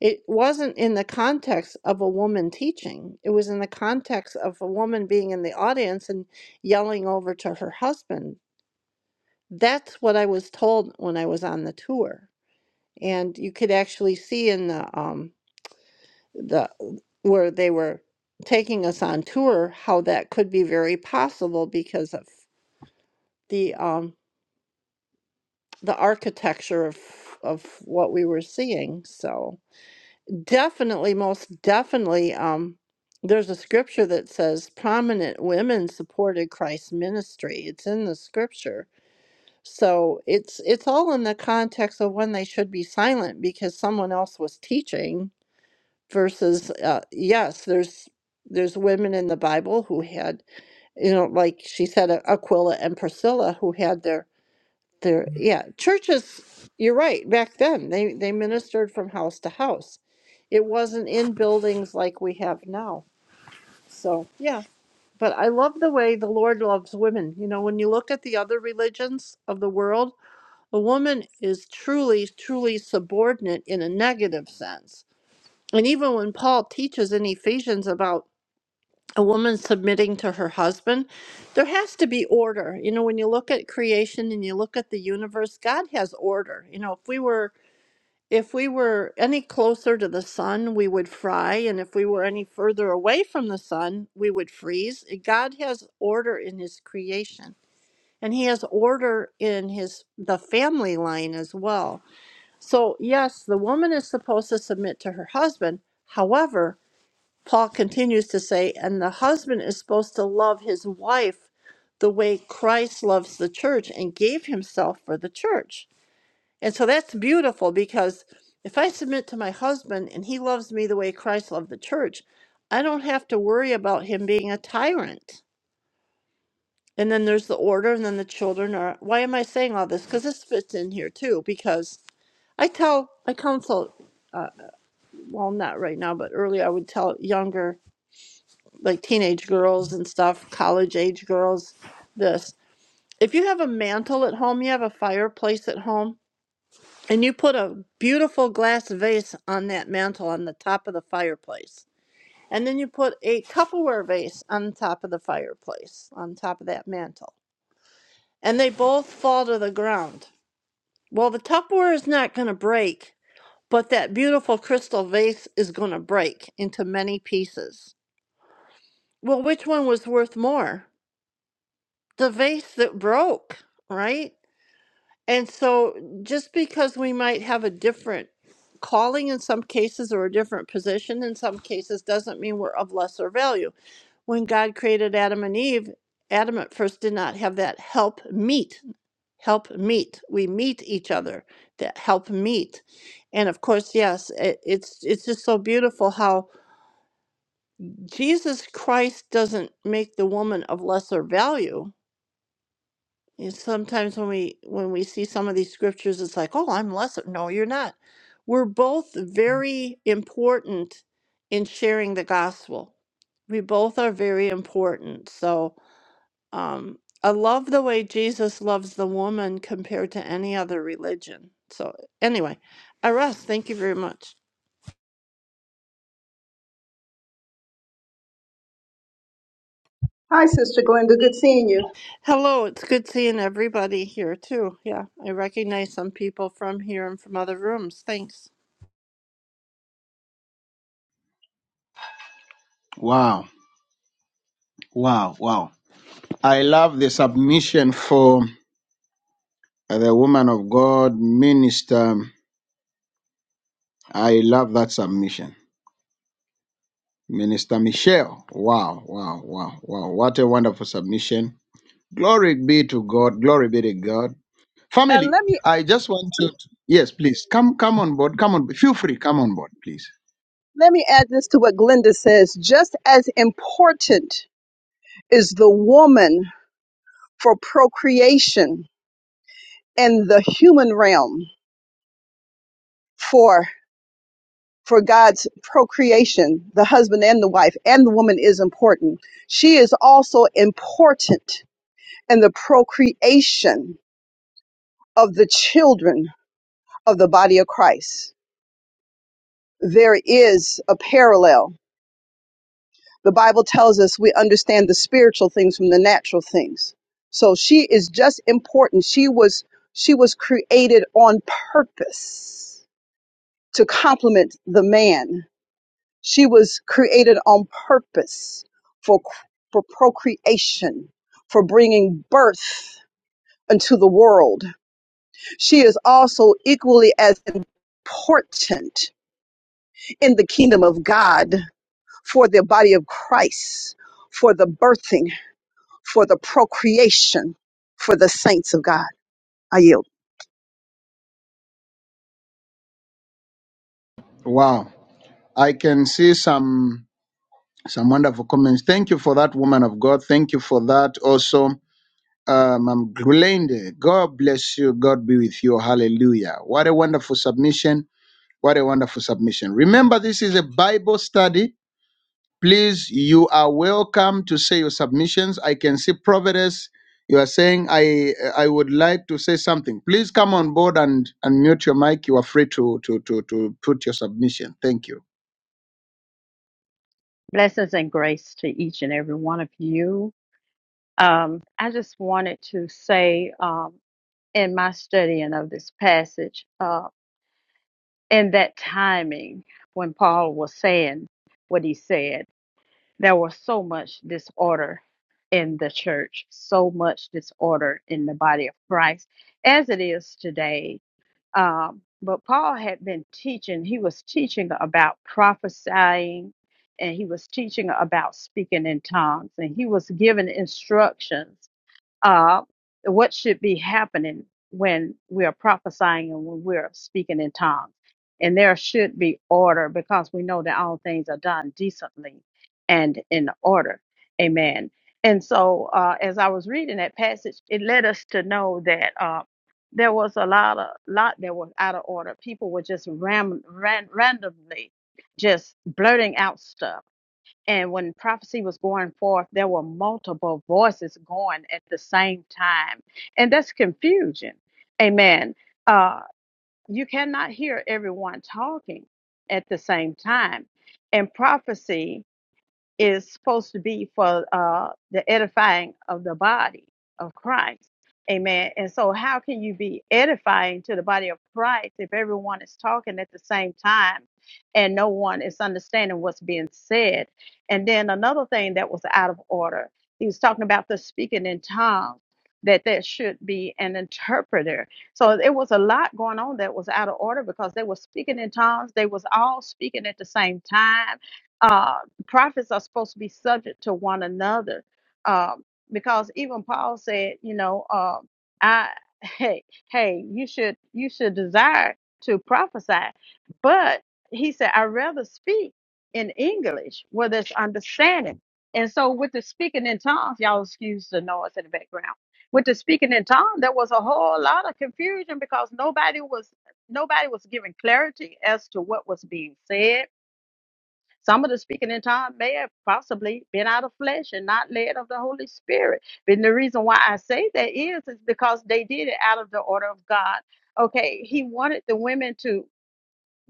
Speaker 10: It wasn't in the context of a woman teaching, it was in the context of a woman being in the audience and yelling over to her husband. That's what I was told when I was on the tour. And you could actually see in the, um, the where they were taking us on tour how that could be very possible because of the um, the architecture of of what we were seeing. So definitely, most definitely, um, there's a scripture that says prominent women supported Christ's ministry. It's in the scripture. So it's it's all in the context of when they should be silent because someone else was teaching versus uh, yes, there's there's women in the Bible who had you know like she said Aquila and Priscilla who had their there, yeah, churches, you're right. Back then, they they ministered from house to house. It wasn't in buildings like we have now. So, yeah, but I love the way the Lord loves women. You know, when you look at the other religions of the world, a woman is truly, truly subordinate in a negative sense. And even when Paul teaches in Ephesians about a woman submitting to her husband, there has to be order. You know, when you look at creation and you look at the universe, God has order. You know, if we were if we were any closer to the sun, we would fry, and if we were any further away from the sun, we would freeze. God has order in his creation, and he has order in his the family line as well. So, yes, the woman is supposed to submit to her husband. However. Paul continues to say, and the husband is supposed to love his wife the way Christ loves the church and gave himself for the church. And so that's beautiful because if I submit to my husband and he loves me the way Christ loved the church, I don't have to worry about him being a tyrant. And then there's the order, and then the children are. Why am I saying all this? Because this fits in here too. Because I tell, I counsel, well, not right now, but earlier I would tell younger like teenage girls and stuff, college age girls, this. If you have a mantle at home, you have a fireplace at home, and you put a beautiful glass vase on that mantle on the top of the fireplace. And then you put a Tupperware vase on top of the fireplace, on top of that mantle. And they both fall to the ground. Well, the Tupperware is not going to break, but that beautiful crystal vase is going to break into many pieces. Well, which one was worth more? the vase that broke, right? And so just because we might have a different calling in some cases or a different position in some cases doesn't mean we're of lesser value. When God created Adam and Eve, Adam at first did not have that help meet, help meet. We meet each other, that help meet. And of course, yes, it, it's it's just so beautiful how Jesus Christ doesn't make the woman of lesser value You know, sometimes when we when we see some of these scriptures, it's like, oh, I'm lesser. No, you're not. We're both very important in sharing the gospel. We both are very important. So um, I love the way Jesus loves the woman compared to any other religion. So anyway, I rest. Thank you very much.
Speaker 9: Hi, Sister Glenda. Good seeing you.
Speaker 10: Hello, it's good seeing everybody here too. Yeah, I recognize some people from here and from other rooms. Thanks.
Speaker 1: Wow, wow, wow. I love the submission for the woman of God, minister. I love that submission. Minister Michelle. Wow, wow, wow, wow. What a wonderful submission. Glory be to God. Glory be to God.
Speaker 9: And
Speaker 1: Family,
Speaker 9: let me
Speaker 1: I just want you to yes, please come come on board. Come on. Feel free. Come on board, please.
Speaker 9: Let me add this to what Glenda says. Just as important is the woman for procreation in the human realm for for God's procreation, the husband and the wife and the woman is important. She is also important in the procreation of the children of the body of Christ. There is a parallel The Bible tells us we understand the spiritual things from the natural things. So she is just important. She was she was created on purpose to complement the man. She was created on purpose for for procreation, for bringing birth into the world. She is also equally as important in the kingdom of God for the body of Christ, for the birthing for the procreation for the saints of God. I yield.
Speaker 1: Wow. I can see some some wonderful comments. Thank you for that, woman of God. Thank you for that also. Um, I'm Glende. God bless you. God be with you. Hallelujah. What a wonderful submission. What a wonderful submission. Remember, this is a Bible study Please, you are welcome to say your submissions. I can see Providence. You are saying I I would like to say something. Please come on board and and mute your mic. You are free to to to to put your submission. Thank you.
Speaker 11: Blessings and grace to each and every one of you. Um, I just wanted to say um, in my studying of this passage, uh, in that timing when Paul was saying what he said, there was so much disorder in the church, so much disorder in the body of Christ, as it is today. Um, but Paul had been teaching, he was teaching about prophesying and he was teaching about speaking in tongues and he was giving instructions uh, what should be happening when we are prophesying and when we're speaking in tongues. And there should be order because we know that all things are done decently and in order. Amen. And so, uh, as I was reading that passage, it led us to know that uh, there was a lot of lot that was out of order. People were just ram, ran, randomly just blurting out stuff and when prophecy was going forth, there were multiple voices going at the same time. And that's confusion. Amen. Uh, you cannot hear everyone talking at the same time. And prophecy is supposed to be for uh, the edifying of the body of Christ. Amen. And so, how can you be edifying to the body of Christ if everyone is talking at the same time and no one is understanding what's being said? And then another thing that was out of order, he was talking about the speaking in tongues, that there should be an interpreter. So there was a lot going on that was out of order because they were speaking in tongues. They was all speaking at the same time Uh, prophets are supposed to be subject to one another um, because even paul said you know um, i hey hey you should you should desire to prophesy but he said i rather speak in english where there's understanding and so with the speaking in tongues y'all excuse the noise in the background with the speaking in tongues there was a whole lot of confusion because nobody was nobody was giving clarity as to what was being said some of the speaking in tongues may have possibly been out of flesh and not led of the Holy Spirit. But the reason why I say that is, is because they did it out of the order of God. Okay, he wanted the women to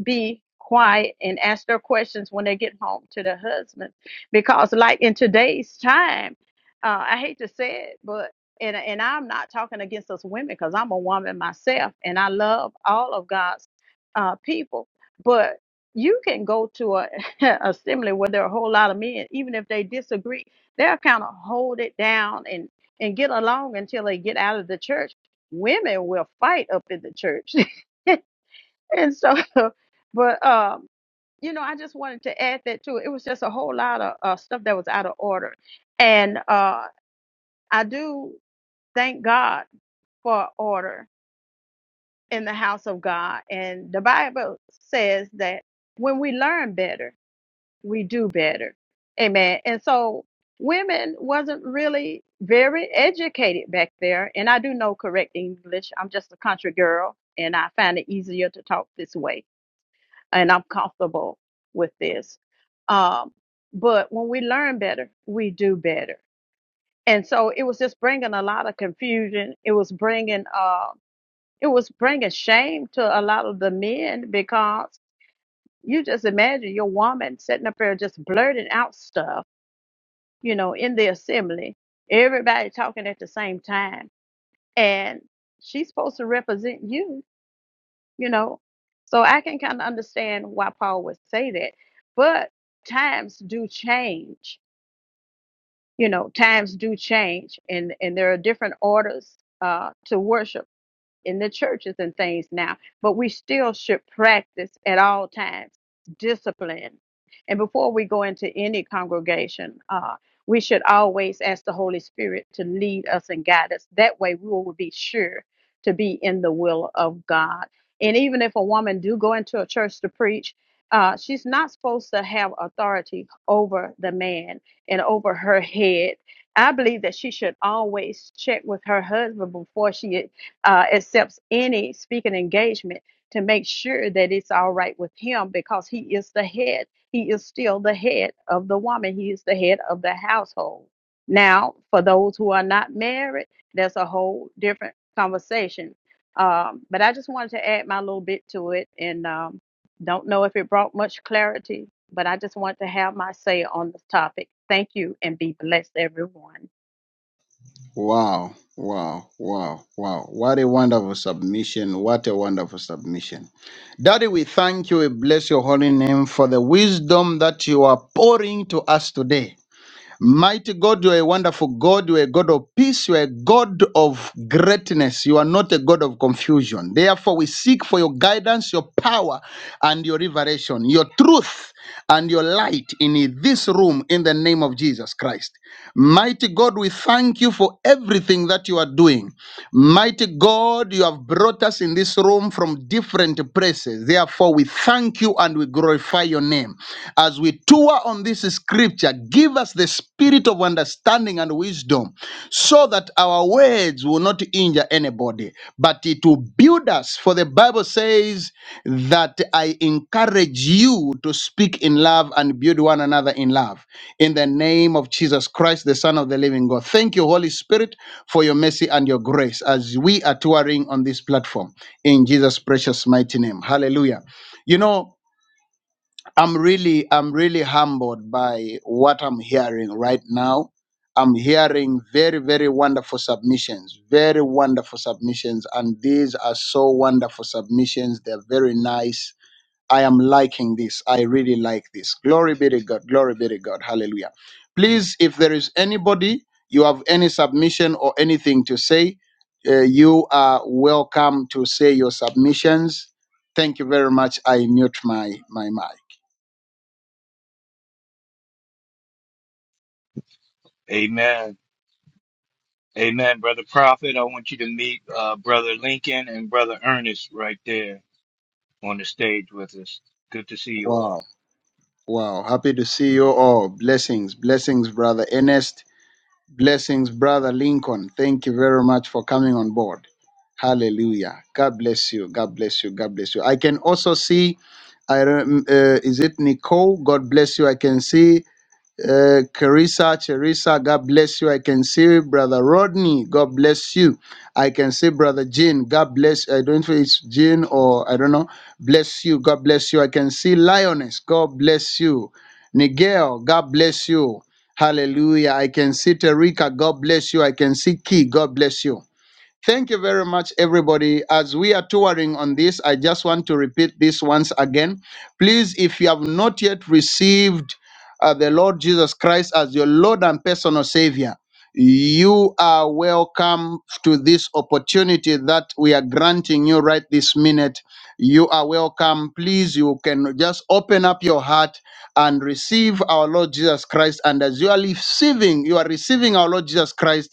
Speaker 11: be quiet and ask their questions when they get home to their husbands. Because, like in today's time, uh, I hate to say it, but and and I'm not talking against us women because I'm a woman myself and I love all of God's uh, people, but you can go to a a assembly where there are a whole lot of men, even if they disagree, they'll kind of hold it down and and get along until they get out of the church. Women will fight up in the church. and so but um you know i just wanted to add that too it was just a whole lot of uh, stuff that was out of order and uh i do thank god for order in the house of god and the bible says that when we learn better we do better amen and so women wasn't really very educated back there and i do know correct english i'm just a country girl and i find it easier to talk this way and I'm comfortable with this. Um, but when we learn better, we do better. And so it was just bringing a lot of confusion. It was bringing, uh, it was bringing shame to a lot of the men because you just imagine your woman sitting up there just blurting out stuff, you know, in the assembly, everybody talking at the same time, and she's supposed to represent you you know. So I can kind of understand why Paul would say that. But times do change, you know, times do change and and there are different orders uh to worship in the churches and things now, but we still should practice at all times discipline. And before we go into any congregation, uh, we should always ask the Holy Spirit to lead us and guide us. That way, we will be sure to be in the will of God. And even if a woman do go into a church to preach, uh, she's not supposed to have authority over the man and over her head. I believe that she should always check with her husband before she uh, accepts any speaking engagement to make sure that it's all right with him because he is the head. He is still the head of the woman, he is the head of the household. Now, for those who are not married, that's a whole different conversation. Um, but I just wanted to add my little bit to it and um, don't know if it brought much clarity, but I just wanted to have my say on this topic. Thank you and be blessed, everyone.
Speaker 1: Wow. Wow, wow, wow. What a wonderful submission. What a wonderful submission. Daddy, we thank you. We bless your holy name for the wisdom that you are pouring to us today. Mighty God, you are a wonderful God. You are a God of peace. You are a God of greatness. You are not a God of confusion. Therefore, we seek for your guidance, your power, and your revelation, your truth, and your light in this room in the name of Jesus Christ. Mighty God, we thank you for everything that you are doing. Mighty God, you have brought us in this room from different places. Therefore, we thank you and we glorify your name. As we tour on this scripture, give us the spirit of understanding and wisdom so that our words will not injure anybody, but it will build us. For the Bible says that I encourage you to speak in love and build one another in love. In the name of Jesus Christ, the Son of the living God. Thank you, Holy Spirit, for your mercy and your grace as we are touring on this platform. In Jesus' precious mighty name. Hallelujah. You know, I'm really, I'm really humbled by what I'm hearing right now. I'm hearing very, very wonderful submissions, very wonderful submissions. And these are so wonderful submissions. They're very nice. I am liking this. I really like this. Glory be to God. Glory be to God. Hallelujah. Please, if there is anybody, you have any submission or anything to say, uh, you are welcome to say your submissions. Thank you very much. I mute my, my mic.
Speaker 7: Amen. Amen, Brother Prophet. I want you to meet uh, Brother Lincoln and Brother Ernest right there on the stage with us. Good to see you all.
Speaker 1: Wow. Wow. Happy to see you all. Blessings. Blessings, brother Ernest. Blessings, brother Lincoln. Thank you very much for coming on board. Hallelujah. God bless you. God bless you. God bless you. I can also see, I, rem- uh, is it Nicole? God bless you. I can see uh, Carissa, Charissa, God bless you. I can see Brother Rodney. God bless you. I can see Brother Jean. God bless. I don't know if it's Jean or I don't know. Bless you. God bless you. I can see Lioness. God bless you. Nigel. God bless you. Hallelujah. I can see Terika. God bless you. I can see Key. God bless you. Thank you very much, everybody. As we are touring on this, I just want to repeat this once again. Please, if you have not yet received uh, the Lord Jesus Christ as your Lord and personal Savior, you are welcome to this opportunity that we are granting you right this minute. You are welcome. Please, you can just open up your heart and receive our Lord Jesus Christ. And as you are receiving, you are receiving our Lord Jesus Christ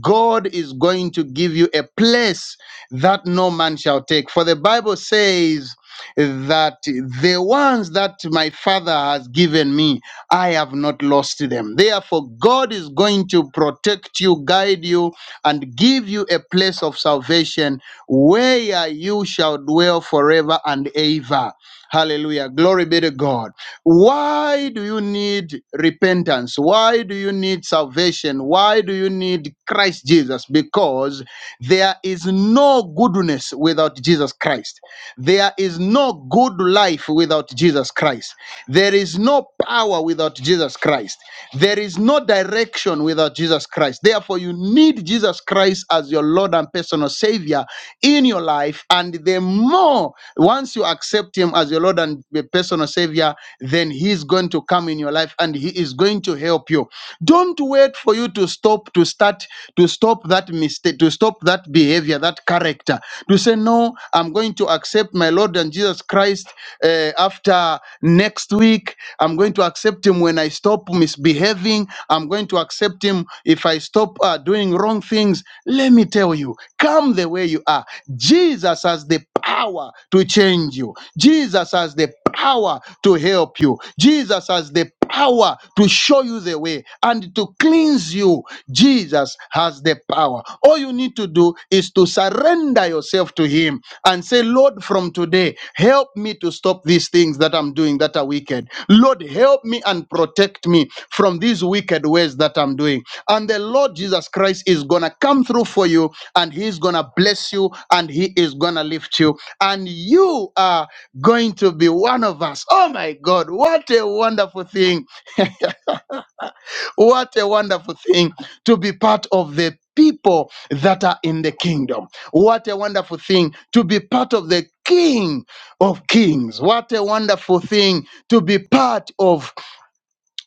Speaker 1: God is going to give you a place that no man shall take. For the Bible says that the ones that my Father has given me, I have not lost them. Therefore, God is going to protect you, guide you, and give you a place of salvation where you shall dwell forever and ever. Hallelujah. Glory be to God. Why do you need repentance? Why do you need salvation? Why do you need Christ Jesus? Because there is no goodness without Jesus Christ. There is no good life without Jesus Christ. There is no power without Jesus Christ. There is no direction without Jesus Christ. Therefore, you need Jesus Christ as your Lord and personal Savior in your life. And the more once you accept Him as your Lord and the personal Savior, then He is going to come in your life and He is going to help you. Don't wait for you to stop, to start, to stop that mistake, to stop that behavior, that character. To say, No, I'm going to accept my Lord and Jesus Christ uh, after next week. I'm going to accept Him when I stop misbehaving. I'm going to accept Him if I stop uh, doing wrong things. Let me tell you, come the way you are. Jesus has the power to change you. Jesus has the power to help you. Jesus has the power to show you the way and to cleanse you. Jesus has the power. All you need to do is to surrender yourself to Him and say, Lord, from today, help me to stop these things that I'm doing that are wicked. Lord, help me and protect me from these wicked ways that I'm doing. And the Lord Jesus Christ is going to come through for you and he's gonna bless you and he is gonna lift you and you are going to be one of us oh my god what a wonderful thing what a wonderful thing to be part of the people that are in the kingdom what a wonderful thing to be part of the king of kings what a wonderful thing to be part of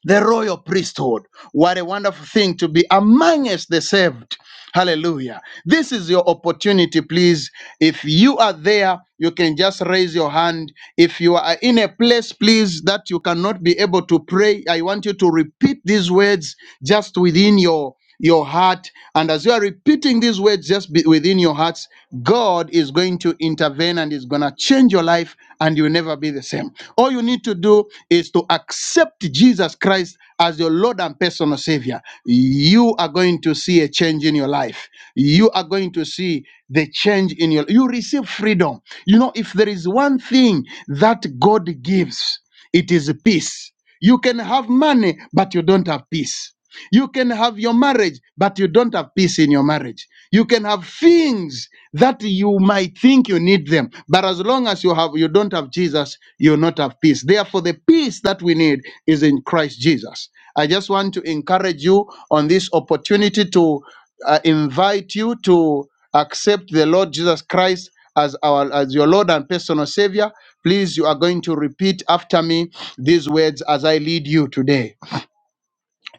Speaker 1: the royal priesthood. What a wonderful thing to be among us, the saved. Hallelujah. This is your opportunity, please. If you are there, you can just raise your hand. If you are in a place, please, that you cannot be able to pray, I want you to repeat these words just within your your heart. And as you are repeating these words just be within your hearts, God is going to intervene and is going to change your life and you'll never be the same. All you need to do is to accept Jesus Christ as your Lord and personal Savior. You are going to see a change in your life. You are going to see the change in your you receive freedom. You know, if there is one thing that God gives, it is peace. You can have money, but you don't have peace. You can have your marriage, but you don't have peace in your marriage. You can have things that you might think you need them, but as long as you have you don't have Jesus, you'll not have peace. Therefore, the peace that we need is in Christ Jesus. I just want to encourage you on this opportunity to uh, invite you to accept the Lord Jesus Christ as our as your Lord and personal Savior. Please, you are going to repeat after me these words as I lead you today.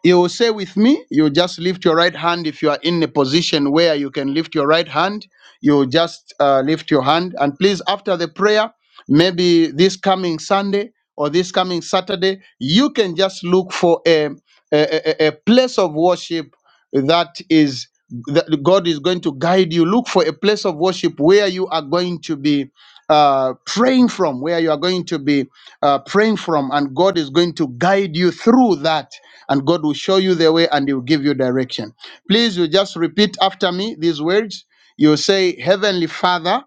Speaker 1: You will say with me, you just lift your right hand. If you are in a position where you can lift your right hand, you just uh, lift your hand. And please, after the prayer, maybe this coming Sunday or this coming Saturday, you can just look for a, a, a a place of worship that is that God is going to guide you. Look for a place of worship where you are going to be uh, praying from, where you are going to be uh, praying from, and God is going to guide you through that and God will show you the way and He will give you direction. Please, you just repeat after me these words. You say, Heavenly Father,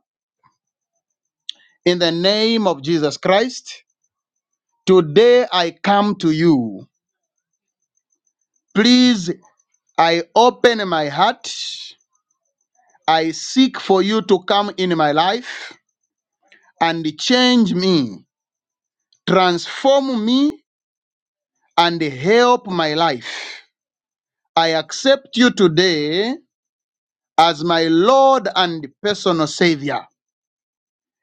Speaker 1: in the name of Jesus Christ, today I come to you. Please, I open my heart. I seek for you to come in my life and change me, transform me, and help my life. I accept you today as my Lord and personal Savior.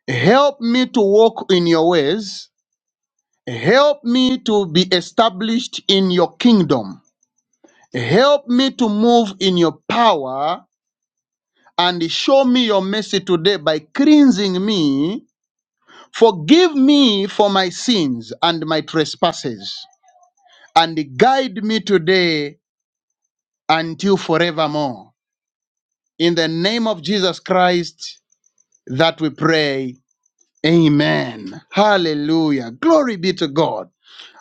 Speaker 1: Help me to walk in your ways. Help me to be established in your kingdom. Help me to move in your power and show me your mercy today by cleansing me. Forgive me for my sins and my trespasses and guide me today until forevermore. In the name of Jesus Christ that we pray. Amen. Hallelujah. Glory be to God.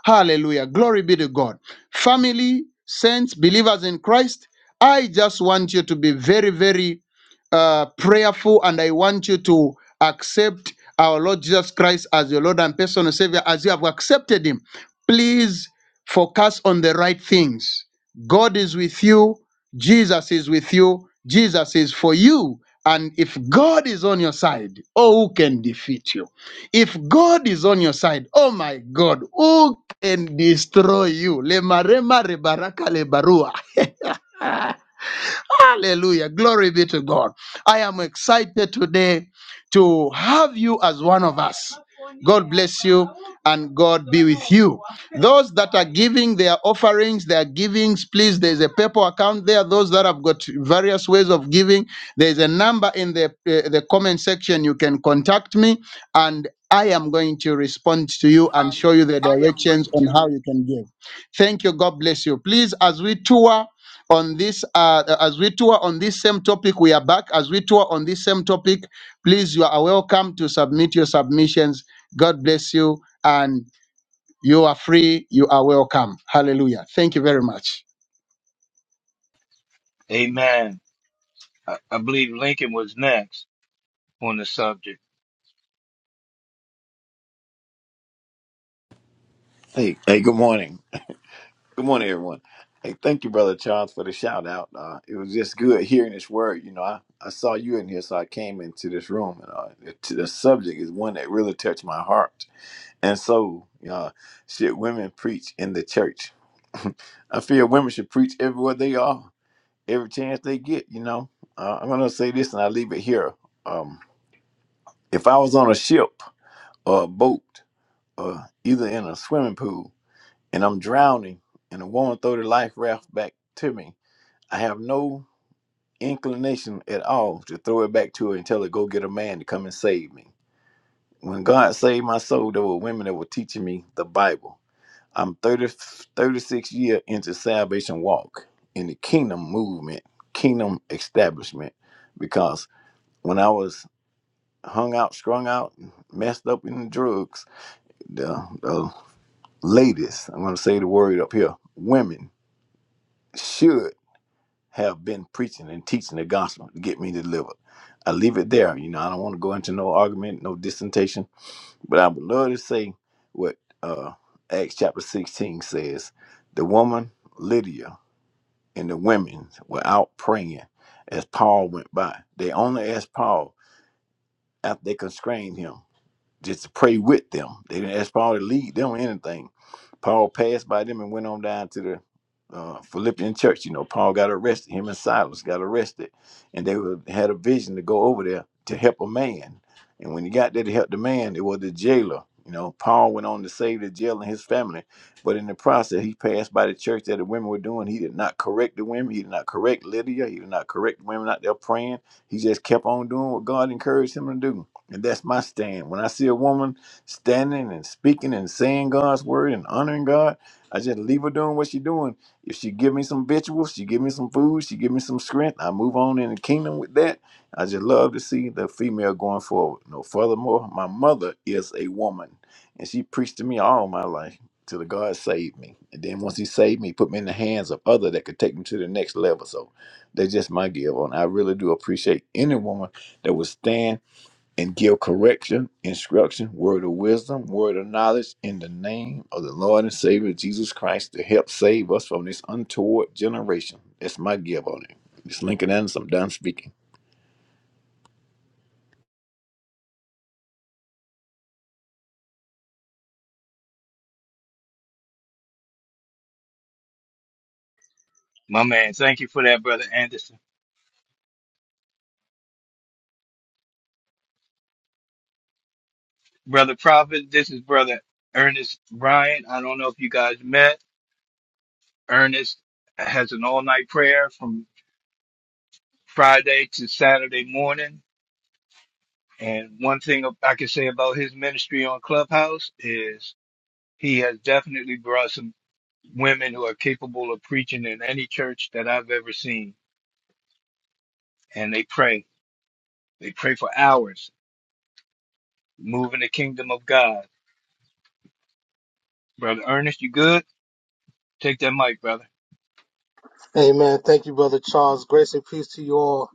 Speaker 1: Hallelujah. Glory be to God. Family, saints, believers in Christ, I just want you to be very, very uh, prayerful and I want you to accept our Lord Jesus Christ as your Lord and personal Savior as you have accepted Him. Please focus on the right things. God is with you, Jesus is with you, Jesus is for you. And if God is on your side, oh, who can defeat you? If God is on your side, oh my God, who can destroy you? Lemarema rebaraka lebarua. Hallelujah. Glory be to God. I am excited today to have you as one of us. God bless you and God be with you. Those that are giving their offerings, their givings, please, there's a PayPal account there. Those that have got various ways of giving, there's a number in the, uh, the comment section. You can contact me and. I am going to respond to you and
Speaker 8: And
Speaker 1: show you the
Speaker 8: I am
Speaker 1: directions
Speaker 8: going
Speaker 1: on how
Speaker 8: to.
Speaker 1: you can give. Thank you. God bless you. Please, as we tour on this, uh, as we tour on this same topic, we are back. As we tour on this same topic, please, you are welcome to submit your submissions. God bless you, and you are free. You are welcome. Hallelujah. Thank you very much.
Speaker 7: Amen. I, I believe Lincoln was next on the subject.
Speaker 12: Hey, hey, good morning. Good morning, everyone. Hey, thank you, Brother Charles, for the shout out. Uh, it was just good hearing this word. You know, I, I saw you in here, so I came into this room. And uh, the, to the subject is one that really touched my heart. And so, uh, should women preach in the church? I feel women should preach everywhere they are, every chance they get, you know. Uh, I'm going to say this and I leave it here. Um, if I was on a ship or a boat or either in a swimming pool, and I'm drowning, and the woman throw the life raft back to me, I have no inclination at all to throw it back to her and tell her go get a man to come and save me. When God saved my soul, there were women that were teaching me the Bible. I'm thirty-six 36 year into salvation walk in the kingdom movement, kingdom establishment, because when I was hung out, strung out, messed up in the drugs, the, the ladies, I'm going to say the word up here, women, should have been preaching and teaching the gospel to get me delivered. I leave it there. You know, I don't want to go into no argument, no dissentation, but I would love to say what uh, Acts chapter 16 says the woman Lydia and the women were out praying as Paul went by. They only asked Paul after they constrained him just to pray with them. They didn't ask Paul to lead them or anything. Paul passed by them and went on down to the uh, Philippian church. You know, Paul got arrested. Him and Silas got arrested, and they were, had a vision to go over there to help a man. And when he got there to help the man, it was the jailer. You know, Paul went on to save the jailer and his family, but in the process, he passed by the church that the women were doing. He did not correct the women. He did not correct Lydia. He did not correct the women out there praying. He just kept on doing what God encouraged him to do and that's my stand. When I see a woman standing and speaking and saying God's word and honoring God, I just leave her doing what she doing. If she give me some victuals, she give me some food, she give me some strength, I move on in the kingdom with that. I just love to see the female going forward. No, furthermore, my mother is a woman, and she preached to me all my life till the God saved me. And then once He saved me, He put me in the hands of other that could take me to the next level. So that's just my give on. I really do appreciate any woman that would stand and give correction, instruction, word of wisdom, word of knowledge in the name of the Lord and Savior Jesus Christ to help save us from this untoward generation. That's my give on it. It's Lincoln Anderson. I'm done speaking.
Speaker 7: My man, thank you for that, Brother Anderson. Brother Prophet, this is Brother Ernest Bryant. I don't know if you guys met. Ernest has an all night prayer from Friday to Saturday morning And one thing I can say about his ministry on Clubhouse is he has definitely brought some women who are capable of preaching in any church that I've ever seen. And they pray. They pray for hours, moving the kingdom of God. Brother Ernest, you good? Take that mic, brother.
Speaker 13: Amen. Thank you, Brother Charles. Grace and peace to you all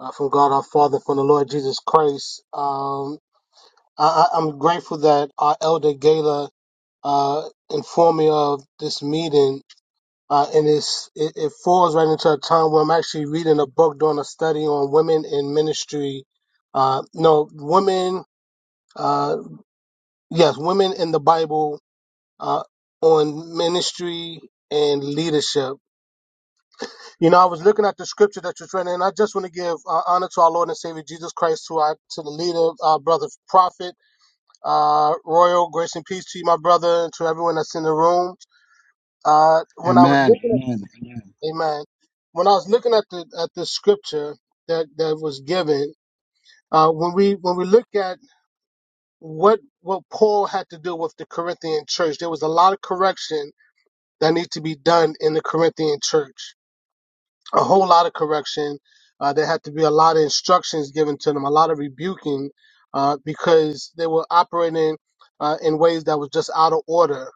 Speaker 13: uh, from God our Father, from the Lord Jesus Christ. Um, I, I- I'm grateful that our elder Gala uh, informed me of this meeting, uh, and it's, it, it falls right into a time where I'm actually reading a book, doing a study on women in ministry. Uh, no, women, uh, yes, women in the Bible uh, on ministry and leadership. You know, I was looking at the scripture that you're trying, and I just want to give uh, honor to our Lord and Savior Jesus Christ, to our to the leader, our brother prophet, uh, royal grace and peace to you, my brother, and to everyone that's in the room. Uh, when I was
Speaker 1: Amen.
Speaker 13: looking
Speaker 1: Amen.
Speaker 13: at, Amen. When I was looking at the at the scripture that that was given, uh, when we when we look at what what Paul had to do with the Corinthian church, there was a lot of correction that needs to be done in the Corinthian church a whole lot of correction. Uh, there had to be a lot of instructions given to them, a lot of rebuking, uh, because they were operating uh, in ways that was just out of order.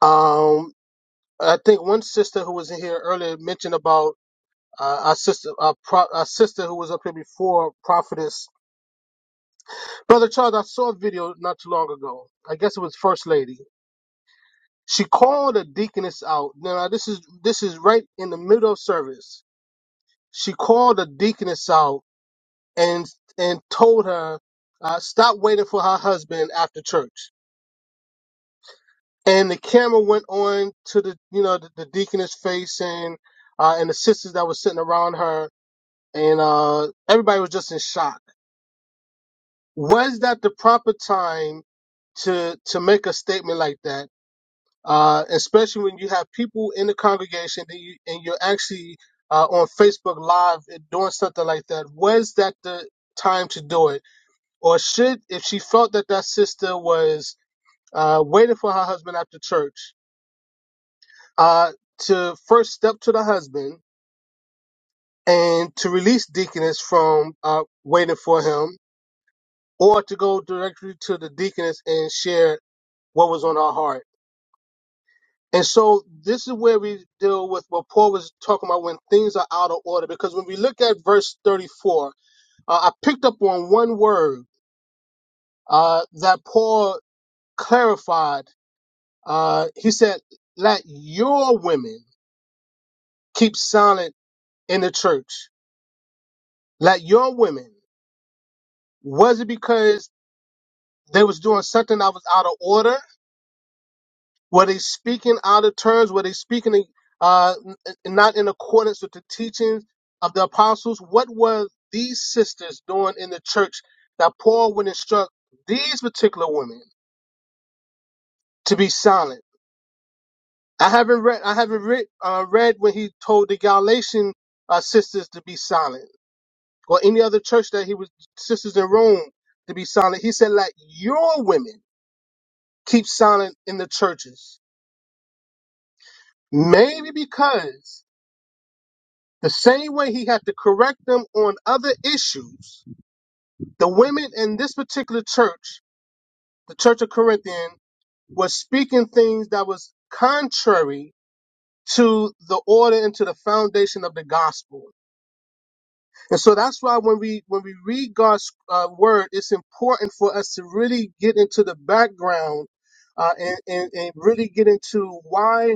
Speaker 13: Um, I think one sister who was in here earlier mentioned about uh, our sister, our, pro- our sister who was up here before, prophetess. Brother Charles, I saw a video not too long ago. I guess it was First Lady. She called a deaconess out. Now this is this is right in the middle of service. She called a deaconess out and and told her uh, stop waiting for her husband after church. And the camera went on to the you know the, the deaconess face and uh, and the sisters that were sitting around her, and uh, everybody was just in shock. Was that the proper time to to make a statement like that, uh, especially when you have people in the congregation that you, and you're actually uh, on Facebook Live and doing something like that. Was that the time to do it? or should if she felt that that sister was uh, waiting for her husband after church uh, to first step to the husband and to release deaconess from uh, waiting for him or to go directly to the deaconess and share what was on her heart and so this is where we deal with what paul was talking about when things are out of order because when we look at verse 34 uh, i picked up on one word uh, that paul clarified Uh, he said, Let your women keep silent in the church. Let your women. Was it because they was doing something that was out of order? Were they speaking out of turns? Were they speaking uh, n- n- not in accordance with the teachings of the apostles? What were these sisters doing in the church that Paul would instruct these particular women to be silent? I haven't read. I haven't read, uh, read when he told the Galatian uh, sisters to be silent or any other church that he was sisters in Rome to be silent. He said, let your women keep silent in the churches. Maybe because the same way he had to correct them on other issues, the women in this particular church, the Church of Corinthian, was speaking things that was contrary to the order and to the foundation of the gospel. And so that's why when we when we read God's uh, word, it's important for us to really get into the background uh, and, and and really get into why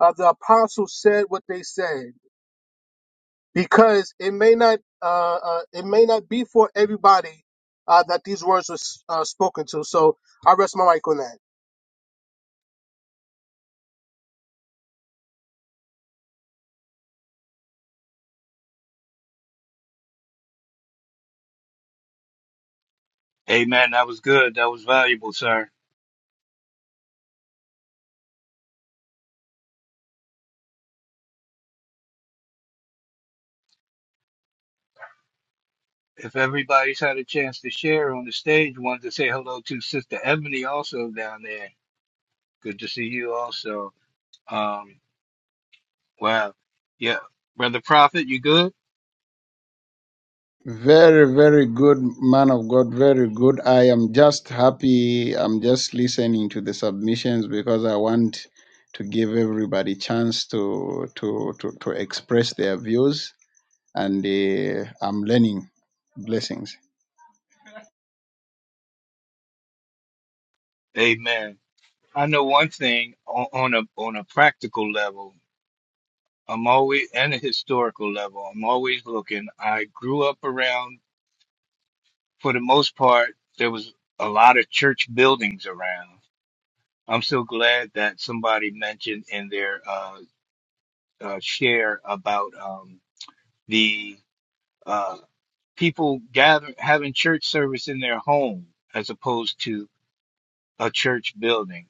Speaker 13: uh, the apostles said what they said, because it may not uh, uh, it may not be for everybody uh, that these words were s- uh, spoken to. So I rest my mic on that.
Speaker 7: Amen. That was good. That was valuable, sir. If everybody's had a chance to share on the stage, wanted to say hello to Sister Ebony also down there. Good to see you also. Um, Wow. Yeah. Brother Prophet, you good?
Speaker 1: Very, very good man of God. Very good. I am just happy. I'm just listening to the submissions because I want to give everybody chance to to to, to express their views, and uh, I'm learning blessings.
Speaker 7: Amen. I know one thing on, on a on a practical level. I'm always and a historical level. I'm always looking. I grew up around for the most part there was a lot of church buildings around. I'm so glad that somebody mentioned in their uh, uh, share about um, the uh, people gathering having church service in their home as opposed to a church building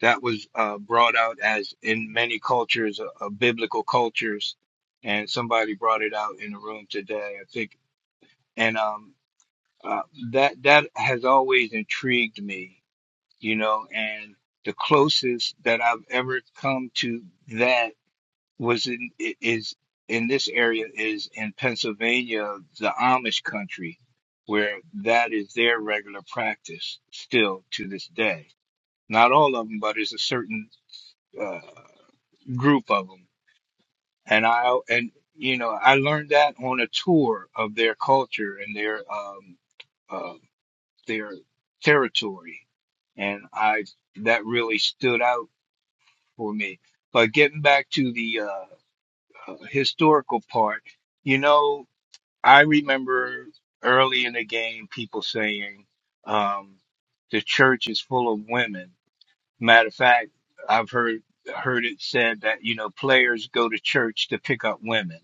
Speaker 7: that was uh, brought out as in many cultures, uh, uh, biblical cultures, and somebody brought it out in the room today, I think, and um, uh, that that has always intrigued me, you know, and the closest that I've ever come to that was in i- is in this area is in Pennsylvania, the Amish country, where that is their regular practice still to this day. Not all of them, but it's a certain uh, group of them and i and you know i learned that on a tour of their culture and their um uh their territory and i that really stood out for me but getting back to the uh, uh historical part you know i remember early in the game people saying um the church is full of women matter of fact i've heard heard it said that you know players go to church to pick up women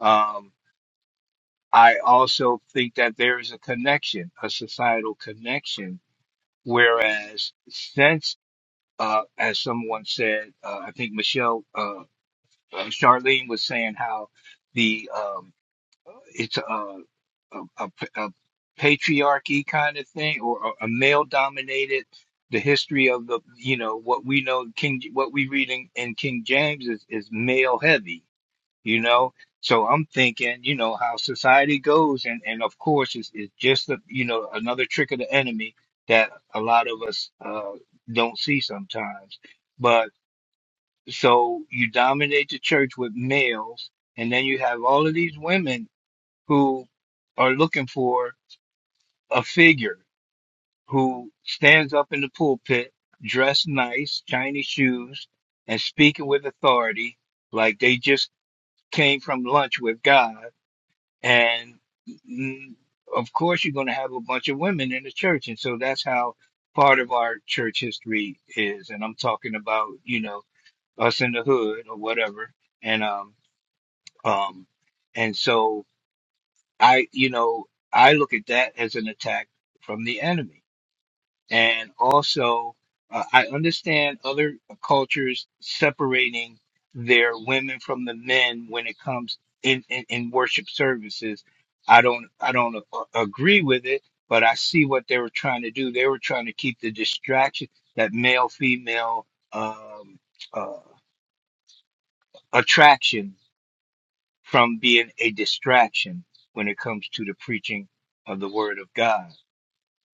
Speaker 7: Um, I also think that there is a connection, a societal connection. Whereas, since, uh, as someone said, uh, I think Michelle, uh, uh, Charlene was saying how the um, it's a, a, a, a patriarchy kind of thing or a, a male dominated. The history of the, you know, what we know, King, what we read in, in King James is, is male heavy you know so i'm thinking you know how society goes and and of course it's, it's just a, you know another trick of the enemy that a lot of us uh don't see sometimes but so you dominate the church with males and then you have all of these women who are looking for a figure who stands up in the pulpit dressed nice shiny shoes and speaking with authority like they just came from lunch with god And mm, of course, you're going to have a bunch of women in the church. And so that's how part of our church history is. And I'm talking about, you know, us in the hood or whatever. And, um, um, and so I, you know, I look at that as an attack from the enemy and also uh, I understand other cultures separating their women from the men when it comes in, in, in worship services. I don't I don't a- agree with it, but I see what they were trying to do. They were trying to keep the distraction that male female um, uh, attraction from being a distraction when it comes to the preaching of the word of God.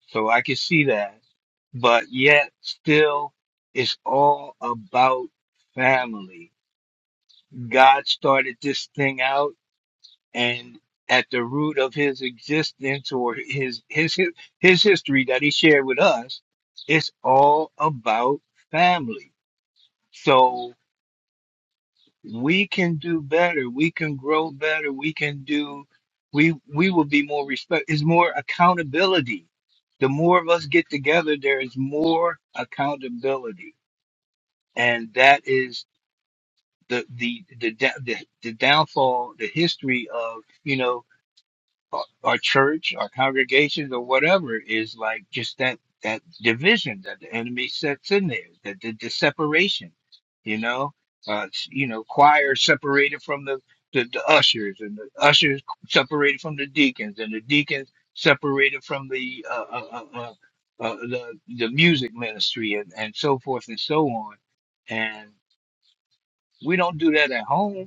Speaker 7: So I can see that. But yet still it's all about family. God started this thing out and at the root of his existence or his his his, his history that he shared with us, it's all about family. So. we can do better. We can grow better. We can do. We we will be more respect. Is more accountability. The more of us get together, there is more accountability, and that is the the the da- the, the downfall, the history of you know our church, our congregations, or whatever is like just that that division that the enemy sets in there, that the, the separation, you know, uh, s- you know, choir separated from the, the the ushers, and the ushers separated from the deacons, and the deacons separated from the uh, uh, uh, uh, uh, uh, the the music ministry, and and so forth and so on, and we don't do that at home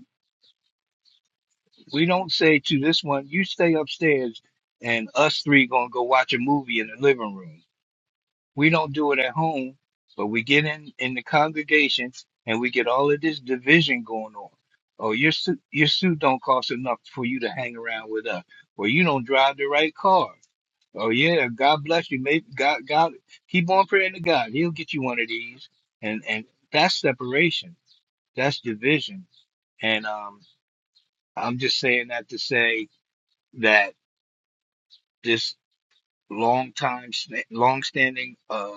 Speaker 7: we don't say to this one, you stay upstairs and us three gonna go watch a movie in the living room. We don't do it at home, but we get in in the congregation and we get all of this division going on. Oh, your suit your suit don't cost enough for you to hang around with us. Well, you don't drive the right car. Oh yeah, God bless you. Maybe God God keep on praying to God. He'll get you one of these. And and that's separation. That's division. And um I'm just saying that to say that this long time, long standing uh,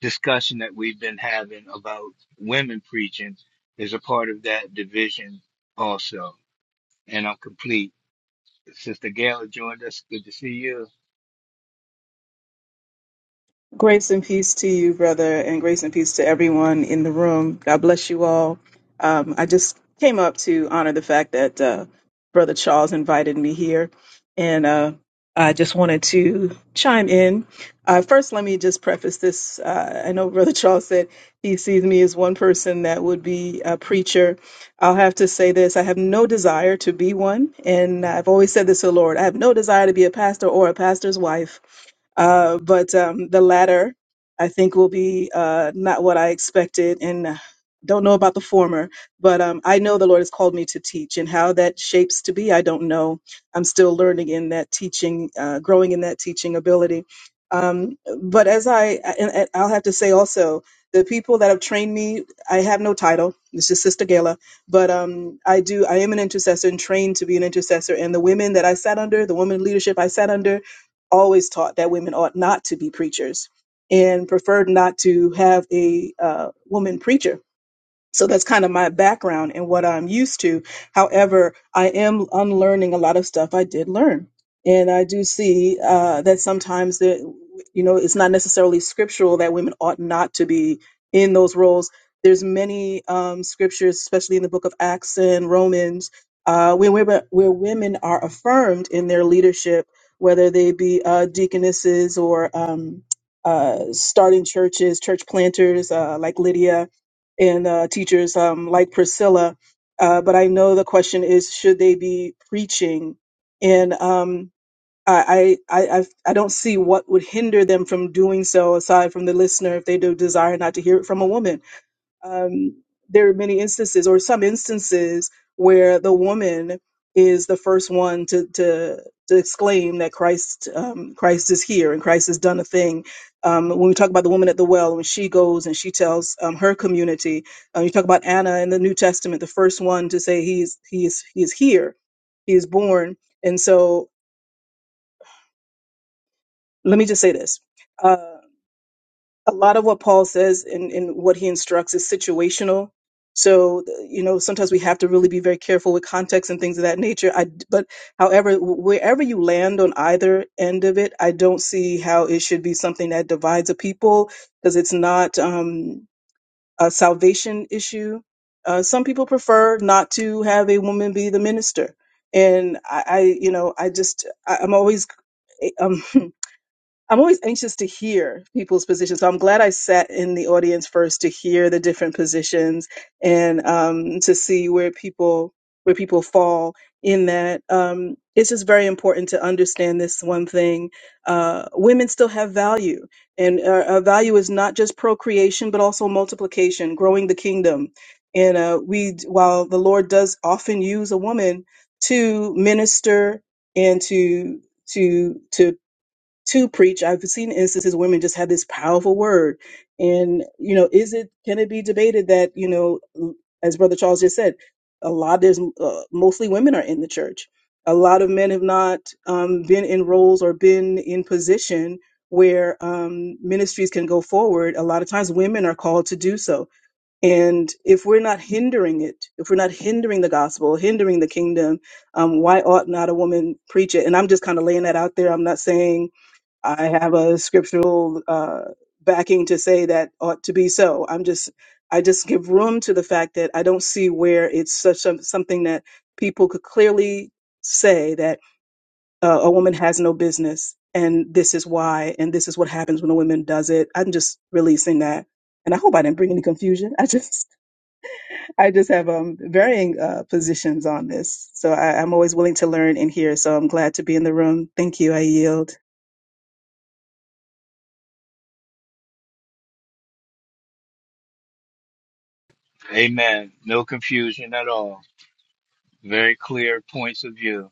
Speaker 7: discussion that we've been having about women preaching is a part of that division also. And I'm complete. Sister Gail joined us. Good to see you.
Speaker 14: Grace and peace to you, brother, and grace and peace to everyone in the room. God bless you all. Um, I just came up to honor the fact that uh, Brother Charles invited me here, and uh, I just wanted to chime in. Uh, first, let me just preface this. Uh, I know Brother Charles said he sees me as one person that would be a preacher. I'll have to say this I have no desire to be one, and I've always said this to the Lord I have no desire to be a pastor or a pastor's wife. Uh, but um, the latter, I think, will be uh, not what I expected, and uh, don't know about the former. But um, I know the Lord has called me to teach, and how that shapes to be, I don't know. I'm still learning in that teaching, uh, growing in that teaching ability. Um, but as I, uh, and and I'll have to say also, the people that have trained me, I have no title. It's just Sister Gala but um, I do. I am an intercessor and trained to be an intercessor. And the women that I sat under, the women leadership I sat under, always taught that women ought not to be preachers and preferred not to have a uh, woman preacher so that's kind of my background and what I'm used to. However, I am unlearning a lot of stuff I did learn. And I do see uh, that sometimes that, you know, it's not necessarily scriptural that women ought not to be in those roles. There's many um, scriptures, especially in the book of Acts and Romans, uh, where, women, where women are affirmed in their leadership, whether they be uh, deaconesses or um, uh, starting churches, church planters uh, like Lydia and uh, teachers um, like Priscilla. Uh, but I know the question is, should they be preaching? And um, I, I, I, I don't see what would hinder them from doing so aside from the listener if they do desire not to hear it from a woman um, there are many instances or some instances where the woman is the first one to to, to exclaim that Christ um, Christ is here and Christ has done a thing. Um, when we talk about the woman at the well, when she goes and she tells um, her community, uh, you talk about Anna in the New Testament, the first one to say he's he is he is here, he is born. And so let me just say this. Uh, a lot of what Paul says and, and what he instructs is situational. So, you know, sometimes we have to really be very careful with context and things of that nature. I, d- but however, wherever you land on either end of it, I don't see how it should be something that divides a people because it's not um, a salvation issue. Uh, some people prefer not to have a woman be the minister. And I, I you know, I just, I, I'm always, eh, um, I'm always anxious to hear people's positions. So I'm glad I sat in the audience first to hear the different positions and um, to see where people where people fall in that. Um, it's just very important to understand this one thing: uh, women still have value, and our, our value is not just procreation, but also multiplication, growing the kingdom. And uh, we, while the Lord does often use a woman to minister and to to to to preach. I've seen instances women just have this powerful word. And, you know, is it, can it be debated that, you know, as Brother Charles just said, a lot, there's uh, mostly women are in the church. A lot of men have not um, been in roles or been in position where um, ministries can go forward. A lot of times women are called to do so. And if we're not hindering it, if we're not hindering the gospel, hindering the kingdom, um, why ought not a woman preach it? And I'm just kind of laying that out there. I'm not saying I have a scriptural uh, backing to say that ought to be so. I'm just, I just give room to the fact that I don't see where it's such a, something that people could clearly say that uh, a woman has no business and this is why and this is what happens when a woman does it. I'm just releasing that. And I hope I didn't bring any confusion. I just, I just have um, varying uh, positions on this. So I, I'm always willing to learn and hear. So I'm glad to be in the room. Thank you. I yield.
Speaker 7: Amen. No confusion at all. Very clear points of view.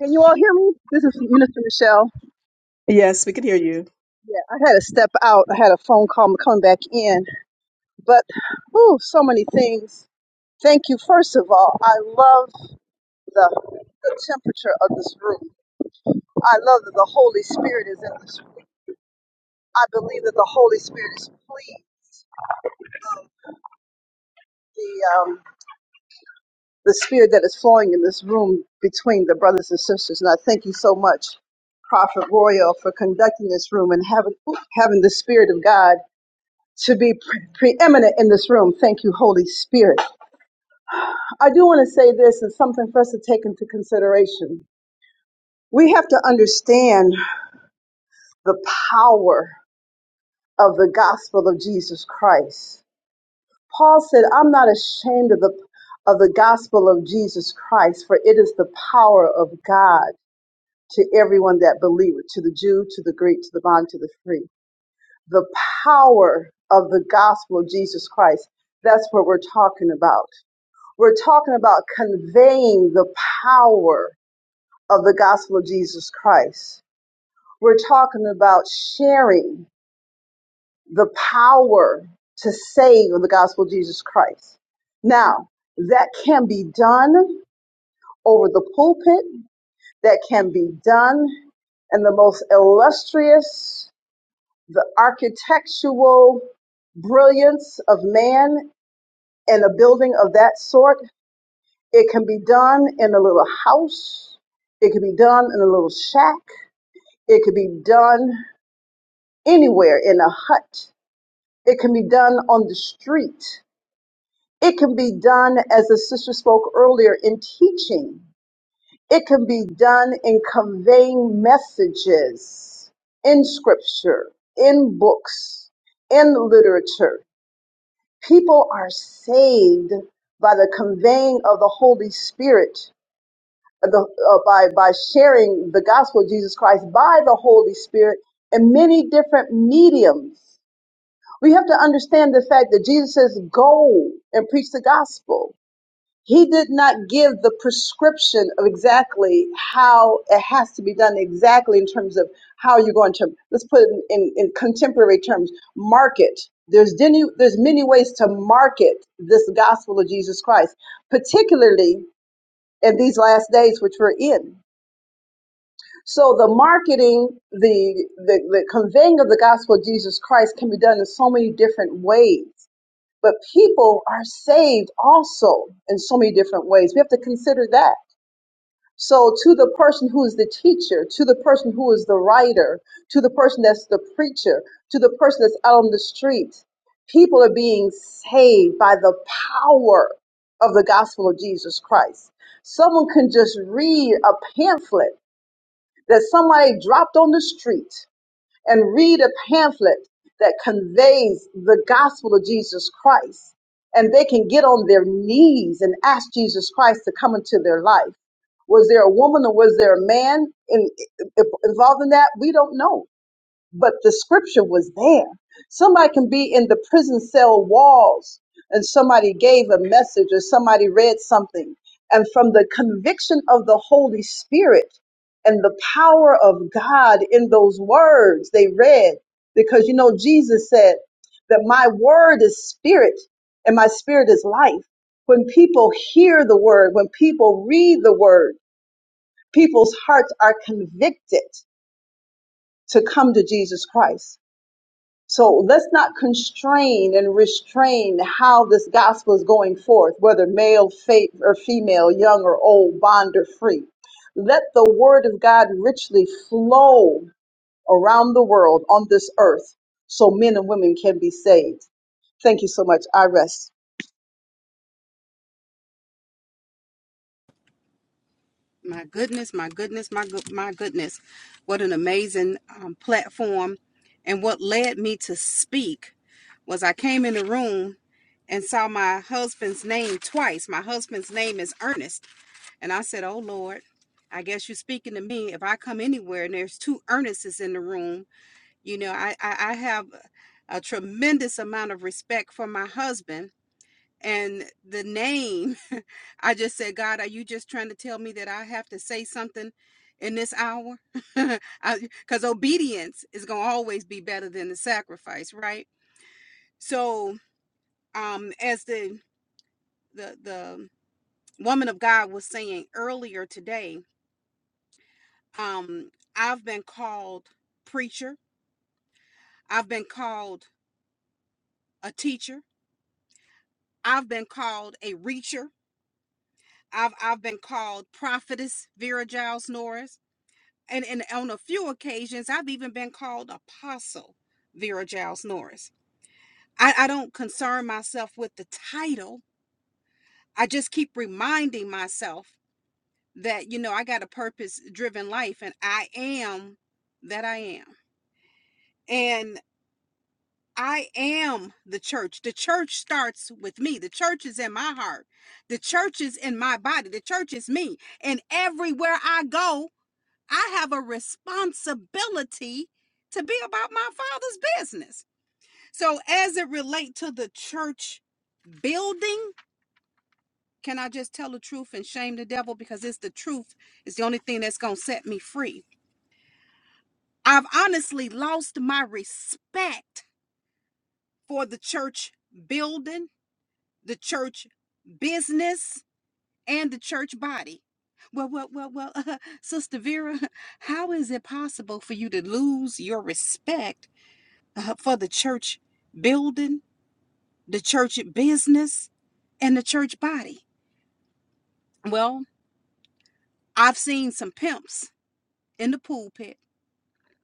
Speaker 9: Can you all hear me? This is Minister Michelle.
Speaker 14: Yes, we can hear you.
Speaker 9: Yeah, I had to step out. I had a phone call I'm coming back in, but whew, so many things. Thank you. First of all, I love the, the temperature of this room. I love that the Holy Spirit is in this room. I believe that the Holy Spirit is pleased. The um. the spirit that is flowing in this room between the brothers and sisters. And I thank you so much, Prophet Royal, for conducting this room and having having the spirit of God to be pre- preeminent in this room. Thank you, Holy Spirit. I do want to say this is something for us to take into consideration. We have to understand the power of the gospel of Jesus Christ. Paul said, "I'm not ashamed of the of the gospel of Jesus Christ, for it is the power of God to everyone that believeth, to the Jew, to the Greek, to the bond, to the free. The power of the gospel of Jesus Christ. That's what we're talking about. We're talking about conveying the power of the gospel of Jesus Christ. We're talking about sharing the power to save of the gospel of Jesus Christ. Now, that can be done over the pulpit. That can be done in the most illustrious the architectural brilliance of man and a building of that sort. It can be done in a little house. It can be done in a little shack. It can be done anywhere in a hut. It can be done on the street. It can be done, as the sister spoke earlier, in teaching. It can be done in conveying messages in scripture, in books, in literature People are saved by the conveying of the Holy Spirit, uh, the, uh, by, by sharing the gospel of Jesus Christ by the Holy Spirit in many different mediums. We have to understand the fact that Jesus says, go and preach the gospel he did not give the prescription of exactly how it has to be done exactly in terms of how you're going to let's put it in, in, in contemporary terms market there's many, there's many ways to market this gospel of jesus christ particularly in these last days which we're in so the marketing the, the the conveying of the gospel of jesus christ can be done in so many different ways but people are saved also in so many different ways we have to consider that so, to the person who is the teacher, to the person who is the writer, to the person that's the preacher, to the person that's out on the street, people are being saved by the power of the gospel of Jesus Christ. Someone can just read a pamphlet that somebody dropped on the street and read a pamphlet that conveys the gospel of Jesus Christ. And they can get on their knees and ask Jesus Christ to come into their life. Was there a woman or was there a man in, involved in that? We don't know but the scripture was there. Somebody can be in the prison cell walls and somebody gave a message or somebody read something. And from the conviction of the Holy Spirit and the power of God in those words they read, because you know, Jesus said that my word is spirit and my spirit is life. When people hear the word, when people read the word, people's hearts are convicted to come to Jesus Christ so let's not constrain and restrain how this gospel is going forth, whether male, fa- or female, young or old, bond or free. Let the word of God richly flow around the world on this earth so men and women can be saved. Thank you so much. I rest.
Speaker 15: My goodness, my goodness, my good, my goodness. What an amazing um, platform. And what led me to speak was I came in the room and saw my husband's name twice. My husband's name is Ernest. And I said, Oh Lord, I guess you're speaking to me. If I come anywhere and there's two Ernests in the room, you know, I, I, I have a tremendous amount of respect for my husband and the name i just said god are you just trying to tell me that i have to say something in this hour because obedience is going to always be better than the sacrifice right so um as the the the woman of god was saying earlier today um i've been called preacher i've been called a teacher i've been called a reacher i've i've been called prophetess vera giles norris and, and on a few occasions i've even been called apostle vera giles norris I, I don't concern myself with the title i just keep reminding myself that you know i got a purpose driven life and i am that i am and i am the church the church starts with me the church is in my heart the church is in my body the church is me and everywhere i go I have a responsibility to be about my father's business. So as it relates to the church building, can I just tell the truth and shame the devil because it's the truth it's the only thing that's going to set me free. I've honestly lost my respect for the church building, the church business, and the church body. Well, well, well, well, Sister Vera, how is it possible for you to lose your respect uh, for the church building, the church business, and the church body. Well, I've seen some pimps in the pulpit,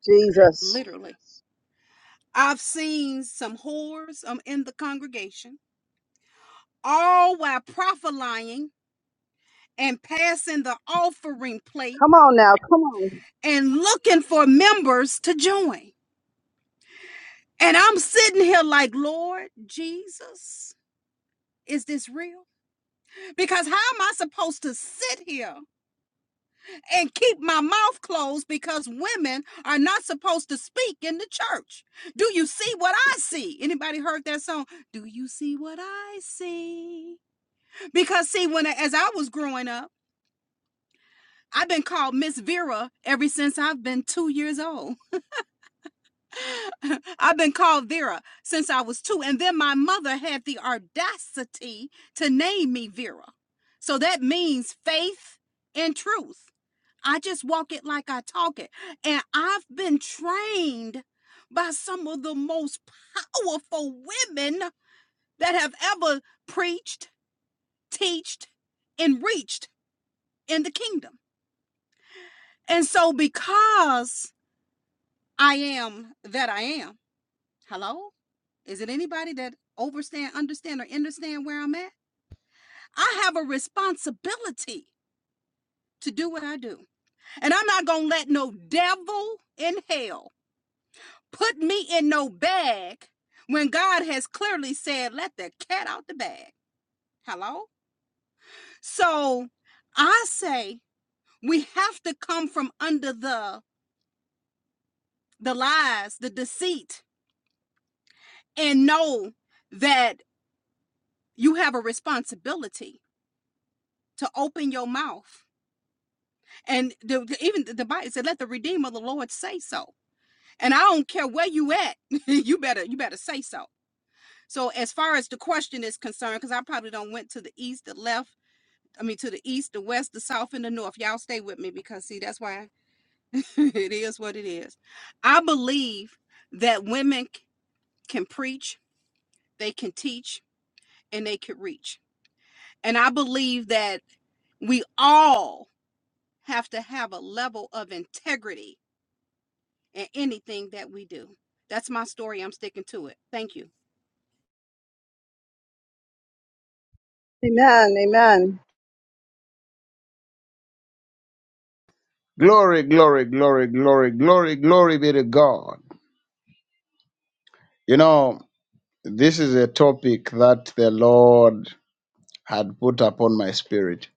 Speaker 9: Jesus.
Speaker 15: literally. I've seen some whores um, in the congregation, all while prophesying and passing the offering plate
Speaker 9: Come on now. Come on.
Speaker 15: and looking for members to join. And I'm sitting here like, Lord Jesus, is this real? Because how am I supposed to sit here and keep my mouth closed because women are not supposed to speak in the church. Do you see what I see? Anybody heard that song? Do you see what I see? Because see, when as I was growing up, I've been called Miss Vera ever since I've been two years old. I've been called Vera since I was two. And then my mother had the audacity to name me Vera. So that means faith and truth. I just walk it like I talk it. And I've been trained by some of the most powerful women that have ever preached, teached, and reached in the kingdom. And so because I am that I am, hello? Is it anybody that overstand, understand, or understand where I'm at? I have a responsibility to do what I do. And I'm not gonna let no devil in hell put me in no bag when God has clearly said, let the cat out the bag. Hello? So I say we have to come from under the the lies, the deceit, and know that you have a responsibility to open your mouth. And the, the- even the, the Bible said, let the Redeemer of the Lord say so. And I don't care where you at, you better you better say so. So as far as the question is concerned, because I probably don't went to the east, the left I mean, to the east, the west, the south, and the north. Y'all stay with me because, see, that's why it is what it is. I believe that women c- can preach, they can teach, and they can reach. And I believe that we all have to have a level of integrity in anything that we do. That's my story. I'm sticking to it. Thank you.
Speaker 9: Amen. Amen.
Speaker 1: Glory, glory, glory, glory, glory, glory be to God. You know, this is a topic that the Lord had put upon my spirit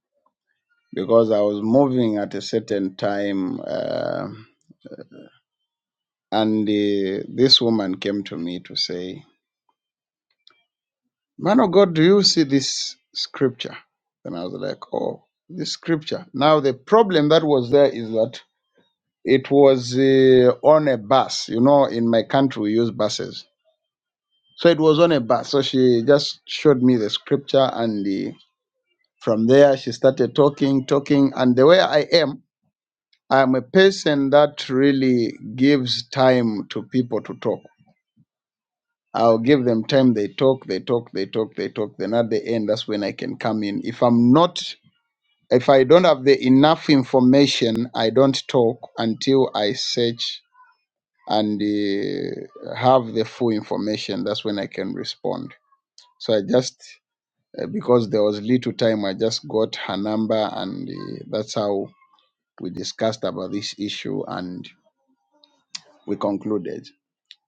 Speaker 1: because I was moving at a certain time. Uh, And uh, this woman came to me to say, Man of God, do you see this scripture? And I was like, Oh, this scripture. Now, the problem that was there is that it was uh, on a bus. You know, in my country, we use buses. So it was on a bus. So she just showed me the scripture. And uh, from there, she started talking, talking. And the way I am, I'm a person that really gives time to people to talk. I'll give them time. They talk, they talk, they talk, they talk. Then at the end, that's when I can come in. If I'm not, if I don't have the enough information, I don't talk until I search and uh, have the full information. That's when I can respond. So I just, uh, because there was little time, I just got her number and uh, that's how we discussed about this issue and we concluded.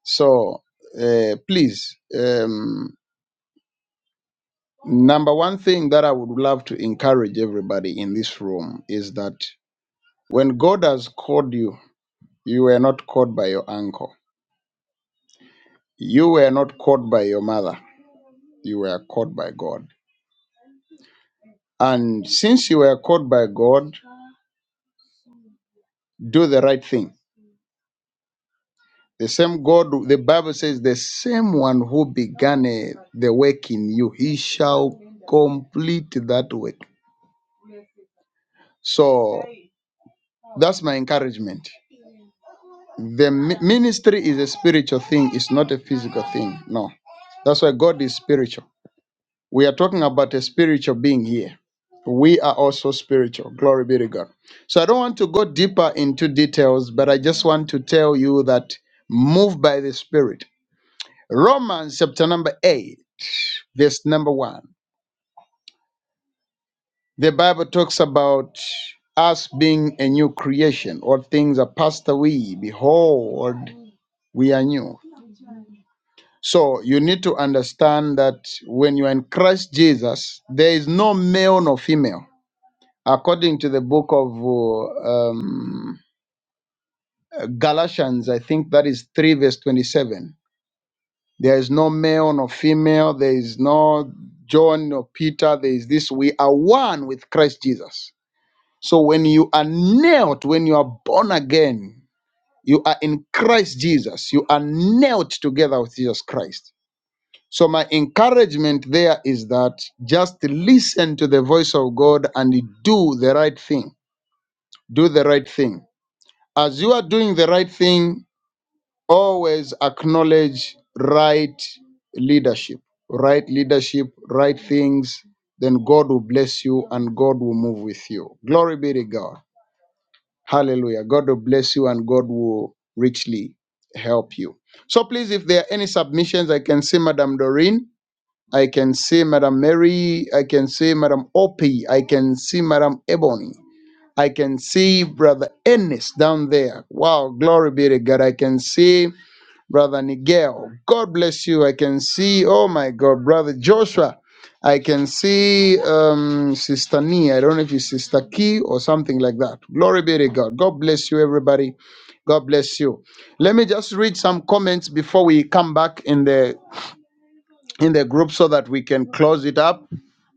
Speaker 1: So uh, please. Um, Number one thing that I would love to encourage everybody in this room is that when God has called you, you were not called by your uncle. You were not called by your mother. You were called by God. And since you were called by God, do the right thing. The same God, the Bible says, the same one who began eh, the work in you, he shall complete that work. So that's my encouragement. The mi- ministry is a spiritual thing, it's not a physical thing. No. That's why God is spiritual. We are talking about a spiritual being here. We are also spiritual. Glory be to God. So I don't want to go deeper into details, but I just want to tell you that move by the Spirit. Romans chapter number 8, verse number 1. The Bible talks about us being a new creation. All things are passed away. Behold, we are new. So you need to understand that when you are in Christ Jesus, there is no male nor female. According to the book of uh, um, Galatians, I think that is 3 verse 27. There is no male nor female. There is no John nor Peter. There is this. We are one with Christ Jesus. So when you are nailed, when you are born again, you are in Christ Jesus. You are nailed together with Jesus Christ So, my encouragement there is that just listen to the voice of God and do the right thing. Do the right thing. As you are doing the right thing, always acknowledge right leadership. Right leadership, right things, then God will bless you and God will move with you. Glory be to God. Hallelujah. God will bless you and God will richly help you. So, please, if there are any submissions, I can see Madam Doreen. I can see Madam Mary. I can see Madam Opie. I can see Madam Ebony. I can see Brother Ennis down there. Wow, glory be to God. I can see Brother Nigel. God bless you. I can see, oh my God, Brother Joshua. I can see um, Sister Nee. I don't know if it's Sister Key or something like that. Glory be to God. God bless you, everybody. God bless you. Let me just read some comments before we come back in the in the group so that we can close it up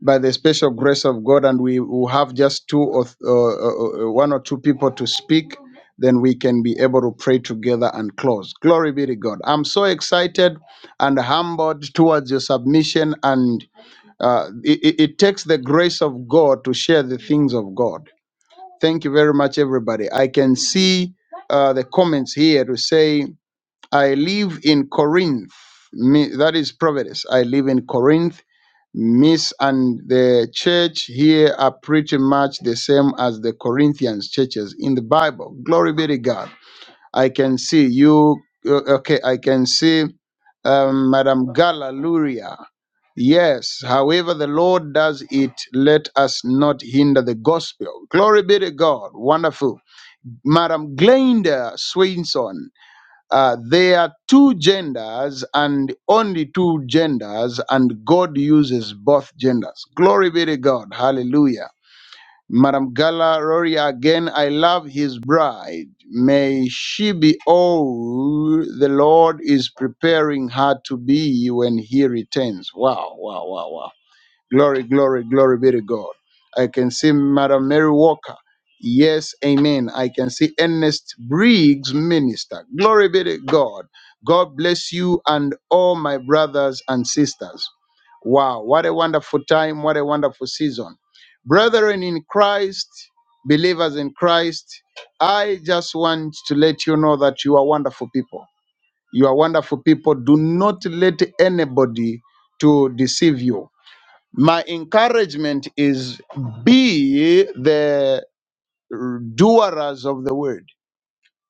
Speaker 1: by the special grace of God and we will have just two or th- uh, uh, uh, one or two people to speak then we can be able to pray together and close glory be to God I'm so excited and humbled towards your submission and uh, it, it it takes the grace of God to share the things of God thank you very much everybody I can see uh, the comments here to say I live in Corinth. Me, that is Providence. I live in Corinth. Miss and the church here are pretty much the same as the Corinthians churches in the Bible. Glory be to God. I can see you. uh, Okay, I can see um, Madam Galaluria. Yes, however the Lord does it, let us not hinder the gospel. Glory be to God. Wonderful. Madam Glenda Swinson uh, there are two genders and only two genders, and God uses both genders. Glory be to God. Hallelujah. Madam Gala Roria, again, I love his bride. May she be all the Lord is preparing her to be when he returns. Wow, wow, wow, wow, Glory, glory, glory be to God. I can see Madam Mary Walker. Yes, amen. I can see Ernest Briggs, minister. Glory be to God. God bless you and all my brothers and sisters. Wow, what a wonderful time, what a wonderful season. Brethren in Christ, believers in Christ, I just want to let you know that you are wonderful people. You are wonderful people. Do not let anybody to deceive you my encouragement is be the doers of the word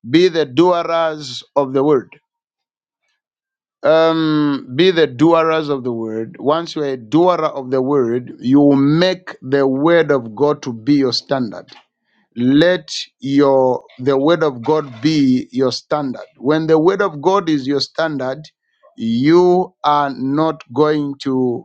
Speaker 1: be the doers of the word um be the doers of the word once you're a doer of the word you will make the word of god to be your standard let your the word of god be your standard when the word of god is your standard you are not going to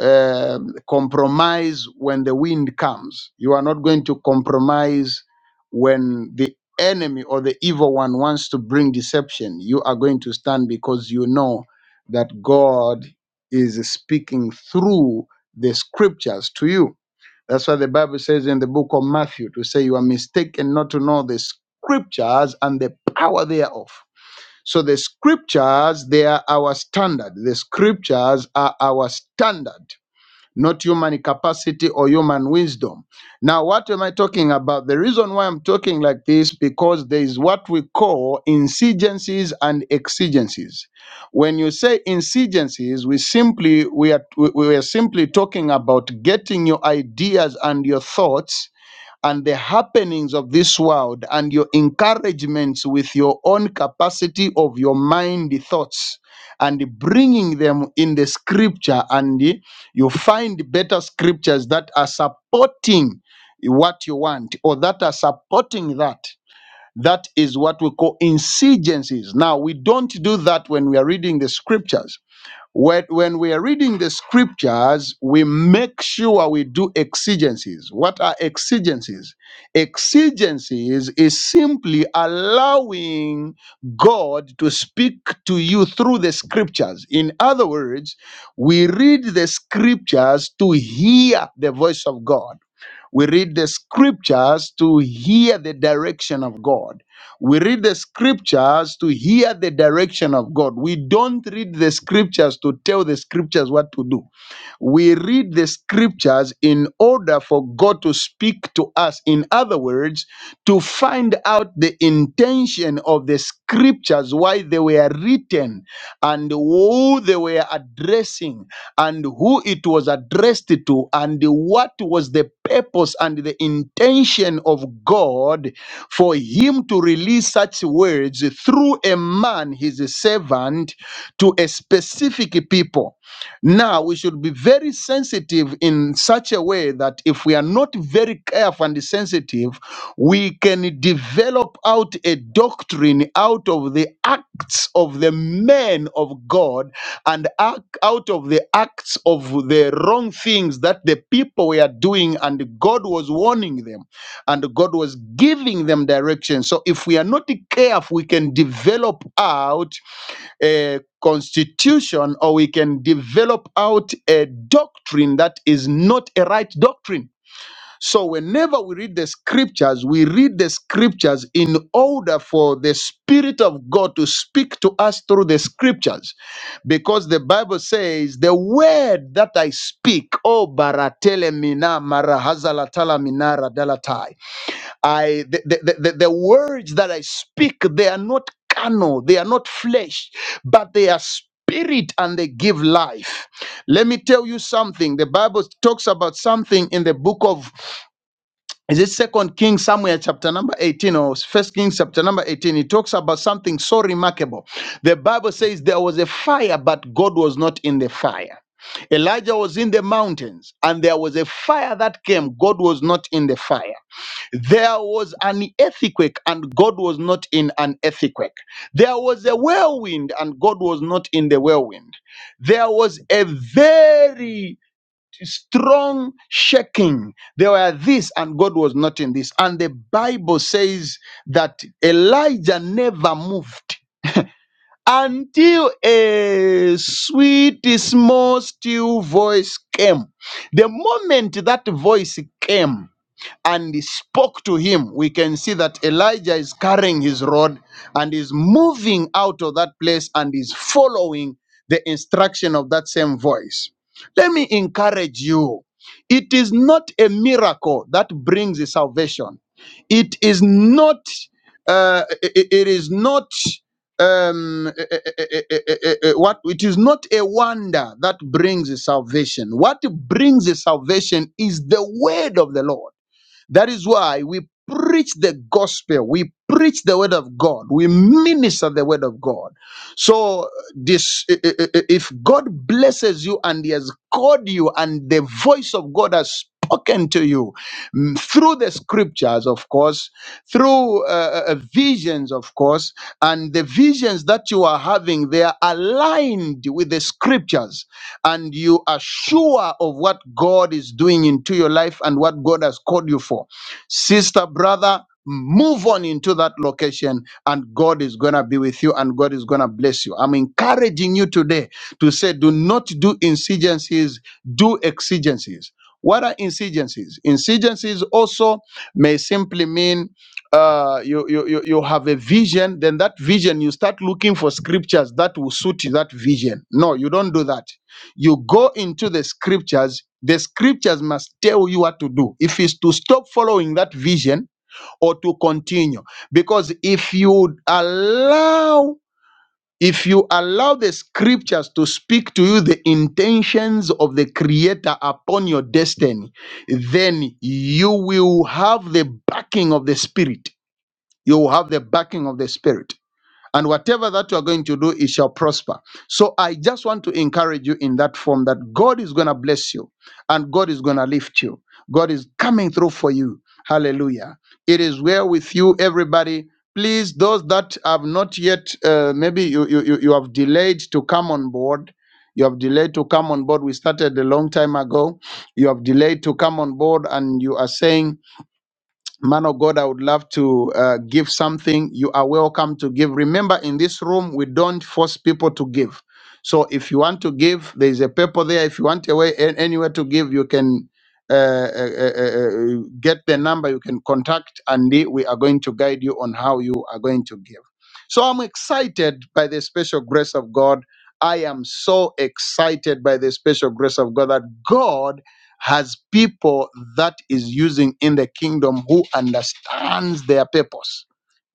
Speaker 1: um, compromise when the wind comes. You are not going to compromise when the enemy or the evil one wants to bring deception. You are going to stand because you know that God is speaking through the scriptures to you. That's why the Bible says in the book of Matthew to say you are mistaken not to know the scriptures and the power thereof. So the scriptures, they are our standard. The scriptures are our standard not human capacity or human wisdom. Now, what am I talking about? The reason why I'm talking like this because there is what we call insurgencies and exigencies. When you say insurgencies, we simply we are we we are simply talking about getting your ideas and your thoughts and the happenings of this world and your encouragements with your own capacity of your mind thoughts and bringing them in the scripture and you find better scriptures that are supporting what you want or that are supporting that that is what we call insurgencies now we don't do that when we are reading the scriptures when, when we are reading the scriptures, we make sure we do exigencies. What are exigencies? Exigencies is simply allowing God to speak to you through the scriptures. In other words, we read the scriptures to hear the voice of God. We read the scriptures to hear the direction of God. We read the scriptures to hear the direction of God. We don't read the scriptures to tell the scriptures what to do. We read the scriptures in order for God to speak to us. In other words, to find out the intention of the scriptures, why they were written, and who they were addressing, and who it was addressed to, and what was the purpose and the intention of God for Him to release such words through a man, His servant, to a specific people. Now, we should be very sensitive in such a way that if we are not very careful and sensitive, we can develop out a doctrine out of the acts of the men of God and ac- out of the acts of the wrong things that the people were doing, and God was warning them and God was giving them direction. So, if we are not careful, we can develop out a constitution or we can develop out a doctrine that is not a right doctrine. So, whenever we read the scriptures, we read the scriptures in order for the Spirit of God to speak to us through the scriptures. Because the Bible says, The word that I speak, O baratele mina marahazalatala minara dalatai." I the, the, the, the words that I speak, they are not carnal, they are not flesh, but they are spirit and they give life. Let me tell you something. The Bible talks about something in the book of is it second Kings somewhere chapter number 18 or first Kings chapter number 18? It talks about something so remarkable. The Bible says there was a fire, but God was not in the fire. Elijah was in the mountains and there was a fire that came. God was not in the fire. There was an earthquake and God was not in an earthquake. There was a whirlwind and God was not in the whirlwind. There was a very strong shaking. There were this and God was not in this. And the Bible says that Elijah never moved until a sweet, small, still voice came. The moment that voice came, and spoke to him, we can see that Elijah is carrying his rod and is moving out of that place and is following the instruction of that same voice. Let me encourage you. It is not a miracle that brings the salvation. It is not. Uh, i- it is not. Um, eh, eh, eh, eh, eh, eh, eh, what it is not a wonder that brings the salvation. What brings the salvation is the word of the Lord. That is why we preach the gospel. We preach the word of God. We minister the word of God. So this, i- i- i- if God blesses you and He has called you and the voice of God has spoken to you mm, through the scriptures, of course, through uh, uh, uh, visions, of course, and the visions that you are having, they are aligned with the scriptures and you are sure of what God is doing into your life and what God has called you for, sister, brother, move on into that location and God is going to be with you and God is going to bless you. I'm encouraging you today to say, do not do insurgencies, do exigencies. What are insurgencies? Insurgencies also may simply mean uh, you, you, you you have a vision, then that vision, you start looking for scriptures that will suit that vision. No, you don't do that you go into the scriptures the scriptures must tell you what to do if it's to stop following that vision or to continue because if you allow if you allow the scriptures to speak to you the intentions of the creator upon your destiny then you will have the backing of the spirit you will have the backing of the spirit and whatever that you are going to do it shall prosper so i just want to encourage you in that form that god is going to bless you and god is going to lift you god is coming through for you hallelujah it is well with you everybody please those that have not yet uh, maybe you, you you you have delayed to come on board you have delayed to come on board we started a long time ago you have delayed to come on board and you are saying man of God, I would love to uh, give something. You are welcome to give. Remember, in this room, we don't force people to give. So if you want to give, there is a paper there. If you want a way an- anywhere to give, you can uh, uh, uh, uh, uh, get the number. You can contact, and the- we are going to guide you on how you are going to give. So I'm excited by the special grace of God. I am so excited by the special grace of God that God has people that is using in the kingdom who understands their purpose.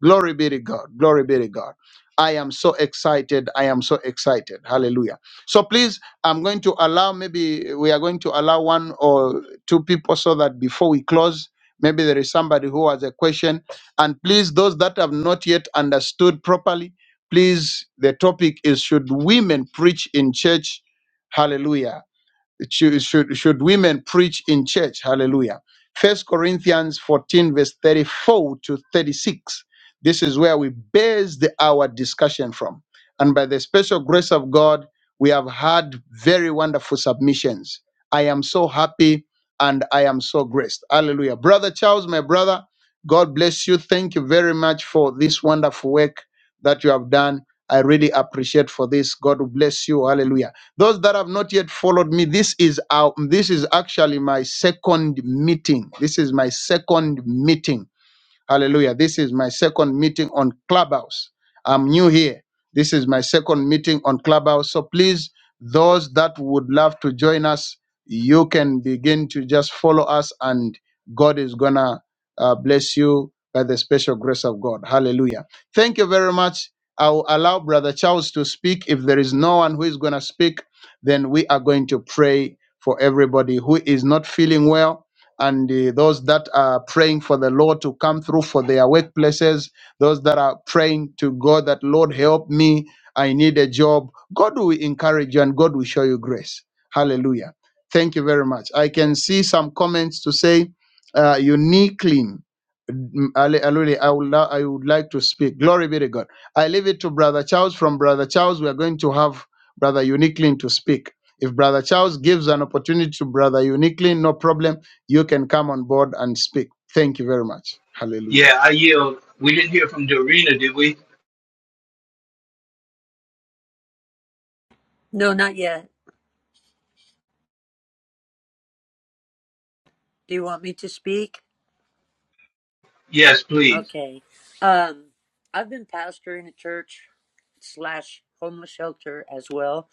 Speaker 1: Glory be to God. Glory be to God. I am so excited. I am so excited. Hallelujah. So please, I'm going to allow maybe we are going to allow one or two people so that before we close, maybe there is somebody who has a question. And please, those that have not yet understood properly, please, the topic is should women preach in church? Hallelujah should, should, should women preach in church? Hallelujah. First Corinthians 14, verse 34 to 36. This is where we base the, our discussion from. And by the special grace of God, we have had very wonderful submissions. I am so happy and I am so graced. Hallelujah. Brother Charles, my brother, God bless you. Thank you very much for this wonderful work that you have done. I really appreciate for this. God will bless you. Hallelujah. Those that have not yet followed me, this is our this is actually my second meeting. This is my second meeting Hallelujah. This is my second meeting on Clubhouse. I'm new here. This is my second meeting on Clubhouse. So please, those that would love to join us, you can begin to just follow us, and God is going to uh, bless you by the special grace of God. Hallelujah. Thank you very much. I'll allow Brother Charles to speak. If there is no one who is going to speak, then we are going to pray for everybody who is not feeling well and uh, those that are praying for the Lord to come through for their workplaces, those that are praying to God that, Lord, help me, I need a job. God will encourage you and God will show you grace. Hallelujah. Thank you very much. I can see some comments to say, uh, uniquely. Mm, Ale- Alule, I would, la- I would like to speak. Glory be to God. I leave it to Brother Charles. From Brother Charles, we are going to have Brother Uniquely to speak. If Brother Charles gives an opportunity to Brother Uniquely, no problem you can come on board and speak. Thank you very much. Hallelujah.
Speaker 7: Yeah, I yield. We didn't hear from Dorina, did we?
Speaker 16: No, not yet. Do you want me to speak?
Speaker 7: Yes, please.
Speaker 16: Okay. Um, I've been pastoring a church slash homeless shelter as well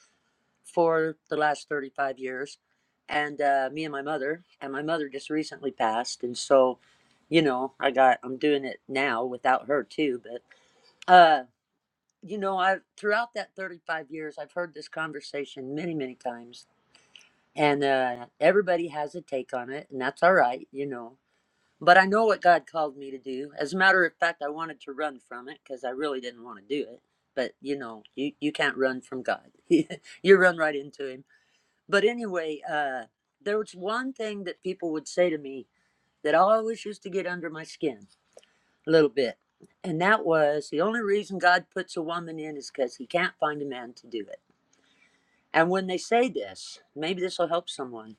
Speaker 16: for the last 35 years. And uh, me and my mother, and my mother just recently passed. And so, you know, I got, I'm doing it now without her too. But, uh, you know, I've, throughout that 35 years, I've heard this conversation many, many times. And uh, everybody has a take on it, and that's all right, you know But I know what God called me to do. As a matter of fact, I wanted to run from it because I really didn't want to do it. But you know, you, you can't run from God. you run right into Him. But anyway, uh, there was one thing that people would say to me that always used to get under my skin a little bit. And that was the only reason God puts a woman in is because He can't find a man to do it. And when they say this, maybe this will help someone.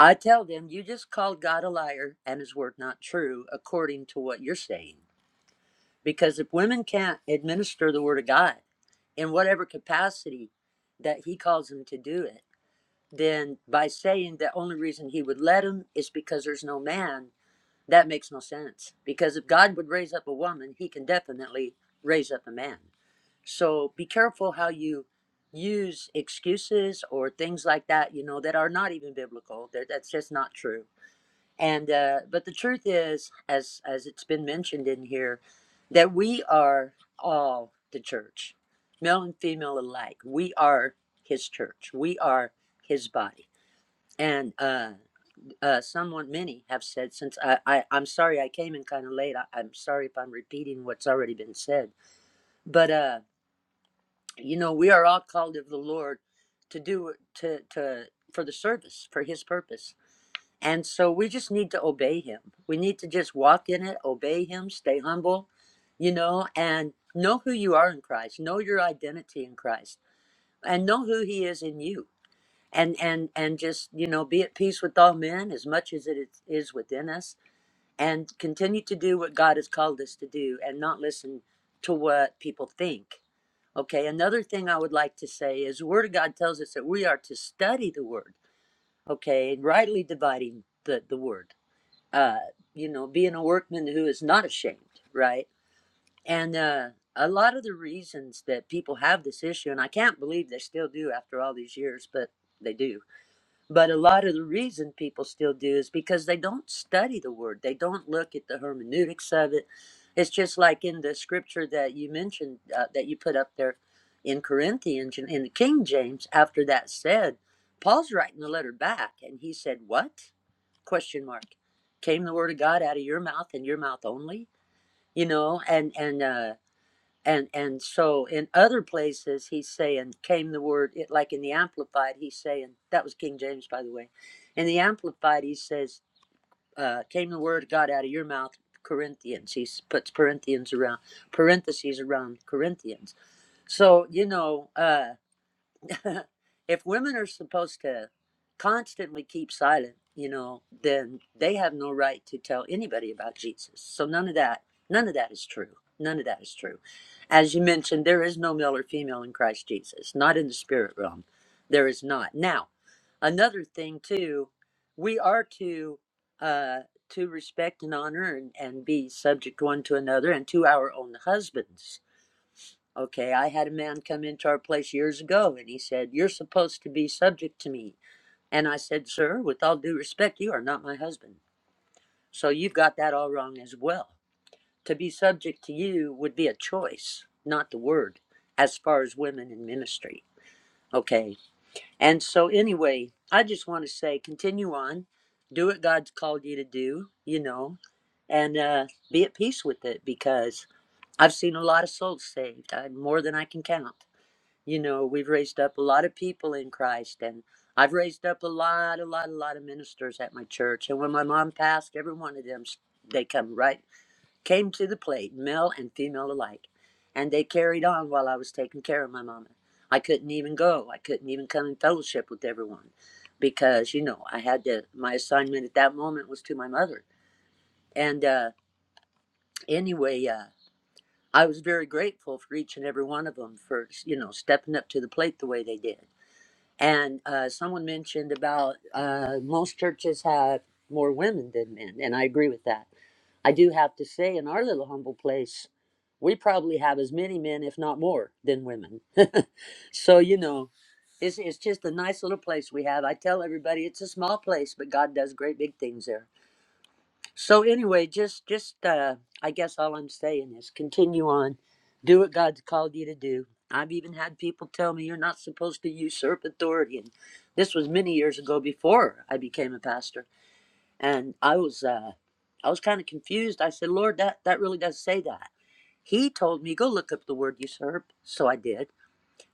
Speaker 16: I tell them, you just called God a liar and his word not true, according to what you're saying. Because if women can't administer the word of God in whatever capacity that he calls them to do it, then by saying the only reason he would let them is because there's no man, that makes no sense. Because if God would raise up a woman, he can definitely raise up a man. So be careful how you use excuses or things like that, you know, that are not even biblical. That That's just not true and uh, but the truth is as as it's been mentioned in here that we are all the church male and female alike we are his church we are his body and uh, uh, someone many have said since I, I i'm sorry i came in kind of late I, i'm sorry if i'm repeating what's already been said but uh you know we are all called of the lord to do to to for the service for his purpose and so we just need to obey him. We need to just walk in it, obey him, stay humble, you know, and know who you are in Christ, know your identity in Christ, and know who he is in you. And and and just, you know, be at peace with all men as much as it is is within us and continue to do what God has called us to do and not listen to what people think. Okay, another thing I would like to say is the word of God tells us that we are to study the word, okay, and rightly dividing the, the word uh, you know, being a workman who is not ashamed, right? And uh, a lot of the reasons that people have this issue, and I can't believe they still do after all these years, but they do but a lot of the reason people still do is because they don't study the word. They don't look at the hermeneutics of it. It's just like in the scripture that you mentioned, uh, that you put up there in Corinthians and in the King James. After that said, Paul's writing the letter back, and he said, "What? Question mark? Came the word of God out of your mouth and your mouth only? You know?" And and uh, and and so in other places he's saying came the word it like in the amplified he's saying that was king james by the way in the amplified he says uh, came the word of god out of your mouth corinthians he puts corinthians around parentheses around corinthians so you know uh, if women are supposed to constantly keep silent, you know, then they have no right to tell anybody about Jesus. So none of that, none of that is true. None of that is true. As you mentioned, there is no male or female in Christ Jesus, not in the spirit realm. There is not. Now, another thing too, we are to uh to respect and honor and, and be subject one to another and to our own husbands Okay, I had a man come into our place years ago and he said, You're supposed to be subject to me. And I said, Sir, with all due respect, you are not my husband. So you've got that all wrong as well. To be subject to you would be a choice, not the word, as far as women in ministry. Okay. And so, anyway, I just want to say continue on, do what God's called you to do, you know, and uh, be at peace with it because I've seen a lot of souls saved, I, more than I can count you know, we've raised up a lot of people in Christ, and I've raised up a lot, a lot, a lot of ministers at my church. And when my mom passed, every one of them, they come right, came to the plate, male and female alike. And they carried on while I was taking care of my mama. I couldn't even go. I couldn't even come in fellowship with everyone because, you know, I had to, my assignment at that moment was to my mother. And uh, anyway, uh, I was very grateful for each and every one of them for, you know, stepping up to the plate the way they did and uh, someone mentioned about uh, most churches have more women than men, and I agree with that. I do have to say, in our little humble place, we probably have as many men, if not more, than women. so you know, it's it's just a nice little place we have. I tell everybody it's a small place, but God does great big things there. So anyway, just just uh I guess all I'm saying is continue on. Do what God's called you to do. I've even had people tell me you're not supposed to usurp authority and this was many years ago before I became a pastor. And I was uh I was kind of confused. I said, "Lord, that that really does say that." He told me, "Go look up the word usurp." So I did.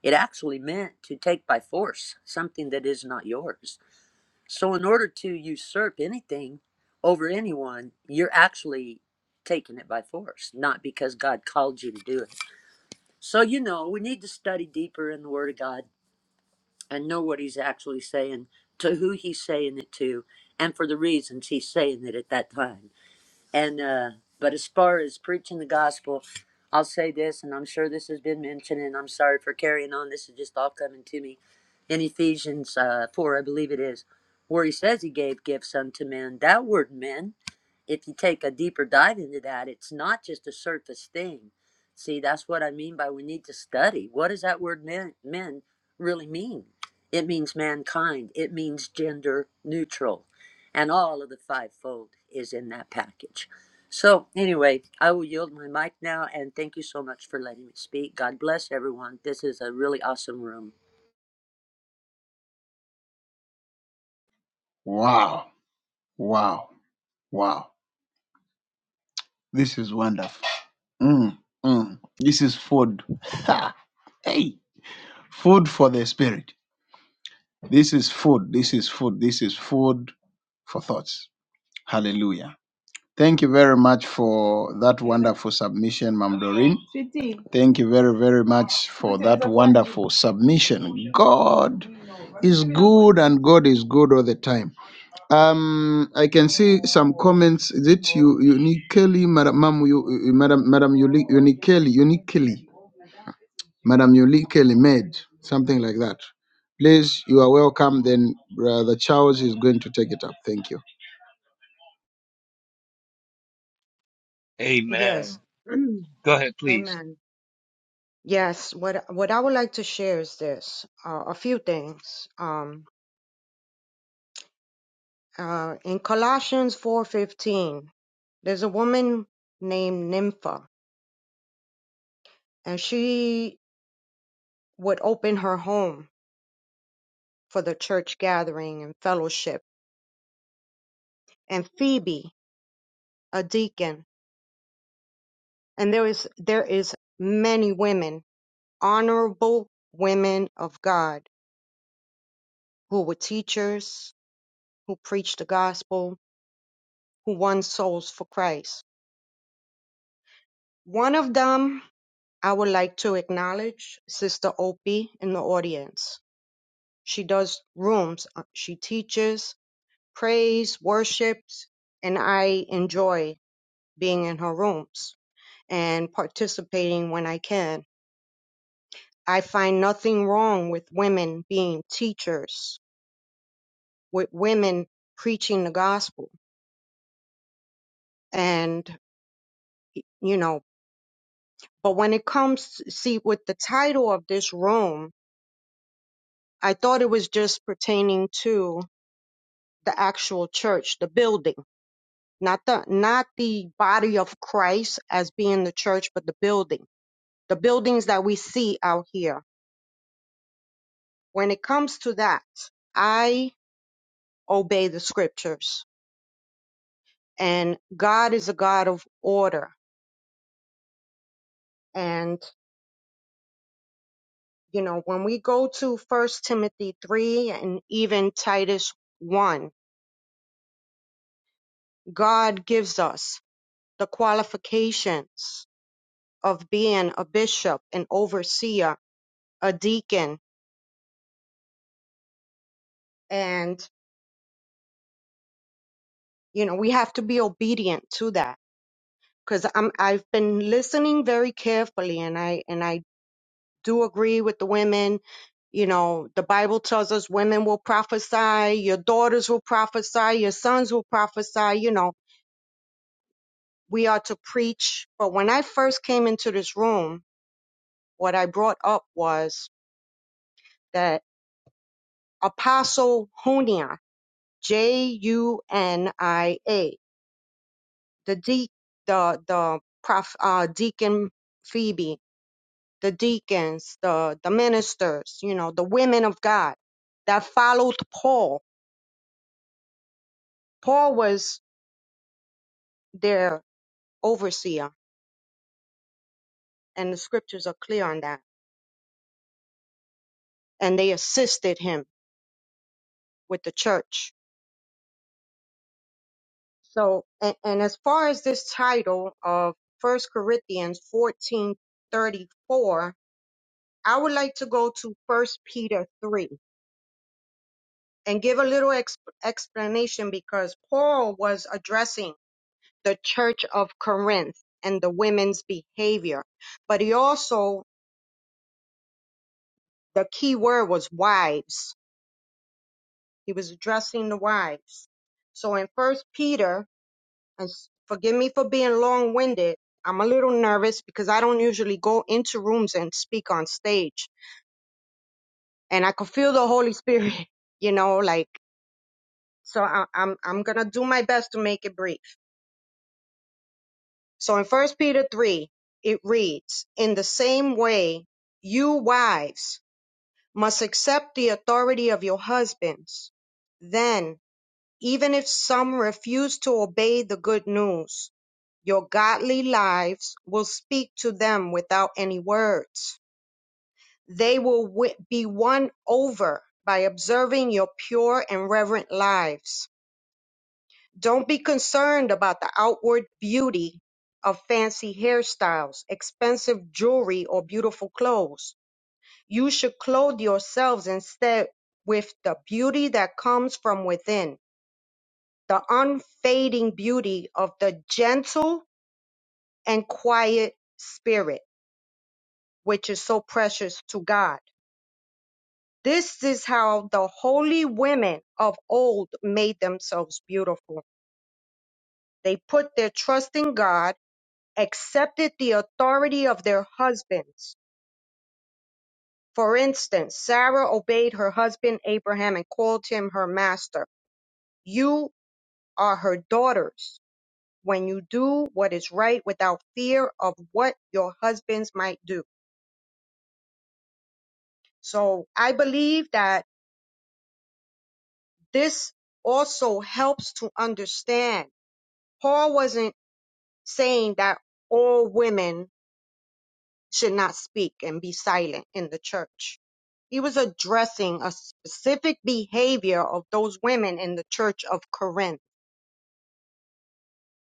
Speaker 16: It actually meant to take by force something that is not yours so, in order to usurp anything over anyone, you're actually taking it by force, not because God called you to do it. So, you know, we need to study deeper in the Word of God and know what He's actually saying, to who He's saying it to, and for the reasons He's saying it at that time. And uh, but as far as preaching the gospel, I'll say this, and I'm sure this has been mentioned, and I'm sorry for carrying on. This is just all coming to me in Ephesians uh, four, I believe it is, where he says he gave gifts unto men. That word "men" if you take a deeper dive into that, it's not just a surface thing. See, that's what I mean by we need to study. What does that word men, men really mean? It means mankind, it means gender neutral. And all of the fivefold is in that package. So, anyway, I will yield my mic now and thank you so much for letting me speak. God bless everyone. This is a really awesome room.
Speaker 1: Wow. Wow. Wow. This is wonderful. Mm, mm. This is food. Ha. hey. Food for the spirit. This is food. This is food. This is food for thoughts. Hallelujah. Thank you very much for that wonderful submission, Mam Doreen. Thank you very, very much for that wonderful submission. God is good and God is good all the time. Um, I can see some comments that you uniquely, Madam Ma'am, you, you- Madam Madam uni- uniquely, uniquely, Madam uniquely made something like that. Please, you are welcome. Then Brother Charles is going to take it up. Thank you.
Speaker 5: Yes.
Speaker 7: Amen. Go ahead, please.
Speaker 5: Amen. Yes, what what I would like to share is this, uh, a few things. Um, uh, in Colossians 4:15, there's a woman named Nympha, and she would open her home for the church gathering and fellowship. And Phoebe, a deacon, and there is there is many women, honorable women of God, who were teachers, who preached the gospel, who won souls for Christ. One of them I would like to acknowledge, Sister Opie in the audience. She does rooms, uh, she teaches, prays, worships, and I enjoy being in her rooms and participating when I can. I find nothing wrong with women being teachers, with women preaching the gospel. And, you know, but when it comes, to see, with the title of this room, I thought it was just pertaining to the actual church, the building, not the not the body of Christ as being the church, but the building, the buildings that we see out here. When it comes to that, I obey the scriptures, and God is a God of order. And you know, when we go to First Timothy three and even Titus one, God gives us the qualifications of being a bishop, an overseer, a deacon, and you know we have to be obedient to that. Because I'm I've been listening very carefully, and I and I do agree with the women. You know, the Bible tells us women will prophesy, your daughters will prophesy, your sons will prophesy. You know, we are to preach. But when I first came into this room, what I brought up was that Apostle Junia, J U N I A. the de- the the prof uh, deacon Phoebe, the deacons, the the ministers, you know, the women of God that followed Paul. Paul was their overseer, and the scriptures are clear on that. And they assisted him with the church. So, and, and as far as this title of First Corinthians fourteen thirty four, I would like to go to First Peter three and give a little ex- explanation because Paul was addressing the church of Corinth and the women's behavior, but he also, the key word was wives. He was addressing the wives. So in first Peter, and s- forgive me for being long winded. I'm a little nervous because I don't usually go into rooms and speak on stage and I could feel the Holy Spirit, you know, like, so I, I'm, I'm going to do my best to make it brief. So in First Peter 3, it reads, In the same way, you wives must accept the authority of your husbands. Then, even if some refuse to obey the good news, your godly lives will speak to them without any words. They will wi- be won over by observing your pure and reverent lives Don't be concerned about the outward beauty of fancy hairstyles, expensive jewelry, or beautiful clothes. You should clothe yourselves instead with the beauty that comes from within, the unfading beauty of the gentle and quiet spirit, which is so precious to God. This is how the holy women of old made themselves beautiful. They put their trust in God accepted the authority of their husbands. For instance, Sarah obeyed her husband Abraham and called him her master. You are her daughters when you do what is right without fear of what your husbands might do. So I believe that this also helps to understand. Paul wasn't saying that all women should not speak and be silent in the church. He was addressing a specific behavior of those women in the church of Corinth.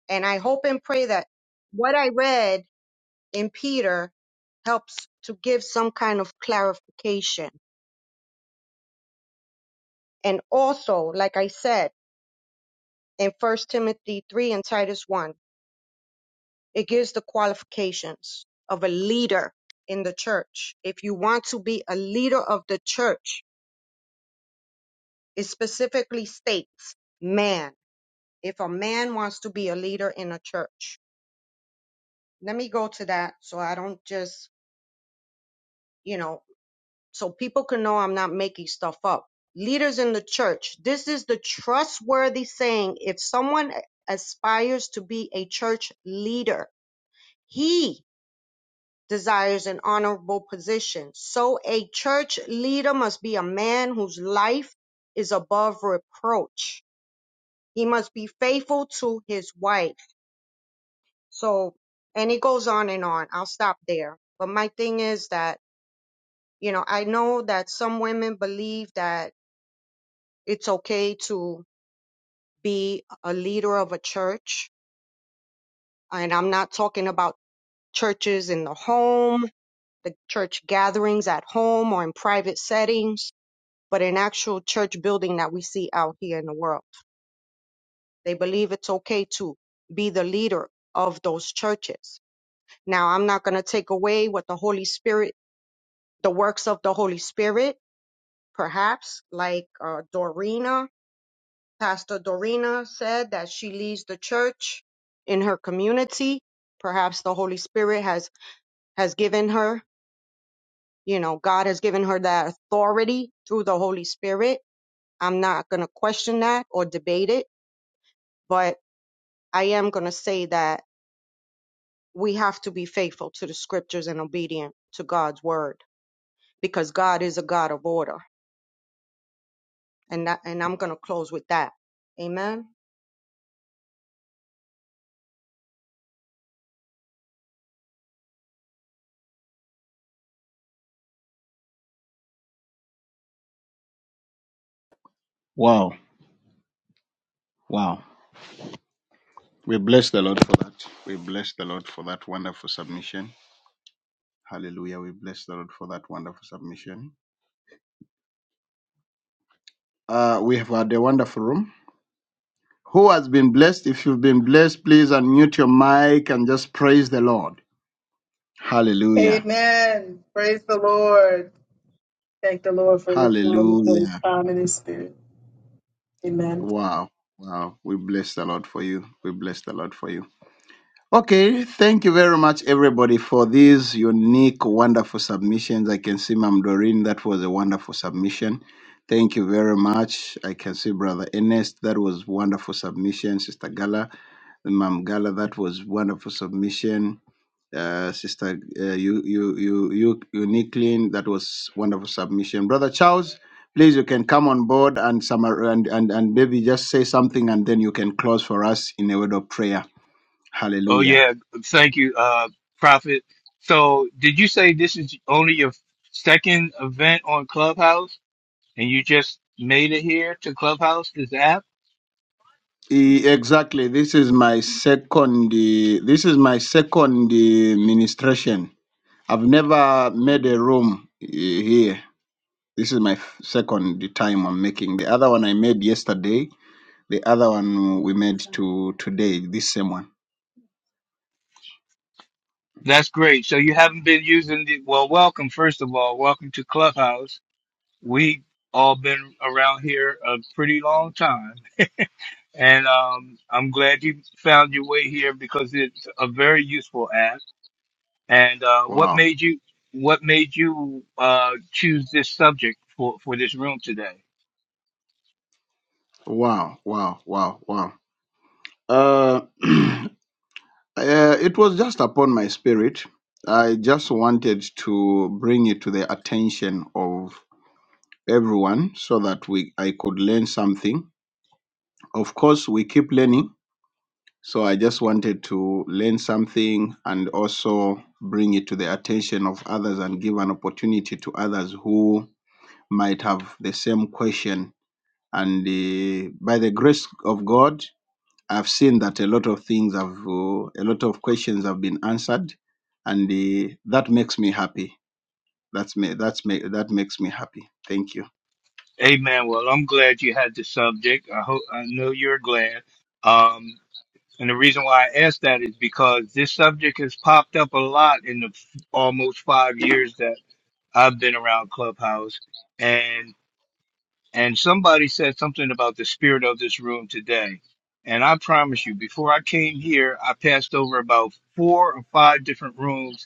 Speaker 5: And I hope and pray that what I read in Peter helps to give some kind of clarification. And also, like I said, in First Timothy 3 and Titus 1, it gives the qualifications of a leader in the church. If you want to be a leader of the church, It specifically states man. If a man wants to be a leader in a church, let me go to that so I don't just, you know, so people can know I'm not making stuff up. Leaders in the church. This is the trustworthy saying. If someone aspires to be a church leader, he desires an honorable position. So a church leader must be a man whose life is above reproach. He must be faithful to his wife So, and it goes on and on. I'll stop there. But my thing is that, you know, I know that some women believe that it's okay to be a leader of a church. And I'm not talking about churches in the home, the church gatherings at home or in private settings, but an actual church building that we see out here in the world. They believe it's okay to be the leader of those churches. Now, I'm not going to take away what the Holy Spirit the works of the Holy Spirit, perhaps, like uh, Dorina, Pastor Dorina said that she leads the church in her community. Perhaps the Holy Spirit has has given her, you know, God has given her that authority through the Holy Spirit. I'm not going to question that or debate it, but I am going to say that we have to be faithful to the scriptures and obedient to God's word because God is a God of order. And that, and I'm going to close with that. Amen.
Speaker 1: Wow, wow. We bless the Lord for that. We bless the Lord for that wonderful submission. Hallelujah. We bless the Lord for that wonderful submission. Uh, we have had a wonderful room. Who has been blessed? If you've been blessed, please unmute your mic and just praise the Lord. Hallelujah.
Speaker 14: Amen. Praise the Lord. Thank the Lord for this moment, for his
Speaker 1: Hallelujah.
Speaker 14: time and his spirit. Amen.
Speaker 1: Wow. Wow. We bless the Lord for you. We bless the Lord for you. Okay. Thank you very much, everybody, for these unique, wonderful submissions. I can see Mam Doreen. That was a wonderful submission. Thank you very much. I can see Brother Ernest. That was wonderful submission. Sister Gala, Mam Gala, that was wonderful submission. uh, sister uh, you you you you uniquely that was wonderful submission brother charles please you can come on board and summar and, and and maybe just say something and then you can close for us in a word of prayer
Speaker 7: Oh
Speaker 1: hallelujah
Speaker 7: yeah, thank you, uh, Prophet. So, did you say this is only your second event on Clubhouse, and you just made it here to Clubhouse, this app?
Speaker 1: E- exactly this is my second eh, this is my second eh, ministration i've never made a room eh, here this is my f- second time i'm making the other one i made yesterday the other one we made to today this same one
Speaker 7: That's great. So you haven't been using the well. Welcome, first of all, welcome to Clubhouse. We all been around here a pretty long time, and um, I'm glad you found your way here because it's a very useful app And uh, what
Speaker 1: Wow,
Speaker 7: made you what made you uh, choose this subject for, for this room today?
Speaker 1: wow, wow, wow, wow. Uh, uh, it was just upon my spirit. I just wanted to bring it to the attention of everyone so that we I could learn something. Of course, we keep learning. So I just wanted to learn something and also bring it to the attention of others and give an opportunity to others who might have the same question. And uh, by the grace of God, I've seen that a lot of things have, uh, a lot of questions have been answered, and uh, that makes me happy. That's me. That's me. That makes me happy. Thank you.
Speaker 7: Amen. Well, I'm glad you had the subject. I hope I know you're glad. Um, and the reason why I asked that is because this subject has popped up a lot in the f- almost five years that I've been around Clubhouse, and and somebody said something about the spirit of this room today. And I promise you, before I came here, I passed over about four or five different rooms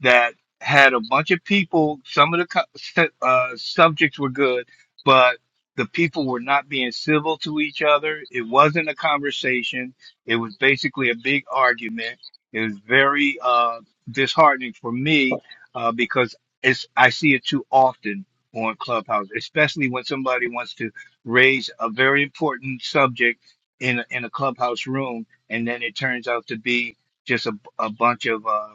Speaker 7: that had a bunch of people. Some of the co- su- uh, subjects were good, but the people were not being civil to each other. It wasn't a conversation. It was basically a big argument. It was very uh, disheartening for me uh, because it's I see it too often on Clubhouse, especially when somebody wants to raise a very important subject in a- in a clubhouse room, and then it turns out to be just a, a bunch of uh,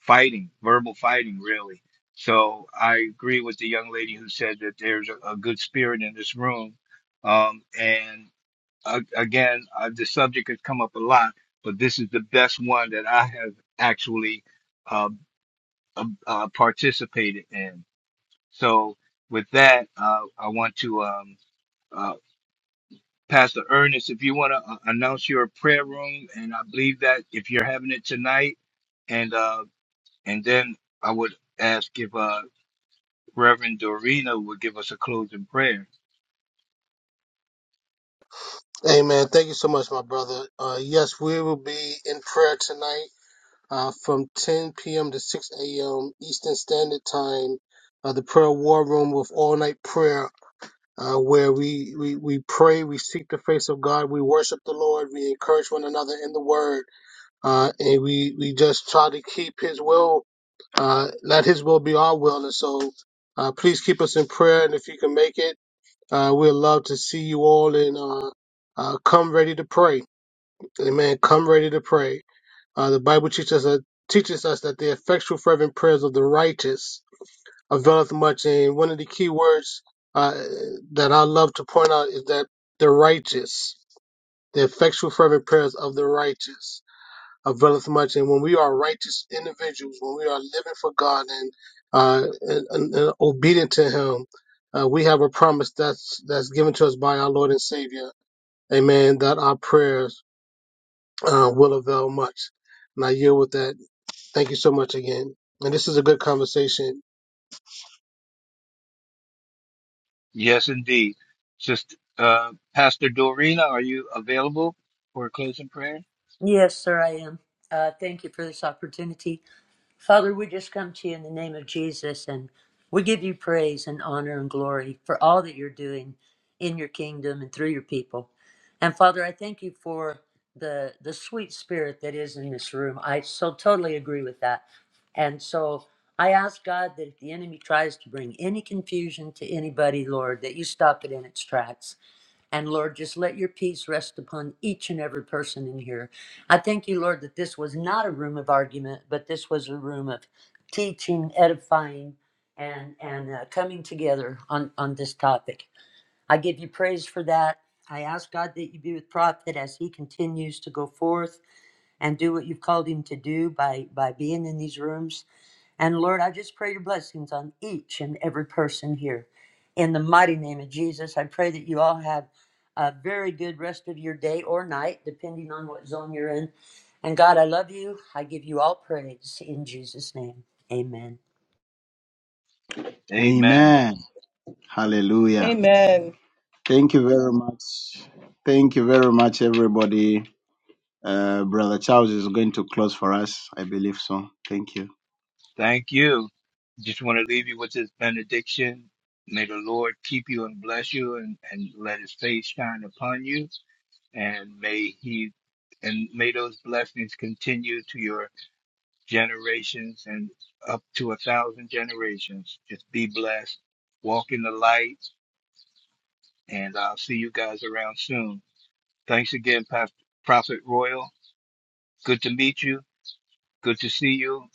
Speaker 7: fighting, verbal fighting, really. So I agree with the young lady who said that there's a, a good spirit in this room. Um, and uh, again, uh, the subject has come up a lot, but this is the best one that I have actually uh, uh, uh, participated in. So with that, uh, I want to um, uh, Pastor Ernest, if you want to uh, announce your prayer room, and I believe that if you're having it tonight, and uh, and then I would ask if uh, Reverend Dorina will give us a closing prayer.
Speaker 13: Amen. Thank you so much, my brother. Uh, yes, we will be in prayer tonight. uh, from 10 p.m. to 6 a.m. Eastern Standard Time, uh, the prayer war room with all night prayer, uh, where we, we, we pray, we seek the face of God, we worship the Lord, we encourage one another in the word, uh, and we, we just try to keep His will, uh, let His will be our will. And so, uh, please keep us in prayer, and if you can make it, uh, we'd love to see you all and, uh, uh, come ready to pray. Amen. Come ready to pray. Uh, the Bible teaches us, teaches us that the effectual fervent prayers of the righteous availeth much. And one of the key words uh, that I love to point out is that the righteous, the effectual fervent prayers of the righteous availeth much. And when we are righteous individuals, when we are living for God and uh, and, and, and obedient to Him, uh, we have a promise that's that's given to us by our Lord and Savior. Amen. That our prayers uh, will avail much. And I yield with that. Thank you so much again. And this is a good conversation.
Speaker 7: Yes, indeed. Just uh, Pastor Dorina, are you available for a closing prayer?
Speaker 16: Yes, sir, I am. Uh, thank you for this opportunity. Father, we just come to you in the name of Jesus and we give you praise and honor and glory for all that you're doing in your kingdom and through your people. And Father, I thank you for the the sweet spirit that is in this room. I so totally agree with that. And so I ask God that if the enemy tries to bring any confusion to anybody, Lord, that you stop it in its tracks. And Lord, just let your peace rest upon each and every person in here. I thank you, Lord, that this was not a room of argument, but this was a room of teaching, edifying, and and uh, coming together on on this topic. I give you praise for that. I ask God that you be with Prophet as he continues to go forth and do what you've called him to do by by being in these rooms and Lord, I just pray your blessings on each and every person here. In the mighty name of Jesus, I pray that you all have a very good rest of your day or night, depending on what zone you're in. And God, I love you. I give you all praise in Jesus' name. Amen.
Speaker 7: Amen.
Speaker 1: Amen. Hallelujah.
Speaker 14: Amen.
Speaker 1: Thank you very much. Thank you very much, everybody. Uh, Brother Charles is going to close for us. I believe so. Thank you.
Speaker 7: Thank you. Just want to leave you with this benediction. May the Lord keep you and bless you and, and let his face shine upon you. And may he and may those blessings continue to your generations and up to a thousand generations. Just be blessed. Walk in the light and I'll see you guys around soon. Thanks again, Pas- Prophet Royal. Good to meet you. Good to see you.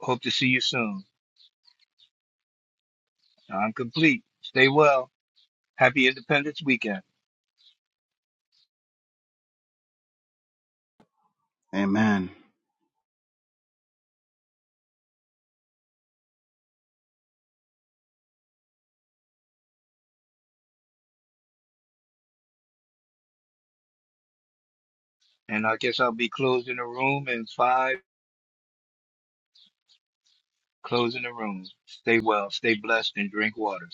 Speaker 7: Hope to see you soon. I'm complete. Stay well. Happy Independence Weekend.
Speaker 1: Amen.
Speaker 7: And I guess I'll be closing the room in five, closing the room. Stay well, stay blessed, and drink water.